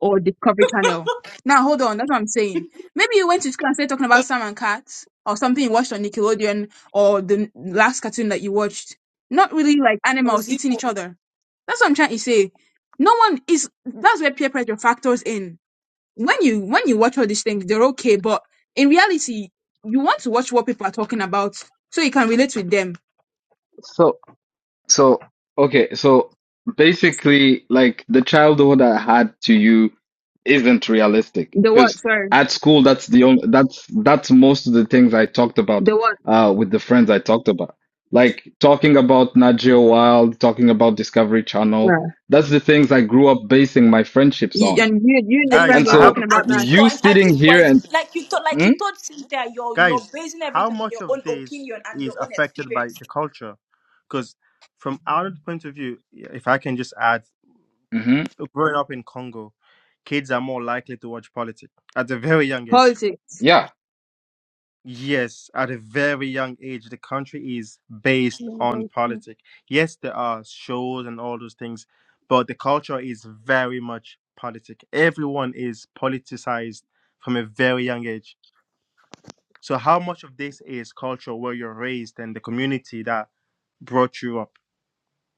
or Discovery Channel. Now hold on, that's what I'm saying. Maybe you went to school and started talking about Sam and Cat or something you watched on Nickelodeon or the last cartoon that you watched. Not really like animals eating
Ozimo,
each other. That's what I'm trying to say. No one is that's where peer pressure factors in when you when you watch all these things, they're okay, but in reality, you want to watch what people are talking about so you can relate with them.
So So, okay, so basically, like the childhood I had to you isn't realistic
The what?
because
Sorry,
at school, that's the only that's that's most of the things I talked about
the what?
uh with the friends I talked about. Like talking about Nat Geo Wild, talking about Discovery Channel,
Yeah.
that's the things I grew up basing my friendships
You,
on.
and you, you and your
and
Guys,
friends
And
were
I have
so
talking
a
about
at
question
that
this
for
you
you.
point, at this
sitting here and
point, like you thought, like you
mm,
told Cynthia, you're you're
Guys,
basing
how
everything on
much
your own
of this
opinion and your
is
own
affected by
experience.
the culture? Because from our point of view, if I can just add
hmm Mm-hmm.
growing up in Congo, kids are more likely to watch politics at a very young age.
politics.
yeah,
Yes, at a very young age, the country is based
Yeah,
on
that's true.
politics. Yes, there are shows and all those things, but the culture is very much politic. Everyone is politicized from a very young age. So, how much of this is culture where you're raised and the community that brought you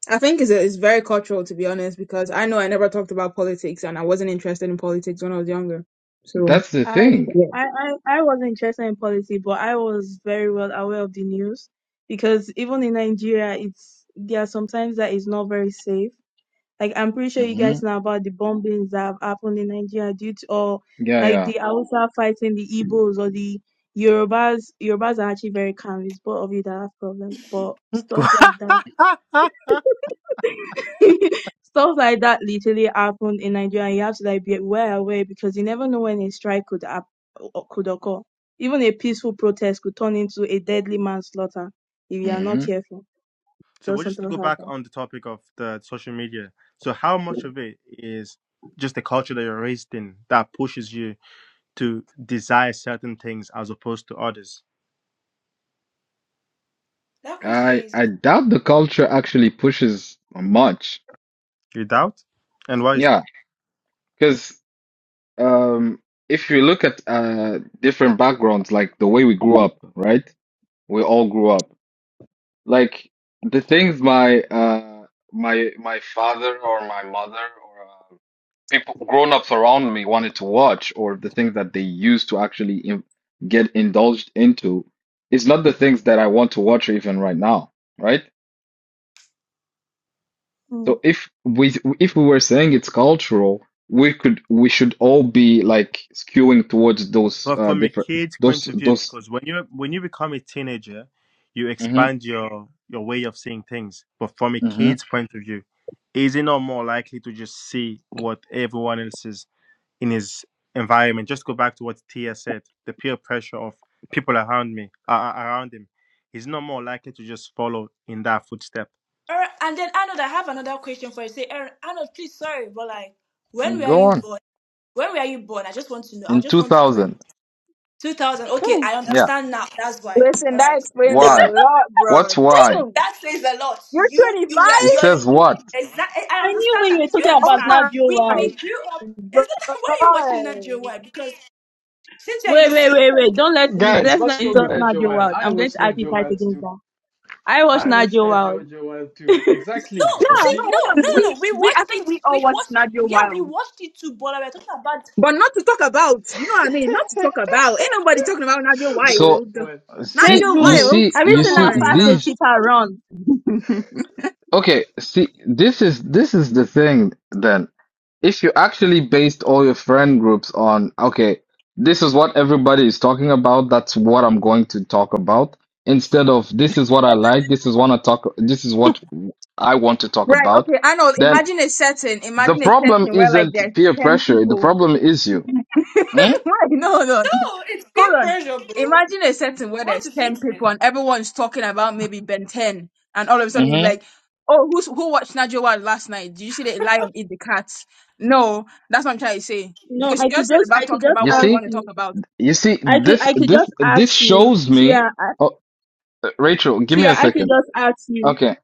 I think it's, a, it's very cultural to be honest, because I know I never talked about politics and I wasn't interested in politics when I was younger. So
that's the
I,
thing.
yeah,
I, I, I was interested in policy, but I was very well aware of the news because even in Nigeria, it's there are sometimes that is not very safe. Like I'm pretty sure you
hmm
guys know about the bombings that have happened in Nigeria due to or
Yeah,
like
yeah.
the Hausa fighting the Igbos or the Yorubas. Yorubas are actually very calm. It's both of you that have problems, but stuff like that,
up?
stuff like that, literally happened in Nigeria. You have to like be well aware because you never know when a strike could hap- o- could occur. Even a peaceful protest could turn into a deadly manslaughter if you are
Mm-hmm.
not careful.
so
Just
well, just to
something
go
like
back
that.
on the topic of the social media so how much of it is just the culture that you're raised in that pushes you to desire certain things as opposed to others
That question
I
is.
I doubt the culture actually pushes much.
you doubt and why is
Yeah,
that
because um, if you look at uh, different backgrounds, like the way we grew up, right? We all grew up. Like the things my uh, my my father or my mother or uh, people grown-ups around me wanted to watch, or the things that they used to actually in get indulged into, is not the things that I want to watch even right now, right?
Hmm.
So if we if we were saying it's cultural, we could we should all be like skewing towards those
But
uh
from a
different
kid's point
those
of view
those.
because when you when you become a teenager you
hmm
expand your your way of seeing things but from a
hmm
kid's point of view is it not more likely to just see what everyone else is? in his environment. Just go back to what Tia said: the peer pressure of people around me, uh, around him. He's not more likely to just follow in that footstep.
Aaron, and then Arnold, I have another question for you. Say, Aaron, Arnold, please, sorry, but like, when were
Go
you
on.
born? When were you born? I just want to know. I
In
just
two
want to know.
thousand,
2000. Okay,
Hmm.
I
yeah.
understand now. That's why. All
Listen, that
right.
explains a
Why?
lot, bro.
What's why?
Damn,
That says a lot.
you're
You, you
25.
were,
It
you're a
says
boomer.
what?
Exactly. I
I knew
understand
when you
that.
were
Do you
talking
Oh
about
understand?
my
We,
Nabiola.
we grew up.
god.
Is that why are you watching that Joe White? Because since you
Wait, wait,
see,
wait, wait. Don't let
guys
let's not
what's wrong with
insult
that
Nadia
Wild?
Wild.
i
I'm going
watch
to
that
actually fight
Wild
against
too
that. I watch
i watch
Nadia
that
Wild.
Wild too exactly
no,
you
So
Yeah,
see,
see
no,
no,
what a,
no, no,
we
no. We
we I
watched
think
it.
we
We
all watched
watched.
Nadia
Yeah, we
Wild.
watched it too. But like, we're talking about
But not to talk about, you know what I mean? Not to talk about. Ain't nobody talking about Nadia
okay
So
Wild.
well
Says
see,
Nadia
you
who?
Wild,
see,
Have you
you
come
seen
see
how
on
fast a
these.
now.
cheetah run?
Okay, see, this is this is the thing then. If you actually based all your friend groups on, okay, this is what everybody is talking about, that's what I'm going to talk about, instead of this is what I like, this is what I talk, this is what I want to talk
Right.
about,
Okay. I know.
then
Imagine a setting.
the
Imagine a
problem
setting where like
isn't
there's
peer
ten
pressure, the
people.
problem is you. Mm?
right. No. No.
no. It's
Hold
peer
on.
pressure, bro. You
Imagine a setting where
want
there's
to fit
ten
in?
people and everyone's talking about maybe Ben Ten, and all of a
hmm
sudden you're
Mm-hmm.
like, "Oh, who's who watched Nadia Wild last night? Did you see the lion eat the cat?" No, that's what I'm trying to say.
No,
Because you
I
just
could
said
just
about
I could
talking
just
about
You
what you
ask
want
see?
to talk
you.
about.
You see,
I could
this
I could
this
just ask
this
you,
shows me.
Tia. I-
Oh, Rachel, give me
Tia,
a
I could
second.
just ask you.
Okay,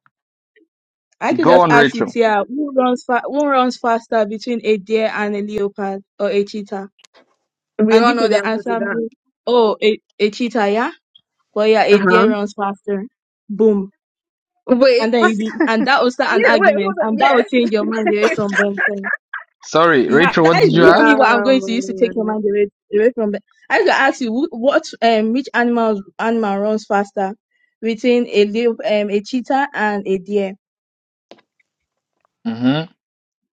I could
go
just
on,
ask you,
Rachel.
Tia, who runs fa- who runs faster between a deer and a leopard or a cheetah?
We
And
all
you
know
could
the answer to
answer
that.
me, oh, a, a cheetah, yeah? But you are
Uh
a
huh.
deer runs faster. Boom.
Wait.
And then you be, and that
Oh,
will start an
yeah. Wait. Hold
argument,
on.
and that
Yeah.
will change your mind away from Ben 10.
Sorry,
Yeah,
Rachel, what
that
did
is
you
literally
ask?
what I'm going to use to
Yeah.
take your
man.
mind away, away from Ben. I could ask you, wh- what, um, which animal, animal runs faster between a leop, um, a cheetah and a deer?
Mm-hmm.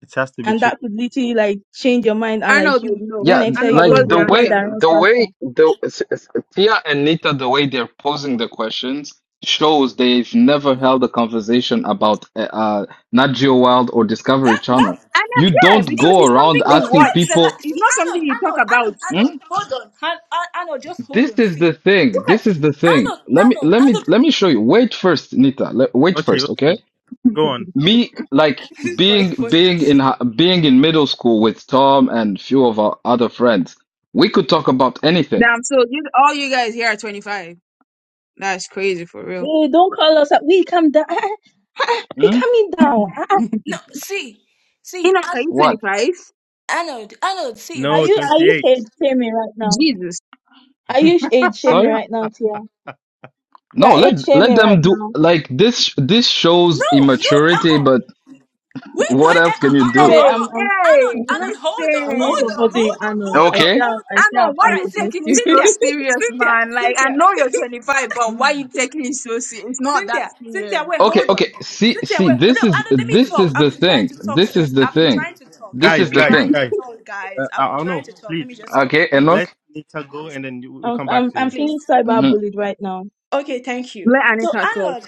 it has to be
And
changed.
that could literally like change your mind and like
Arnold
you,
would know.
when
Yeah,
I
th-
tell you,
Arnold,
oh,
like
it's
what's
a
the
the
deer
way
that
answer?
runs
the
faster.
way the s- s- Tia and Nita, the way they're posing the questions shows they've never held a conversation about uh, uh, Nat Geo Wild or Discovery
That
Channel.
that's
And um,
You
yeah,
don't
because
go
it's
around
something
bro.
you
asking
That's
watch.
the like.
people.
It's
See,
not something
Arnold,
you talk
Arnold,
about.
Arnold, Arnold.
Mm?
Hold on, Han, Ar- Arnold. Just hold
This
on.
is
See,
the
look
thing. This
at
is the thing.
Arnold,
Let me
Arnold,
let me
Arnold.
let me show you. Wait first, Nita. Le- wait
Okay,
first,
okay,
okay?
okay. Go on.
me like
This boy is
being
very funny.
being in hi- being in middle school with Tom and few of our other friends, we could talk about anything.
Damn, so you, all you guys here are 25. That's crazy for real.
Hey, don't call us up. We come down. Be
Hmm?
coming down. Ah, ah,
No, see, see,
Enoch, are
Ar-
you
What?
25?
Arnold, Arnold. See,
Are
No,
we
you,
are.
are you
twenty-eight.
head me right now?
Jesus.
Are you age shaming
Sorry?
right now, Tia? You
No,
are age
let let
shaming
them
right
do
now.
like this. This shows
No, no, uh,
immaturity,
uh
but
wait, no, uh,
what else
uh,
can
uh, uh,
you
uh, uh.
do?
Wait,
uh,
Hey,
I'm I'm
Arnold,
hey,
Arnold. Hold on,
I'm not
hold on,
supporting
listen.
you,
hold on,
Arnold.
hold
I
up,
see
Okay,
how
hold
I
up.
see how
Amon, why
All
point
right,
you
see,
against
taking it
you.
so
Cynthia,
serious,
Cynthia,
man? Like, I
Cynthia.
know you're 25, but why you taking it so serious? It's not that
Cynthia, Cynthia,
serious.
wait,
okay,
hold
okay.
on.
See,
Cynthia,
see,
wait. No,
this
I
is
don't, let me
this
talk.
is
I've
the
been trying
thing.
to talk
This is
since.
the
I've been
thing.
trying to talk.
This
I've
is
Guys,
been
the
guys,
trying
thing.
to
guys.
talk,
Uh,
guys.
I,
I've
I
been
don't
trying
know.
to talk. Let me
Please
just talk,
Okay,
please.
let
Enoch.
Nita go, and then you- we
I'm
come back
I'm
to
I'm
you.
feeling
Please.
cyber
hmm
bullied right now.
Okay, thank you.
Let
So,
Anita talk.
Arnold,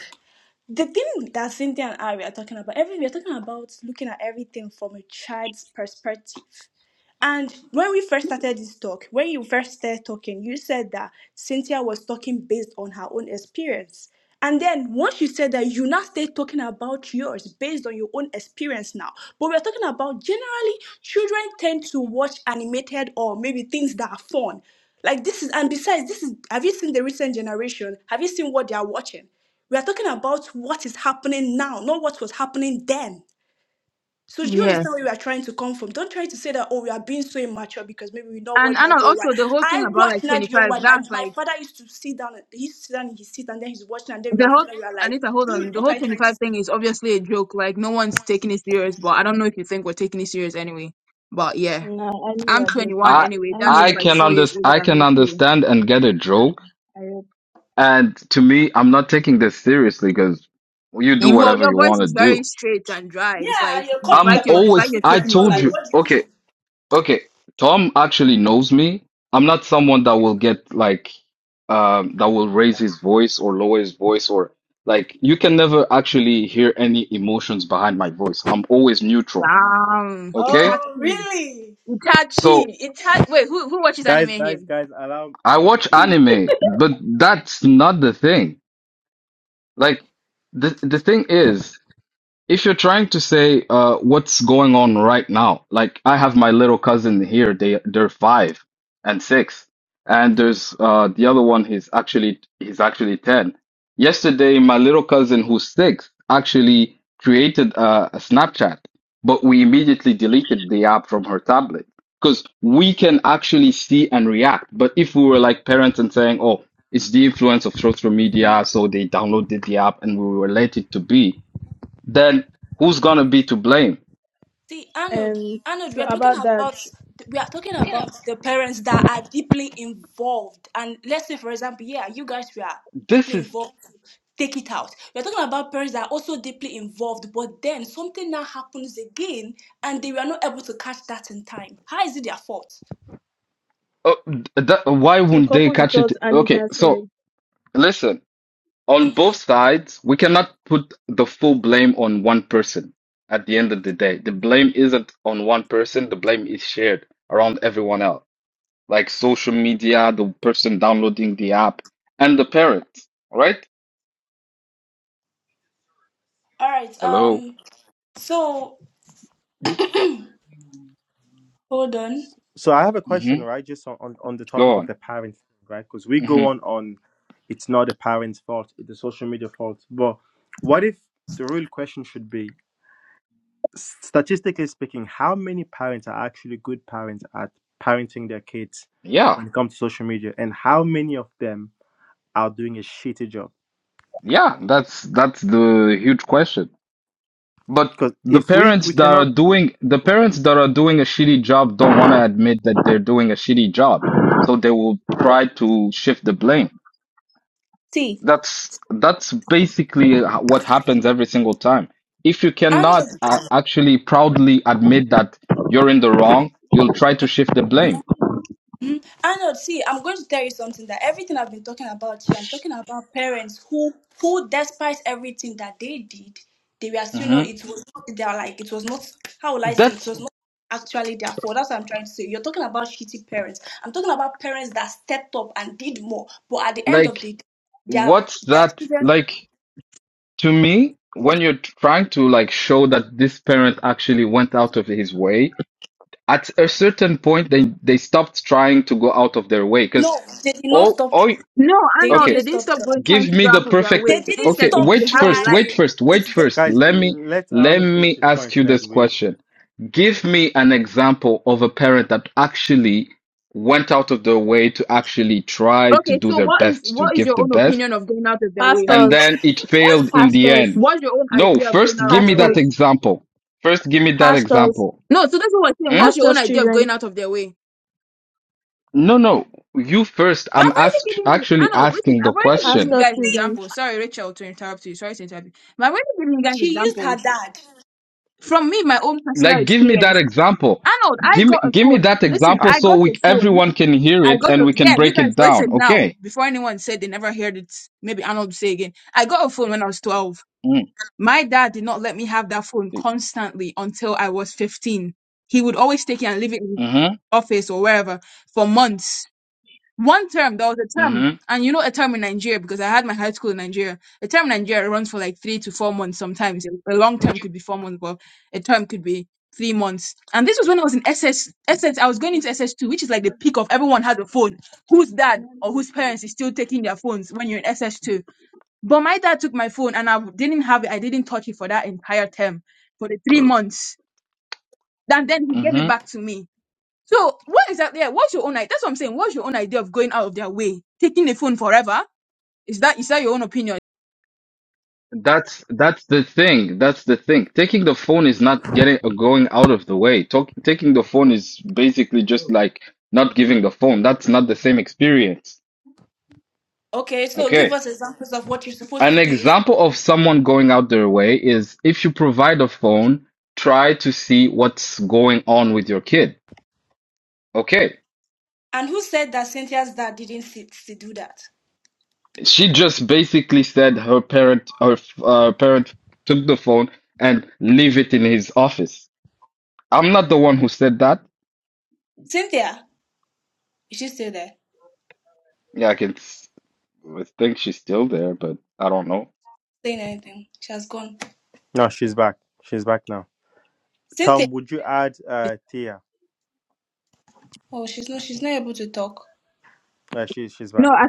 the thing that Cynthia and I were talking about, every, we are talking about looking at everything from a child's perspective. And when we first started this talk, when you first started talking, you said that Cynthia was talking based on her own experience. And then once you said that, you now stay talking about yours based on your own experience now. But we're talking about generally, children tend to watch animated or maybe things that are fun. Like this is, and besides, this is, have you seen the recent generation? Have you seen what they are watching? We are talking about what is happening now, not what was happening then. So do you
Yeah.
understand where we are trying to come from? Don't try to say that, oh, we are being so immature because maybe we not watch
And Anna,
Nadia White.
also the whole thing
I
about
watch
like
Nadia
25,
White. My
that's
my
like
father used to sit down, and- he used to sit down in his seat and then he's watching and then we
The
are
whole
fooling. We are like,
Anita, hold on.
dude,
The
what
whole
are you
twenty
trying to say?
five thing is obviously a joke. Like no one's taking it serious, but I don't know if you think we're taking it serious anyway. But yeah,
No, I know
I'm
you're
twenty one
joking.
I
anyway.
I
That's
know
I
just
you're
like
can
four
under
joking.
years older
I
than
can
me too.
understand and get a joke
I hope.
And to me, I'm not taking this seriously because you do
You, well,
whatever
your
you
voice
want to
is very
do.
straight and dry. It's
Yeah,
like
you're
it's
calling
like
I'm
you're
you're
calling
it's like
us
always,
you're
I
taking it
immature.
told
Like,
serious.
you,
what do you mean?
okay, okay. Tom actually knows me. I'm not someone that will get like, um, that will raise his voice or lower his voice or like, you can never actually hear any emotions behind my voice. I'm always neutral.
Damn,
Okay.
Oh,
Itachi,
really?
Itachi,
So
Itachi. Wait, who who watches anime
Guys,
here?
guys, guys. Allow
I
Aldo
watch
to.
anime, but that's not the thing. Like, the, the thing is, If you're trying to say uh, what's going on right now, like I have my little cousin here, they they're five and six, and there's uh, the other one. He's actually he's actually ten. Yesterday, my little cousin who's six actually created a, a Snapchat, but we immediately deleted the app from her tablet because we can actually see and react. But if we were like parents and saying, "Oh, it's the influence of social media," so they downloaded the app and we were let it to be then who's gonna be to blame?
See, Arnold,
Um
Arnold, we
so
are talking
about that,
about we are talking about the parents that are deeply involved. And let's say, for example, yeah, you guys were
This
deeply
is
involved. Take it out. We're talking about parents that are also deeply involved, but then something now happens again, and they were not able to catch that in time. How is it their fault?
uh, that, why
to the
wouldn't they
couple you
catch it?
thought
Okay,
Anita
so
said,
listen, on both sides, we cannot put the full blame on one person. At the end of the day, the blame isn't on one person. The blame is shared around everyone else, like social media, the person downloading the app, and the parents. Right?
All right.
Hello.
Um. So
You,
hold on.
S- So I have a question,
hmm
right? Just on, on, on the topic
Go
of
on.
the parents, right? Because we go
hmm
on on it's not the parents' fault, it's the social media fault. But what if the real question should be, statistically speaking, how many parents are actually good parents at parenting their kids
Yeah,
when it comes to social media, and how many of them are doing a shitty job?
yeah. That's that's the huge question. But
Because
the
if we
parents
we
that are
cannot,
doing the
go on.
parents that are doing a shitty job don't want to admit that they're doing a shitty job. So they will try to shift the blame.
See,
That's that's basically h- what happens every single time. If you
Arnold.
cannot uh, actually proudly admit that you're in the wrong, you'll try to shift the blame.
Mhm. Arnold, see, I'm going to tell you something that everything I've been talking about here, I'm talking about parents who, who despite everything that they did, they were still
hmm
not, it was not, they are like, it was not, how will I say, it
That's
was not actually their fault. That's what I'm trying to say. You're talking about shitty parents. I'm talking about parents that stepped up and did more, but at the end of
like
the day, their,
what's
their
that
children,
like to me when you're trying to like show that this parent actually went out of his way at a certain point they they stopped trying to go out of their way because
no, they did not
all
stop, tr-
all
No, I
they
know
okay
didn't
they didn't
stop
stop
trying.
going trying
give
to
me
go
the
out of their
perfect
They
way.
didn't
Instead,
okay
they,
stop
they
wait
have a
first
life.
wait
trying.
first
It's
wait
the,
first
guys,
let me
let
let
Arno finish
me
his point,
ask you
and then
this
we
question
okay.
give me an example of a parent that actually went out of their way to actually try to
Okay,
do
so
their
what is
best to
what is
give
your
the
own
best
opinion of going out of their way?
and
pastors,
then it
what,
failed in the
pastors,
end
What's your own
no
idea of going
first
out of
give me
their
that
way?
pastors,
example first give me that
pastors.
example
No, so that's what we're saying.
Hmm?
What's your own
Pastor's
idea of
children.
going out of their way?
No, no. You first.
I've
I'm
already
ask
given you,
actually
Arnold, listen,
asking
I've
the
already given you
question.
Pastor's
guys
children.
examples. Sorry, Rachel, to interrupt you. Sorry to interrupt you. But I've already given you guys
she used her
examples
dad.
from me, my own personal
Like, give me that
experience.
example.
Arnold, I
Give me
got a
give me
phone.
that
Listen,
Ah,
example
I
so
got
we
a phone.
everyone can hear
I
it
got
and
a,
we can
yeah, you
break
guys
it down.
listen now.
Okay.
Before anyone said they never heard it, maybe Arnold say again. I got a phone when I was 12.
Mm.
My dad did not let me have that phone constantly until I was 15. He would always take it and leave it in his
Mm-hmm.
office or wherever for months. One term, there was a term,
Mm-hmm.
and you know a term in Nigeria because I had my high school in Nigeria. A term in Nigeria runs for like three to four months sometimes. A a long term could be four months, but a term could be three months. And this was when I was in SS, SS, I was going into SS2, which is like the peak of everyone had a phone. Whose dad or whose parents is still taking their phones when you're in SS2? But my dad took my phone and I w- didn't have it. I didn't touch it for that entire term, for the three months. And then he gave it
Mm-hmm.
back to me. So what is that? There, what's your own idea? That's what I'm saying. What's your own idea of going out of their way, taking the phone forever? Is that is that your own opinion?
That's that's the thing. That's the thing. Taking the phone is not getting uh, going out of the way. Talk, taking the phone is basically just like not giving the phone. That's not the same experience.
Okay, so give
Okay.
us examples of what you're supposed
An
to do. Is
example of someone going out their way is if you provide a phone, try to see what's going on with your kid. Okay.
and who said that Cynthia's dad didn't sit to do that?
She just basically said her parent her uh, parent took the phone and leave it in his office. I'm not the one who said that.
Cynthia, is she still there?
Yeah, I can s- I think she's still there, but I don't know.
Saying anything? She has gone.
no, she's back. She's back now.
Cynthia.
Tom, would you add uh, Tia?
Oh, she's not. She's not able to talk.
Uh, she, she's
No,
back.
I,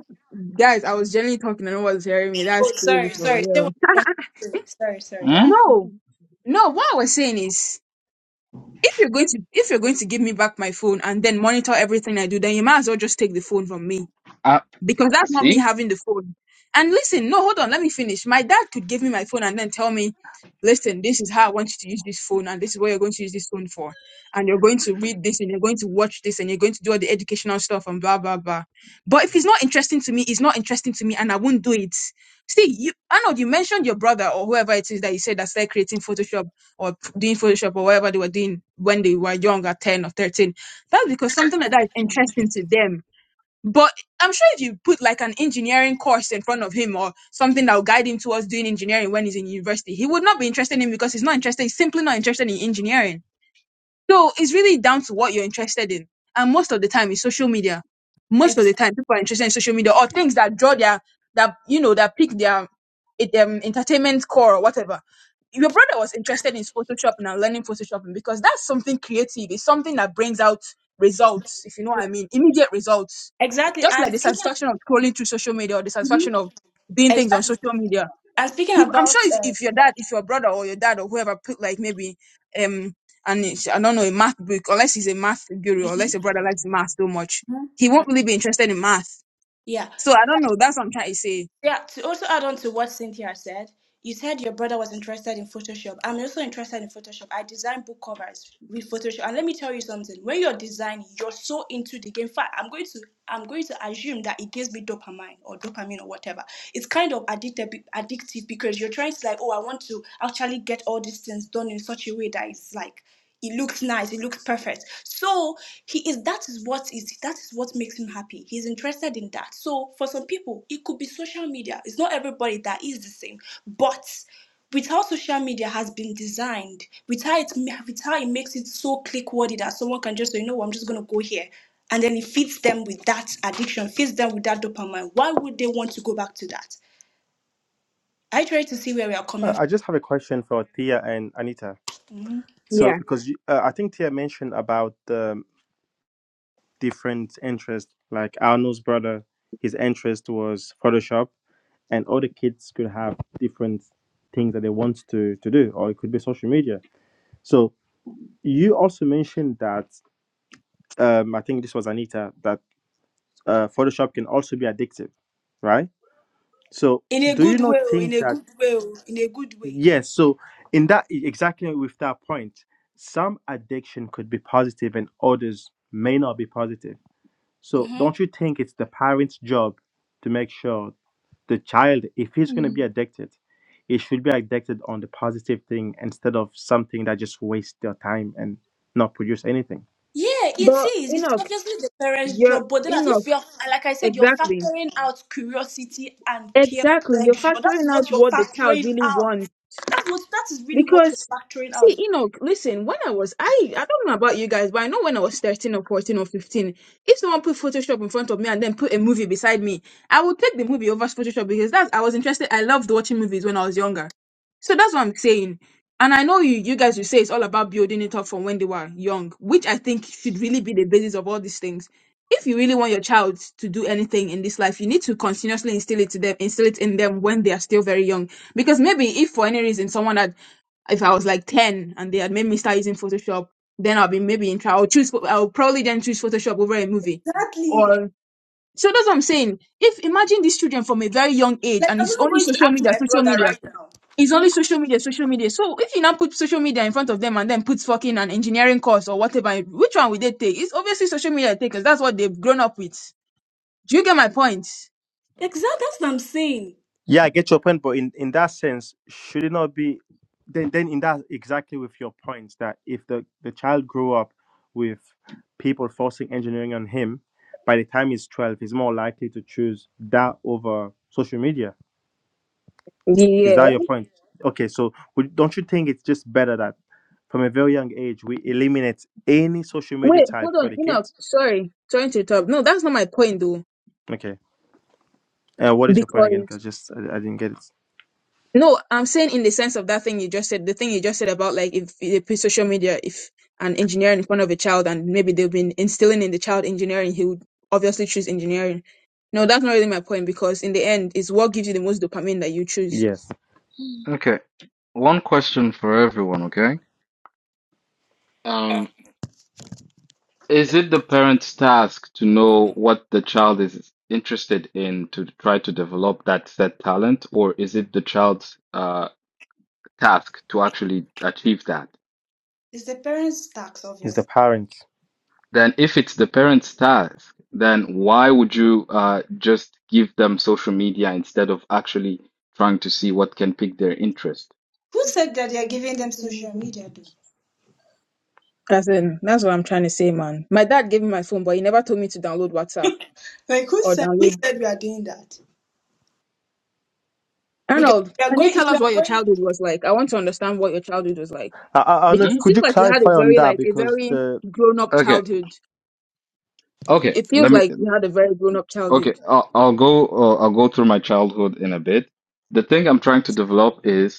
guys, I was generally talking and no one was hearing me. That's
Oh,
crazy
sorry,
for
sorry. Say
real.
what you want to say. Sorry, sorry. Yeah.
Hmm?
No, no. What I was saying is, if you're going to if you're going to give me back my phone and then monitor everything I do, then you might as well just take the phone from me
I
because that's not me
see.
having the phone. And listen, no, hold on, let me finish. My dad could give me my phone and then tell me, listen, this is how I want you to use this phone, and this is what you're going to use this phone for. And you're going to read this, and you're going to watch this, and you're going to do all the educational stuff, and blah, blah, blah. But if it's not interesting to me, it's not interesting to me, and I won't do it. See, you, Arnold, you mentioned your brother or whoever it is that you said that started creating Photoshop or p- doing Photoshop or whatever they were doing when they were young at 10 or 13. That's because something like that is interesting to them but I'm sure if you put like an engineering course in front of him or something that will guide him towards doing engineering when he's in university, he would not be interested in because he's not interested. He's simply not interested in engineering so it's really down to what you're interested in. And most of the time it's social media. Most of
Ex-
the time people are interested in social media or things that draw their that you know that pick their it, um, entertainment core or whatever. Your brother was interested in Photoshop and learning Photoshopping because that's something creative. It's something that brings out results, if you know what I mean, immediate results.
exactly.
Just like
And
the
speaking.
satisfaction of scrolling through social media or the satisfaction of doing things on
Exactly.
social media
And speaking
he, I'm
about.
sure if,
Uh,
if your dad, if your brother or your dad or whoever put like maybe um and I don't know a math book, unless he's a math guru, unless your brother likes math so much, he won't really be interested in math.
yeah.
So I don't know. That's what I'm trying to say.
Yeah, to also add on to what Cynthia said, you said your brother was interested in Photoshop. I'm also interested in Photoshop. I design book covers with Photoshop. And let me tell you something. When you're designing, you're so into the game. In fact, I'm going to I'm going to assume that it gives me dopamine or dopamine or whatever. It's kind of addictive addictive because you're trying to like, oh, I want to actually get all these things done in such a way that it's like it looks nice. It looks perfect. So he is. That is what is. That is what makes him happy. He's interested in that. So for some people, it could be social media. It's not everybody that is the same, but with how social media has been designed, with how it ma- with how it makes it so click worthy that someone can just say, you know, what, I'm just gonna go here, and then it feeds them with that addiction, feeds them with that dopamine. Why would they want to go back to that? I try to see where we are coming
I, I just have a question for Tia and Anita.
from. Mhm.
So,
Yeah,
because you, uh, I think Tia mentioned about the different interests, like Arnold's brother, his interest was Photoshop, and all the kids could have different things that they want to, to do, or it could be social media. So, you also mentioned that, um, I think this was Anita, that uh, Photoshop can also be addictive, right? So,
In a
do you
good
not
way, oh, in
think
a
that?
good way, oh, in a good way.
Yes. So in that e, exactly with that point, some addiction could be positive and others may not be positive. So
Mm-hmm.
don't you think it's the parent's job to make sure the child, if he's going to be
Mm.
addicted, it should be addicted on the positive thing instead of something that just wastes their time and not produce anything.
Yeah, it
but
is. It's
Enoch,
obviously the parents'
you're
job, but then if
Enoch,
you're, like I said, you're
exactly,
factoring out curiosity and peer
exactly. You're
pressure. That is
factoring out
what you're
what the child
factoring
really
out.
wants.
That's what, that is really what you're
Because
factoring out.
see, Enoch, listen, when I was I I don't know about you guys, but I know when I was 13 or 14 or 15, if someone put Photoshop in front of me and then put a movie beside me, I would take the movie over Photoshop because that's I was interested. I loved watching movies when I was younger. So that's what I'm saying. And I know you you guys will say it's all about building it up from when they were young, which I think should really be the basis of all these things. If you really want your child to do anything in this life, you need to continuously instill it to them, instill it in them when they are still very young. Because maybe if for any reason someone had if I was like 10 and they had made me start using Photoshop, then I'll be maybe in trouble. I'll choose, I'll probably then choose Photoshop over a movie.
Exactly.
Or, so that's what I'm saying. If imagine these children from a very young age
Like,
and
I'm
it's
even
only
going to
social
ask
media,
my
social
brother
media,
right now.
it's only social media, social media. So if you now put social media in front of them and then put fucking an engineering course or whatever, which one would they take? It's obviously social media they take because that's what they've grown up with. Do you get my point?
Exactly, that's what I'm saying.
Yeah, I get your point, but in, in that sense, should it not be then then in that exactly with your points that if the, the child grew up with people forcing engineering on him, by the time he's twelve, he's more likely to choose that over social media. Is that
Yeah.
your point? Okay, so would, don't you think it's just better that from a very young age we eliminate any social media
Wait,
type
hold
for
on,
the
Enoch.
kids?
Sorry, trying to interrupt. No, that's not my point though.
Okay. Uh, what is your point again?
Because
Because just I, I didn't get it.
No, I'm saying in the sense of that thing you just said, the thing you just said about like if they put social media, if an engineer in front of a child and maybe they've been instilling in the child engineering, he would obviously choose engineering. No, that's not really my point because in the end, it's what gives you the most dopamine that you choose.
Yes,
Okay. One question for everyone, okay? Um Is it the parent's task to know what the child is interested in to try to develop that said talent, or is it the child's uh, task to actually achieve that?
It's the parents' tax,
it's the
obviously.
parents.
Then, if it's the parent's task, then why would you uh, just give them social media instead of actually trying to see what can pique their interest?
Who said
Okay,
that they are
some
giving
social
them social
media.
media, though?
That's in, that's what I'm trying to say, man. My dad gave me my phone, but he never told me to download WhatsApp
Like, who
or
said who
download.
said we are doing that? Because
Arnold,
we are
can you
going. If
tell
we
us what your childhood was like? I want to understand what your childhood was like
I, I, I know,
because it
Hmm?
could
seems
you
like you had a
clarify on
very
that
like a
because
very
the
grown up
Okay,
childhood
okay,
It feels
let me.
like you had a very grown up
Okay,
childhood.
I'll, I'll go. Uh, I'll go through my childhood in a bit. The thing I'm trying to develop is.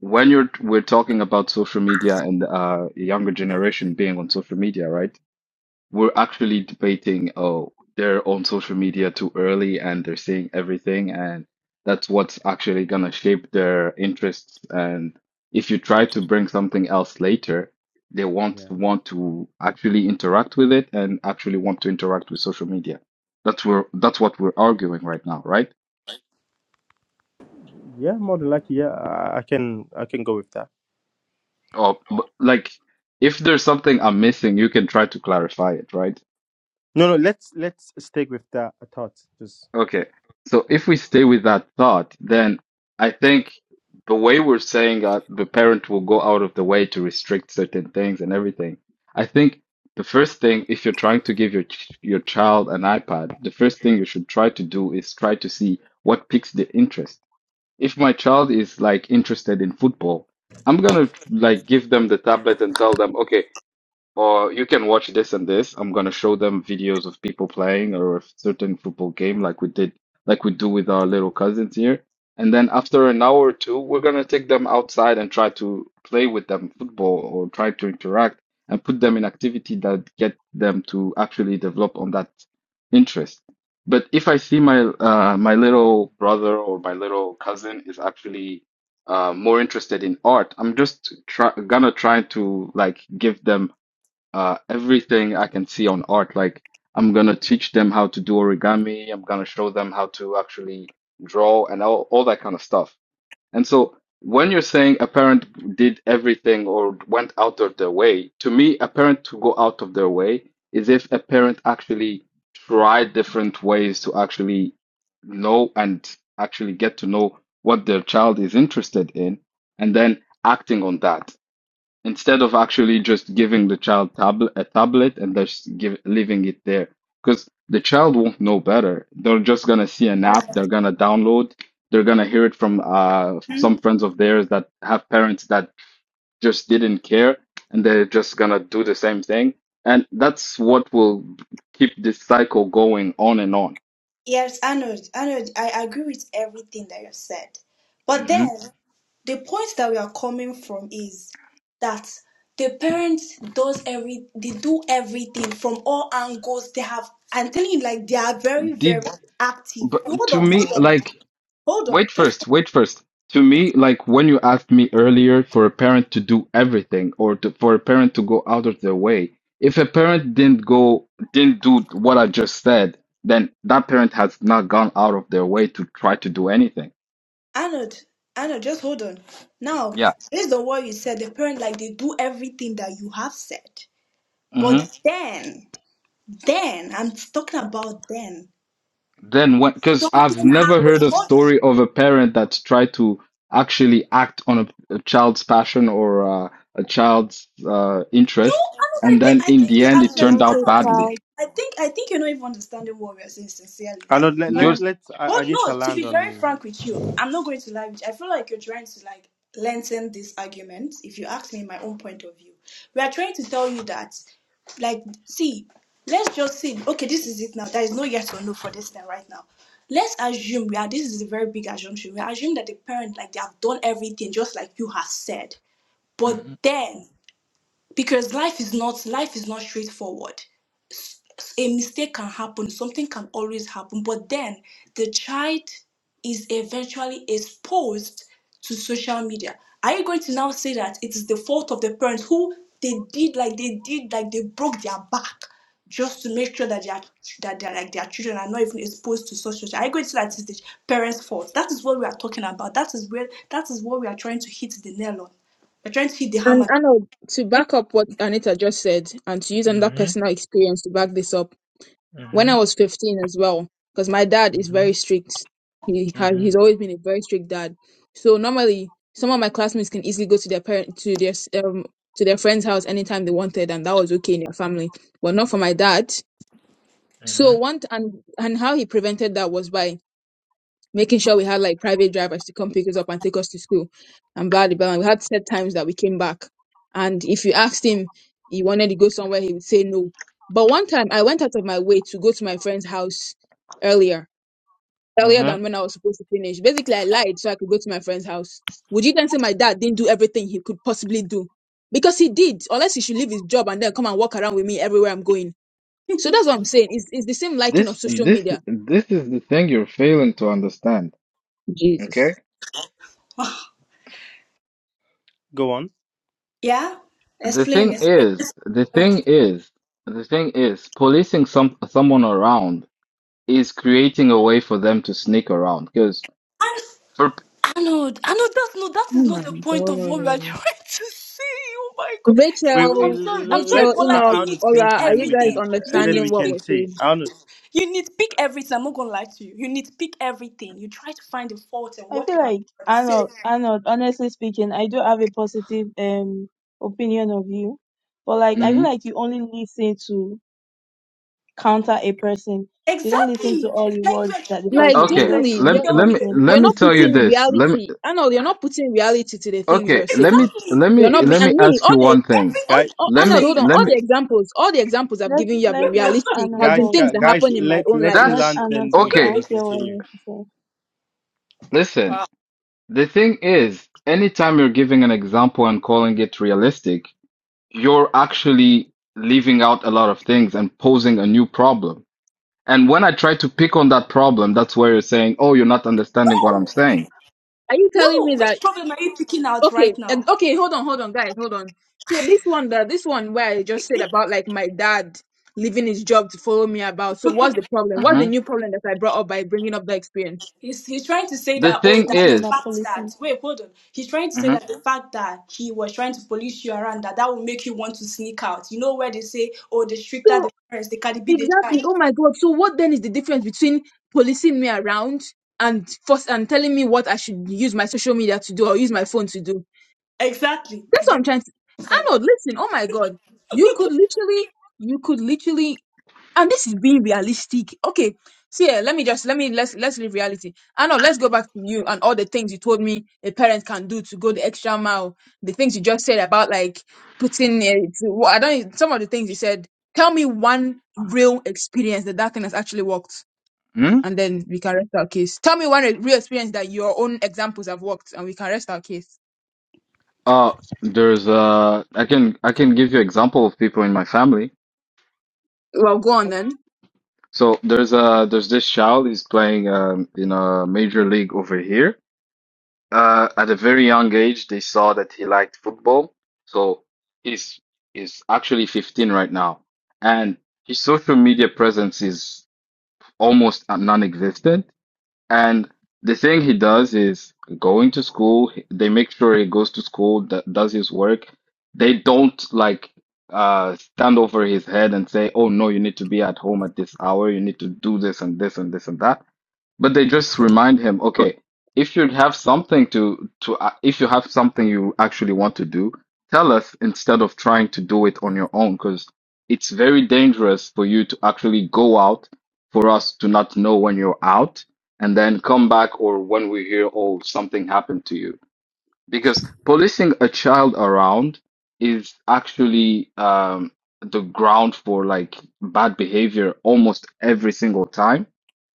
when you're we're talking about social media and uh younger generation being on social media, right? We're actually debating, oh, they're on social media too early and they're seeing everything, and that's what's actually gonna shape their interests. And if you try to bring something else later, they won't
Yeah.
want to actually interact with it and actually want to interact with social media. That's where that's what we're arguing right now, right?
yeah, more than likely, yeah, I, I can I can go with that.
Oh, but, like if there's something I'm missing, you can try to clarify it, right?
No, no, let's let's stick with that. I thought just
Okay. So
yeah.
if we stay with that thought, then I think the way we're saying that the parent will go out of the way to restrict certain things and everything, I think the first thing, if you're trying to give your ch- your child an iPad, the first thing you should try to do is try to see what piques their interest. If my child is like interested in football, I'm gonna like give them the tablet and tell them, okay. Or you can watch this and this. I'm gonna show them videos of people playing or a certain football game like we did, like we do with our little cousins here. And then after an hour or two, we're gonna take them outside and try to play with them football or try to interact and put them in activity that get them to actually develop on that interest. But if I see my uh, my little brother or my little cousin is actually uh, more interested in art, I'm just try gonna try to like give them uh, everything I can see on art. Like I'm gonna teach them how to do origami. I'm gonna show them how to actually draw and all, all that kind of stuff. And so when you're saying a parent did everything or went out of their way, to me, a parent to go out of their way is if a parent actually tried different ways to actually know and actually get to know what their child is interested in and then acting on that instead of actually just giving the child tablet a tablet and just give leaving it there because the child won't know better they're just gonna see an
are
app they're gonna download they're gonna hear it from uh
going,
some friends of theirs that have parents that just didn't care and they're just gonna do the same thing and that's what will keep this cycle going on and on
Yes, Arnold, Arnold. I I agree with everything that you said. But
hmm
then the point that we are coming from is that the parents does every they do everything from all angles. They have I'm telling you, like they are very, very
did
active.
but
Hold
to
on,
me
hold on,
like
hold on,
Wait
just
first,
hold
wait first. To me, like when you asked me earlier for a parent to do everything or to, for a parent to go out of their way, if a parent didn't go, didn't do what I just said, then that parent has not gone out of their way to try to do anything.
on. Arnold, Arnold, just hold on. Now,
Yeah.
based on what you said, the parent like they do everything that you have said.
hmm
But then, then I'm talking about then.
Then when, because I've
something
never
happened.
heard of
What?
story of a parent that's tried to actually act on a, a child's passion or uh, a child's uh,
No,
interest,
Arnold, I
and
think
then
I
in
think
the
you
end it
actually
turned out
Beyonce
Arnold, I
badly.
think
style.
I think I think you're not even understanding what we are saying sincerely.
I know.
Like
Let let
Huh.
Yours.
let's. I,
but
I need to
no, to
land
be very
on.
frank with you, I'm not going to lie with you. I feel like you're trying to like lengthen this argument, if you ask me my own point of view. We are trying to tell you that like see, let's just see. Okay, this is it now. There is no yes or no for this thing right now. Let's assume we are this is a very big assumption. We assume that the parent like they have done everything just like you have said. But then because life is not life is not straightforward a mistake can happen something can always happen but then the child is eventually exposed to social media are you going to now say that it is the fault of the parents who they did like they did like they broke their back just to make sure that their that their like their children are not even exposed to such social. Are you going to say that it's the parents' fault? That is what we are talking about. That is where that is what we are trying to hit the nail on. We're trying to hit the
And
hammer.
I know to back up what Anita just said and to use another personal experience to back this up, when I was 15 as well, because my dad is very strict. He has he's always been a very strict dad. So normally some of my classmates can easily go to their parent to their s- um to their friend's house anytime they wanted and that was okay in their family, but not for my dad. So one t- and and how he prevented that was by making sure we had like private drivers to come pick us up and take us to school and blah blah blah. We had set times that we came back. And if you asked him he wanted to go somewhere, he would say no. But one time I went out of my way to go to my friend's house earlier, earlier
hmm
than when I was supposed to finish. Basically, I lied so I could go to my friend's house. Would you then say my dad didn't do everything he could possibly do? Because he did, unless he should leave his job and then come and walk around with me everywhere I'm going. So that's what I'm saying. It's, it's the same liking of
This
social
this
media.
this is the thing you're failing to understand. Okay?
Jesus.
Go on.
Yeah?
The
Explain,
thing
explain.
is, the thing is, the thing is, policing some someone around is creating a way for them to sneak around. Because
I
for
Arnold, Arnold, that's no, that is
Oh my
not the point of what we
God.
are trying to say. Oh my god. See,
We,
Arnold,
we
I'm
Rachel,
sorry, I'm sorry,
Rachel,
let's
but
uh,
like
Enoch,
you need
Arnold
pick
finish
Ola,
and
are
then
you
we
guys
can
everything.
and
You
then
need
understanding
we
what
can
we're
pick
see
saying?
Arnold
you need pick everything. I'm not gonna lie to you. You need pick everything. You try to find the fault in
I feel
whatever
like
somebody says.
Arnold, Arnold, honestly speaking, I do have a positive um opinion of you. But like I feel
hmm
like you only listen to counter a person. You don't listen to
Exactly.
all the
Like you are
words that
tr-
the
you are
Like,
person.
trying to
You
Jenny,
Okay,
like
just
let me
pick
you're,
tell
let
you
me
something.
a
let
you're
me
not
point,
tell you
bro.
putting
this. Let me
reality. I know you're not putting reality to the things
okay,
you're
let me
saying.
Exactly.
let
You're
me
You
not be,
let
try
me
and me,
ask
all
you
the,
one thing.
all,
guy
everything
all
we
Let
Arnold,
me
say.
hold
You
on,
let
all
me
the examples, all the examples I've
Let
given you have
let
been
try.
let
realistic,
Anna
have been
guys
talk.
things
guy-
that
guys
happen in my
let
own life.
let him
Let
that's
land
Anna
then we
talk. I
okay.
can
don't hear what I
continue.
want to say.
Listen, the thing is, anytime you're giving an example and calling it realistic you're actually leaving out a lot of things and posing a new problem. And when I try to pick on that problem, that's where you're saying, oh, you're not understanding what I'm
no.
saying.
Are you telling
No,
me that
which problem are you picking out right
okay and
now?
okay hold on hold on guys hold on so this one the this one where i just said about like my dad leaving his job to follow me about so what's the problem what's the
hmm
new problem that i brought up by bringing up the experience
He's, he's trying to say
The
that oh
thing
that
Something
the
is,
about
fact that
policing.
wait hold on he's trying to say
hmm
that the fact that he was trying to police you around that that will make you want to sneak out. You know where they say oh the stricter the
so
parents the Cardi B the
exactly
child
oh my god so what then is the difference between policing me around and force and telling me what i should use my social media to do or use my phone to do
exactly.
that's
You
what
just
i'm trying to
it's
i
like
know listen oh my god you could literally you could literally and this is being realistic okay see eh, let me just let me let's let's leave reality i know let's go back to you and all the things you told me a parent can do to go the extra mile the things you just said about like putting it i don't some of the things you said tell me one real experience that that thing has actually worked
hmm
and then we can rest our case tell me one re- real experience that your own examples have worked and we can rest our case
uh, there's uh, I can I can give you example of people in my family.
well go on then
So there's a there's this child he's playing um in a major league over here. Uh, at a very young age, they saw that he liked football. So he's he's actually 15 right now, and his social media presence is almost non-existent. And the thing he does is going to school. he- They make sure he goes to school, d does his work. They don't like uh stand over his head and say, "Oh no, you need to be at home at this hour. You need to do this and this and this and that." But they just remind him, okay, if you have something to to uh, if you have something you actually want to do, tell us instead of trying to do it on your own, because it's very dangerous for you to actually go out for us to not know when you're out and then come back or when we hear, oh, something happened to you. Because policing a child around is actually um, the ground for like bad behavior almost every single time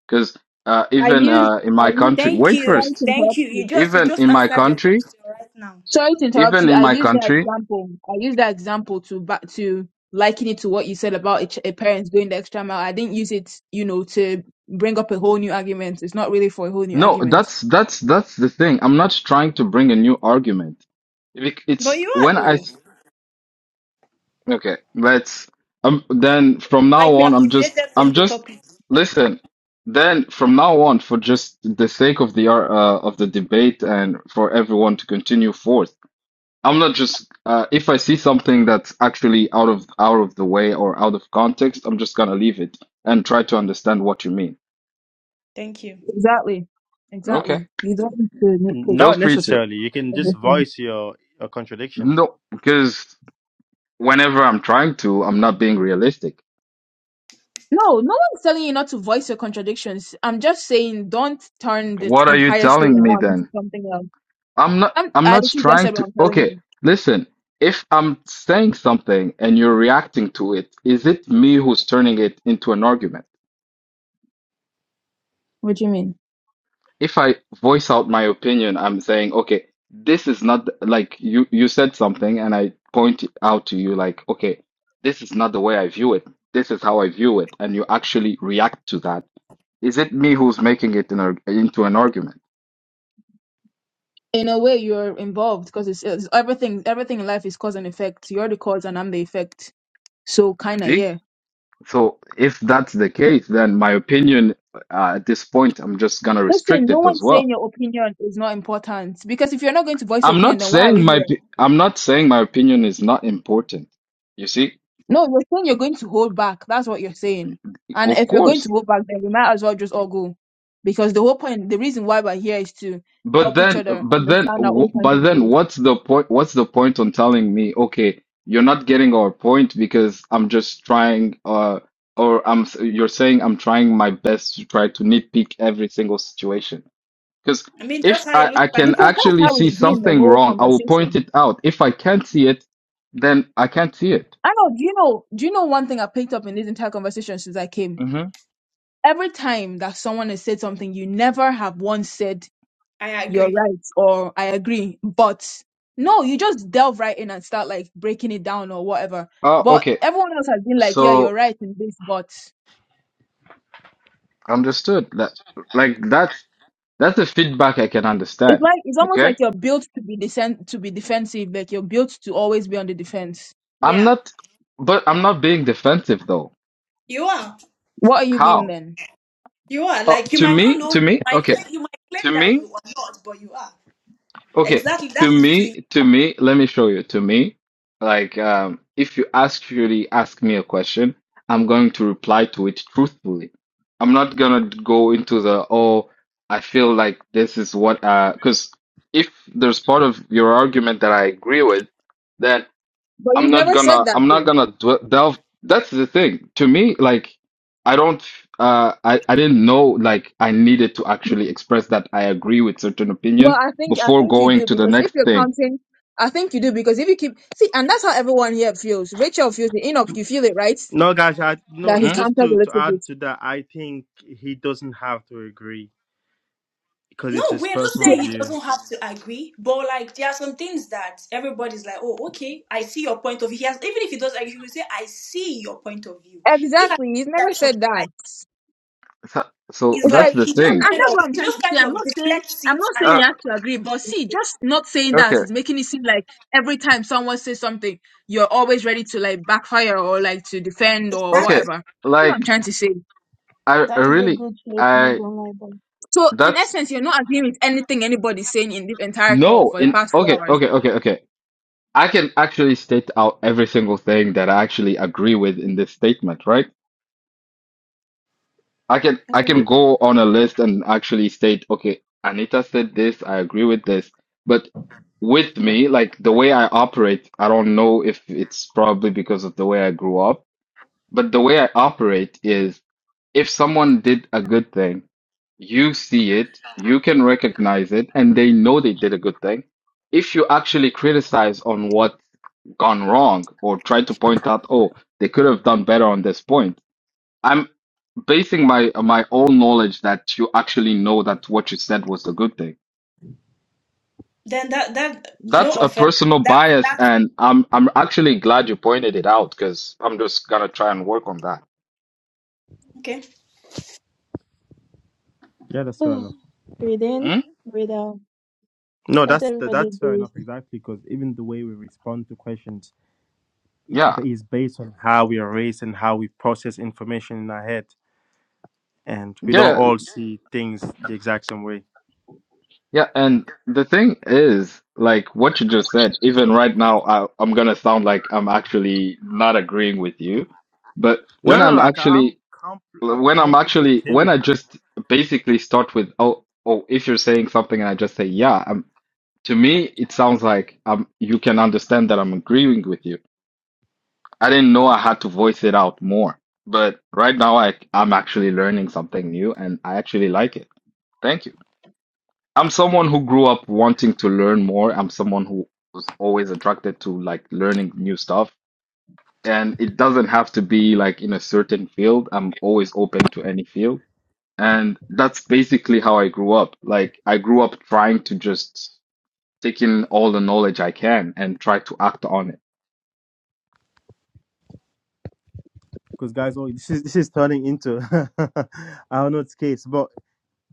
because uh,
i
even
used
uh, in
i
my
used
country,
Thank
wait
you.
trying to
first.
Thank
interrupt
you. You
you
just you
Even
just
in my
answered your
country,
question right now.
Sorry to interrupt
even
you.
in
I
my
use that
country,
example. I use that example to back to liken it to what you said about a, ch- a parents going the extra mile. I didn't use it, you know, to bring up a whole new argument. It's not really for a whole new
no,
argument.
that's that's that's the thing. I'm not trying to bring a new argument. Bec-
But
It's
you are
when I
though.
s- okay. Let's um. Then from now
Like we
on,
have
I'm just
deviated from
I'm
the
just
topic.
listen. Then from now on, for just the sake of the ar- uh, of the debate and for everyone to continue forth. I'm not just uh, if I see something that's actually out of out of the way or out of context, I'm just gonna leave it and try to understand what you mean.
Thank you.
Exactly.
Okay.
Exactly. You don't need to nitpick
Feel
Not
free to.
necessarily. You can just
everything.
voice your, your contradiction.
No, because whenever I'm trying to, I'm not being realistic.
No, no one's telling you not to voice your contradictions. I'm just saying don't turn the
What are you
entire story
telling me
around into
then?
something else.
I'm not
I'm,
I'm
I
not
literally just
trying
said what
to.
I'm telling
Okay,
you.
listen. If I'm saying something and you're reacting to it, is it me who's turning it into an argument?
What do you mean?
if I voice out my opinion, I'm saying, okay, this is not the- like you you said something, and I point it out to you like, okay, this is not the way I view it. This is how I view it, and you actually react to that. Is it me who's making it an, ar- into an argument?
in a way you're involved because it's, it's everything everything in life is cause and effect you're the cause and i'm the effect so kind of
See?
yeah
So if that's the case, then my opinion uh, at this point, I'm just gonna
listen
restrict
no
it as
one's saying
well.
your opinion is not important because if you're not going to voice your
I'm
opinion
not
then why are we
saying my
here
p- I'm not saying my opinion is not important. You see,
no you're saying you're going to hold back that's what you're saying and
of
if you're going to
course,
hold back then we might as well just all go because the whole point the reason why we're here is to
But
help each
then,
other
but then,
understand our own
wh-
point
but
of
then,
views
what's the point? What's the point on telling me, okay, you're not getting our point because I'm just trying, uh, or I'm, s- you're saying I'm trying my best to try to nitpick every single situation. Because
I mean
if
that's how it
I,
looks
I
like.
can
in
because
some
actually
that's how it's
see
way.
been the
something
whole
wrong, I will point
conversation
it out. If I can't see it, then I can't see it.
i know do you know do you know one thing i picked up in this entire conversation since i came
hmm
every time that someone has said something, you never have once said
I
you're
agree.
right or I agree. But no, you just delve right in and start like breaking it down or whatever.
Oh,
But
okay.
everyone else has been like, yeah, you're
So
right in this, but
understood that, like that's that's the feedback I can
it's
understand.
like it's almost
Okay.
like you're built to be desen- to be defensive, like you're built to always be on the defense.
I'm
Yeah.
not, but I'm not being defensive though.
You are.
What are you being
How?
then?
You are
Uh,
like you
to
might not
me,
know. You
to me,
might
okay,
claim you might
to
claim that you
me,
are not, but you are
okay,
exactly that
to
is to.
me, to me, let me show you. To me, like, um, if you actually ask me a question, I'm going to reply to it truthfully. I'm not gonna go into the, oh, I feel like this is what, uh, because if there's part of your argument that I agree with, then.
But
I'm
you've
not
never
gonna
said that
I'm not
though.
gonna dw- delve. That's the thing. To me, like I don't uh I I didn't know like I needed to actually express that I agree with certain
Well,
opinion
I think I
before
think you
going
do
to the
because if
next
you're
thing.
counting, I think you do because if you keep see, and that's how everyone here feels. Rachel feels it. Enoch, you feel it, right?
No, guys, I
that
no.
he
Mm?
Just
counted with
to to
his
add to that, I think he doesn't have to agree because it's
No,
his
we're not
Yeah,
personal
saying he
view.
doesn't have to agree, but like there are some things that everybody's like, oh, okay, I see your point of view. He has even if he does agree, he will say, I see your point of view. He has
exactly. He's never
that something
said that.
like
So, so
he's
It's
that's
like
like
the
he just
and, and
thing.
kind
that's
of
what I'm
he
trying
just
to say.
kind
I'm
of
not saying
deflects
I'm
it,
not
and
saying
Uh,
then
you have to agree, but see, just not saying that
okay,
is making it seem like every time someone says something, you're always ready to like backfire or like to defend or
that
okay.
whatever. That's what I'm
Like
trying to say.
I, I
That is a
really
good choice. Not
I
gonna lie, but
So in
that's
essence, you're not agreeing with anything anybody's saying in this entire call
no
for the
in
past two
okay
hours.
okay okay okay. I can actually state out every single thing that I actually agree with in this statement, right? I can I
okay.
can
Go.
go on a list and actually state, okay, Anita said this, I agree with this. But with me, like the way I operate, I don't know if it's probably because of the way I grew up, but the way I operate is if someone did a good thing, you see it, you can recognize it, and they know they did a good thing. If you actually criticize on what's gone wrong or try to point out, oh, they could have done better on this point, I'm basing my my own knowledge that you actually know that what you said was the good thing.
then that that
That's
no
a
offense
personal
that
bias,
that
and I'm I'm actually glad you pointed it out because I'm just gonna try and work on that.
okay.
Yeah, that's fair enough.
breathe in,
Hmm?
breathe out.
No,
Let
that's that,
everybody
that's Fair
breathe.
enough, exactly, because even the way we respond to questions it
Yeah,
is based on how we are raised and how we process information in our head, and we don't
yeah,
all see things the exact same way.
yeah. And the thing is, like what you just said, even right now, I, I'm gonna sound like I'm actually not agreeing with you, but
No,
when
no,
I'm
like I'm
actually
com- uh,
when I'm
comfortably
actually
okay
when
with
I
that.
just basically start with oh oh if you're saying something and I just say yeah I'm. To me, it sounds like um, you can understand that I'm agreeing with you. I didn't know I had to voice it out more, but right now I, I'm actually learning something new and I actually like it. Thank you. I'm someone who grew up wanting to learn more. I'm someone who was always attracted to like learning new stuff. And it doesn't have to be like in a certain field. I'm always open to any field. And that's basically how I grew up. Like I grew up trying to just take in all the knowledge I can and try to act on it.
because guys, oh, this is this is turning into I don't know it's case, but.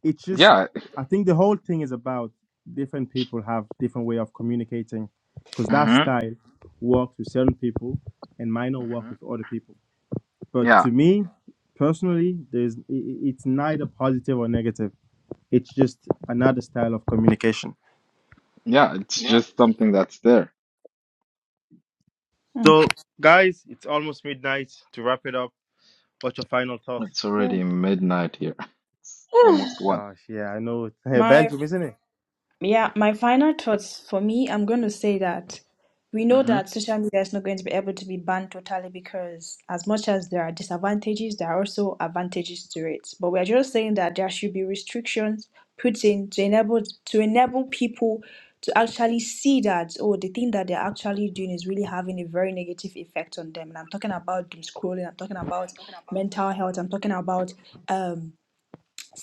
it's just
Yeah.
i think the whole thing is about different people have different way of communicating because that
hmm
style works with certain people and might not work
hmm
with other people but
Yeah.
to me personally there's i- i- it's neither positive or negative it's just another style of communication
Yeah. It's
yeah
just something that's there.
Hmm.
so guys it's almost midnight to wrap it up what's your final thought
It's
Yeah.
already midnight here. It's almost one.
gosh yeah i know hey
My
belgium isn't it
Yeah, my final thoughts for me, I'm going to say that we know
hmm
that social media is not going to be able to be banned totally because, as much as there are disadvantages, there are also advantages to it. But we are just saying that there should be restrictions put in to enable to enable people to actually see that oh, the thing that they're actually doing is really having a very negative effect on them. And I'm talking about doom scrolling. I'm talking about mental health. I'm talking about um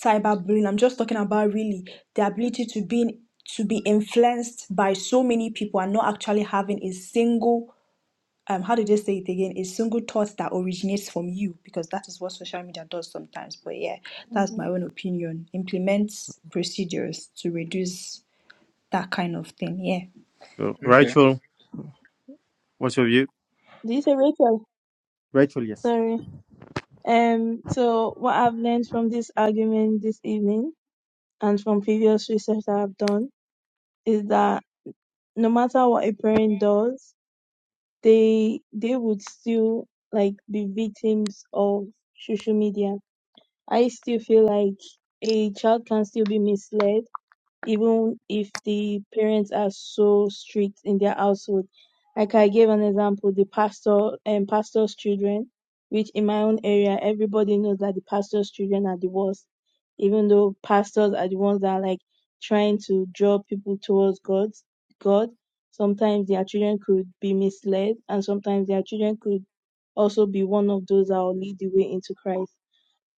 cyberbullying. I'm just talking about really the ability to be to be influenced by so many people and not actually having a single um how did they say it again? A single thought that originates from you because that is what social media does sometimes. But yeah, that's
Mhm.
my own opinion. Implement procedures to reduce that kind of thing. Yeah.
So,
Okay.
rachel what's your view
Did you say Rachel?
rachel yes
Sorry. Um, so what I've learned from this argument this evening and from previous research that I've done is that no matter what a parent does, they they would still like be victims of social media. I still feel like a child can still be misled even if the parents are so strict in their household. Like I gave an example, the pastor and pastor's children, which in my own area, everybody knows that the pastor's children are the worst, even though pastors are the ones that are like trying to draw people towards God. God. Sometimes their children could be misled, and sometimes their children could also be one of those that will lead the way into Christ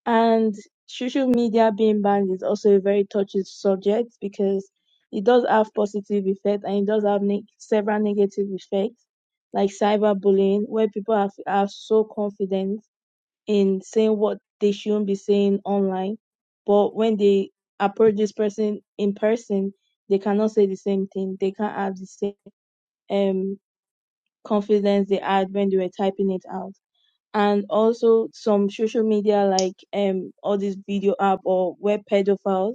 and social media being banned is also a very touchy subject because it does have positive effects and it does have neg several negative effects, like cyberbullying, where people are, are so confident in saying what they shouldn't be saying online, but when they approach this person in person, they cannot say the same thing. They can't have the same um confidence they had when they were typing it out and also some social media like um all these video app or web pedophiles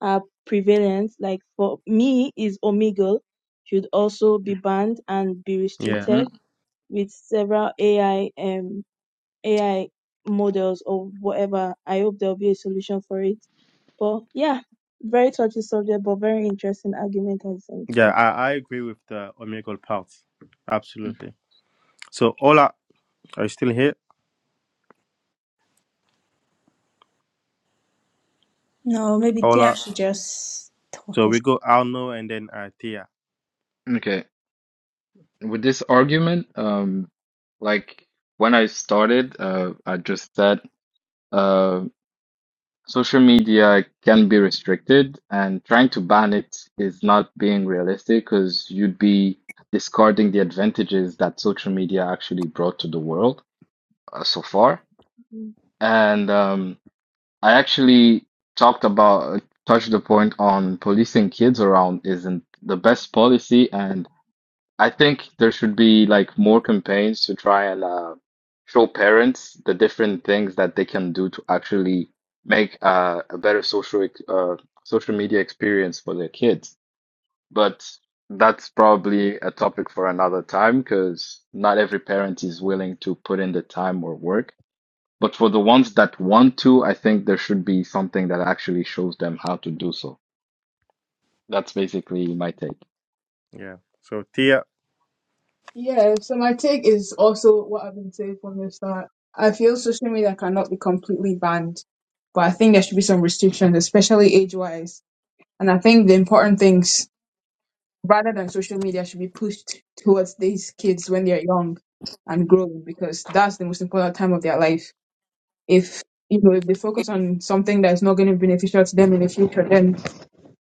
are prevalent like for me is omegle should also be banned and be
Yeah.
hmm
restricted with several ai um ai models or whatever i hope there'll be a solution for it but yeah very touchy subject but very interesting argument at the same
Yeah,
time
I, I agree with the Omegle part. Absolutely. So Ola, are you still here?
No, maybe Tia
Ola.
should just talk.
So
It
we go Arno and then uh, Tia.
Okay. With this argument, um, like when I started, uh, I just said, uh. Social media can be restricted, and trying to ban it is not being realistic because you'd be discarding the advantages that social media actually brought to the world uh, so far.
Mm.
And um, I actually talked about touched the point on policing kids around isn't the best policy, and I think there should be like more campaigns to try and uh, show parents the different things that they can do to actually make uh, a better social ex- uh, social media experience for their kids. But that's probably a topic for another time because not every parent is willing to put in the time or work. But for the ones that want to, I think there should be something that actually shows them how to do so. That's basically my take.
Yeah. So Tia.
Yeah, so my take is also what I've been saying from the start. I feel social media cannot be completely banned, but I think there should be some restrictions, especially age wise. And I think the important things, rather than social media, should be pushed towards these kids when they're young and growing, because that's the most important time of their life. If you know, if they focus on something that is not going to be beneficial to them in the future, then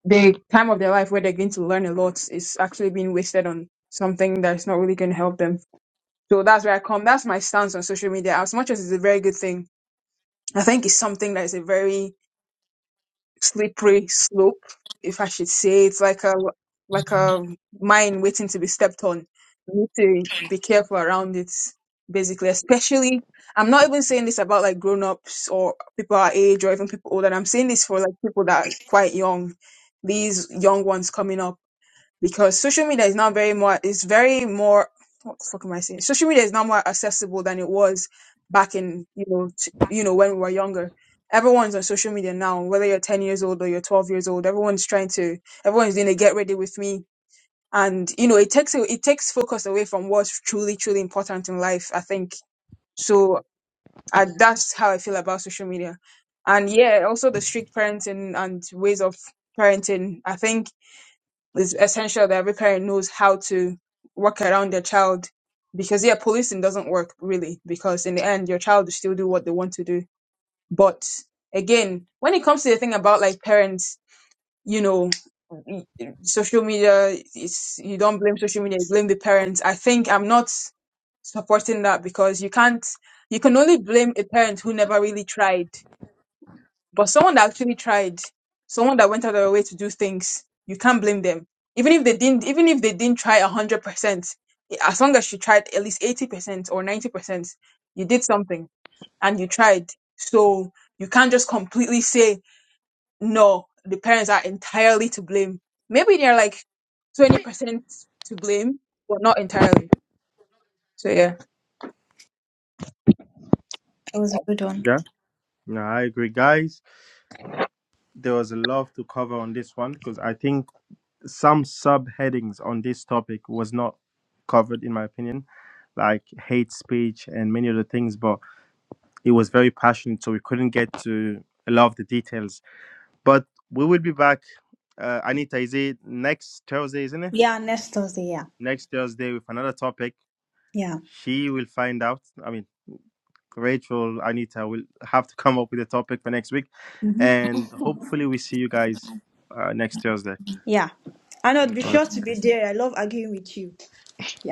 the time of their life where they're going to learn a lot is actually being wasted on something that's not really going to help them. So that's where I come. That's my stance on social media. As much as it's a very good thing, I think it's something that is a very slippery slope, if I should say. It's like a like a mine waiting to be stepped on. You need to be careful around it, basically. Especially, I'm not even saying this about like grown ups or people our age or even people older. I'm saying this for like people that are quite young. These young ones coming up because social media is now very more it's very more what the fuck am I saying? Social media is now more accessible than it was back in you know t- you know when we were younger. Everyone's on social media now, whether you're 10 years old or you're 12 years old. Everyone's trying to everyone's doing a get ready with me, and you know it takes a- it takes focus away from what's truly truly important in life. I think so. I, that's how I feel about social media, and yeah, also the strict parenting and ways of parenting. I think it's essential that every parent knows how to work around their child because yeah policing doesn't work really because in the end your child will still do what they want to do but again when it comes to the thing about like parents you know social media it's you don't blame social media you blame the parents i think i'm not supporting that because you can't you can only blame a parent who never really tried but someone that actually tried, someone that went out of their way to do things, you can't blame them. Even if they didn't, even if they didn't try hundred percent, as long as she tried at least eighty percent or ninety percent, you did something and you tried. So you can't just completely say no. The parents are entirely to blame. Maybe they're like twenty percent to blame, but not entirely. So yeah.
It was a good one.
Yeah. No, I agree, guys. There was a lot to cover on this one because I think some subheadings on this topic was not covered, in my opinion, like hate speech and many other things. But it was very passionate, so we couldn't get to a lot of the details. But we will be back. Uh, Anita, is it next Thursday, isn't it?
Yeah, next Thursday. Yeah.
next Thursday with another topic.
Yeah.
She will find out. I mean, Rachel, Anita will have to come up with a topic for next week. And hopefully, we see you guys uh, next Thursday.
I know. Be
Okay.
All of
sure
you
to be
guys.
there. I love arguing with you. Yeah.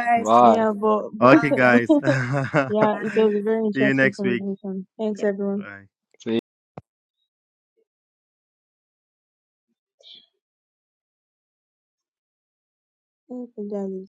Bye.
yeah but, but
Okay, guys.
yeah it was a very
see you
interesting
next week.
conversation thanks everyone
Bye.
See
Welcome, darling.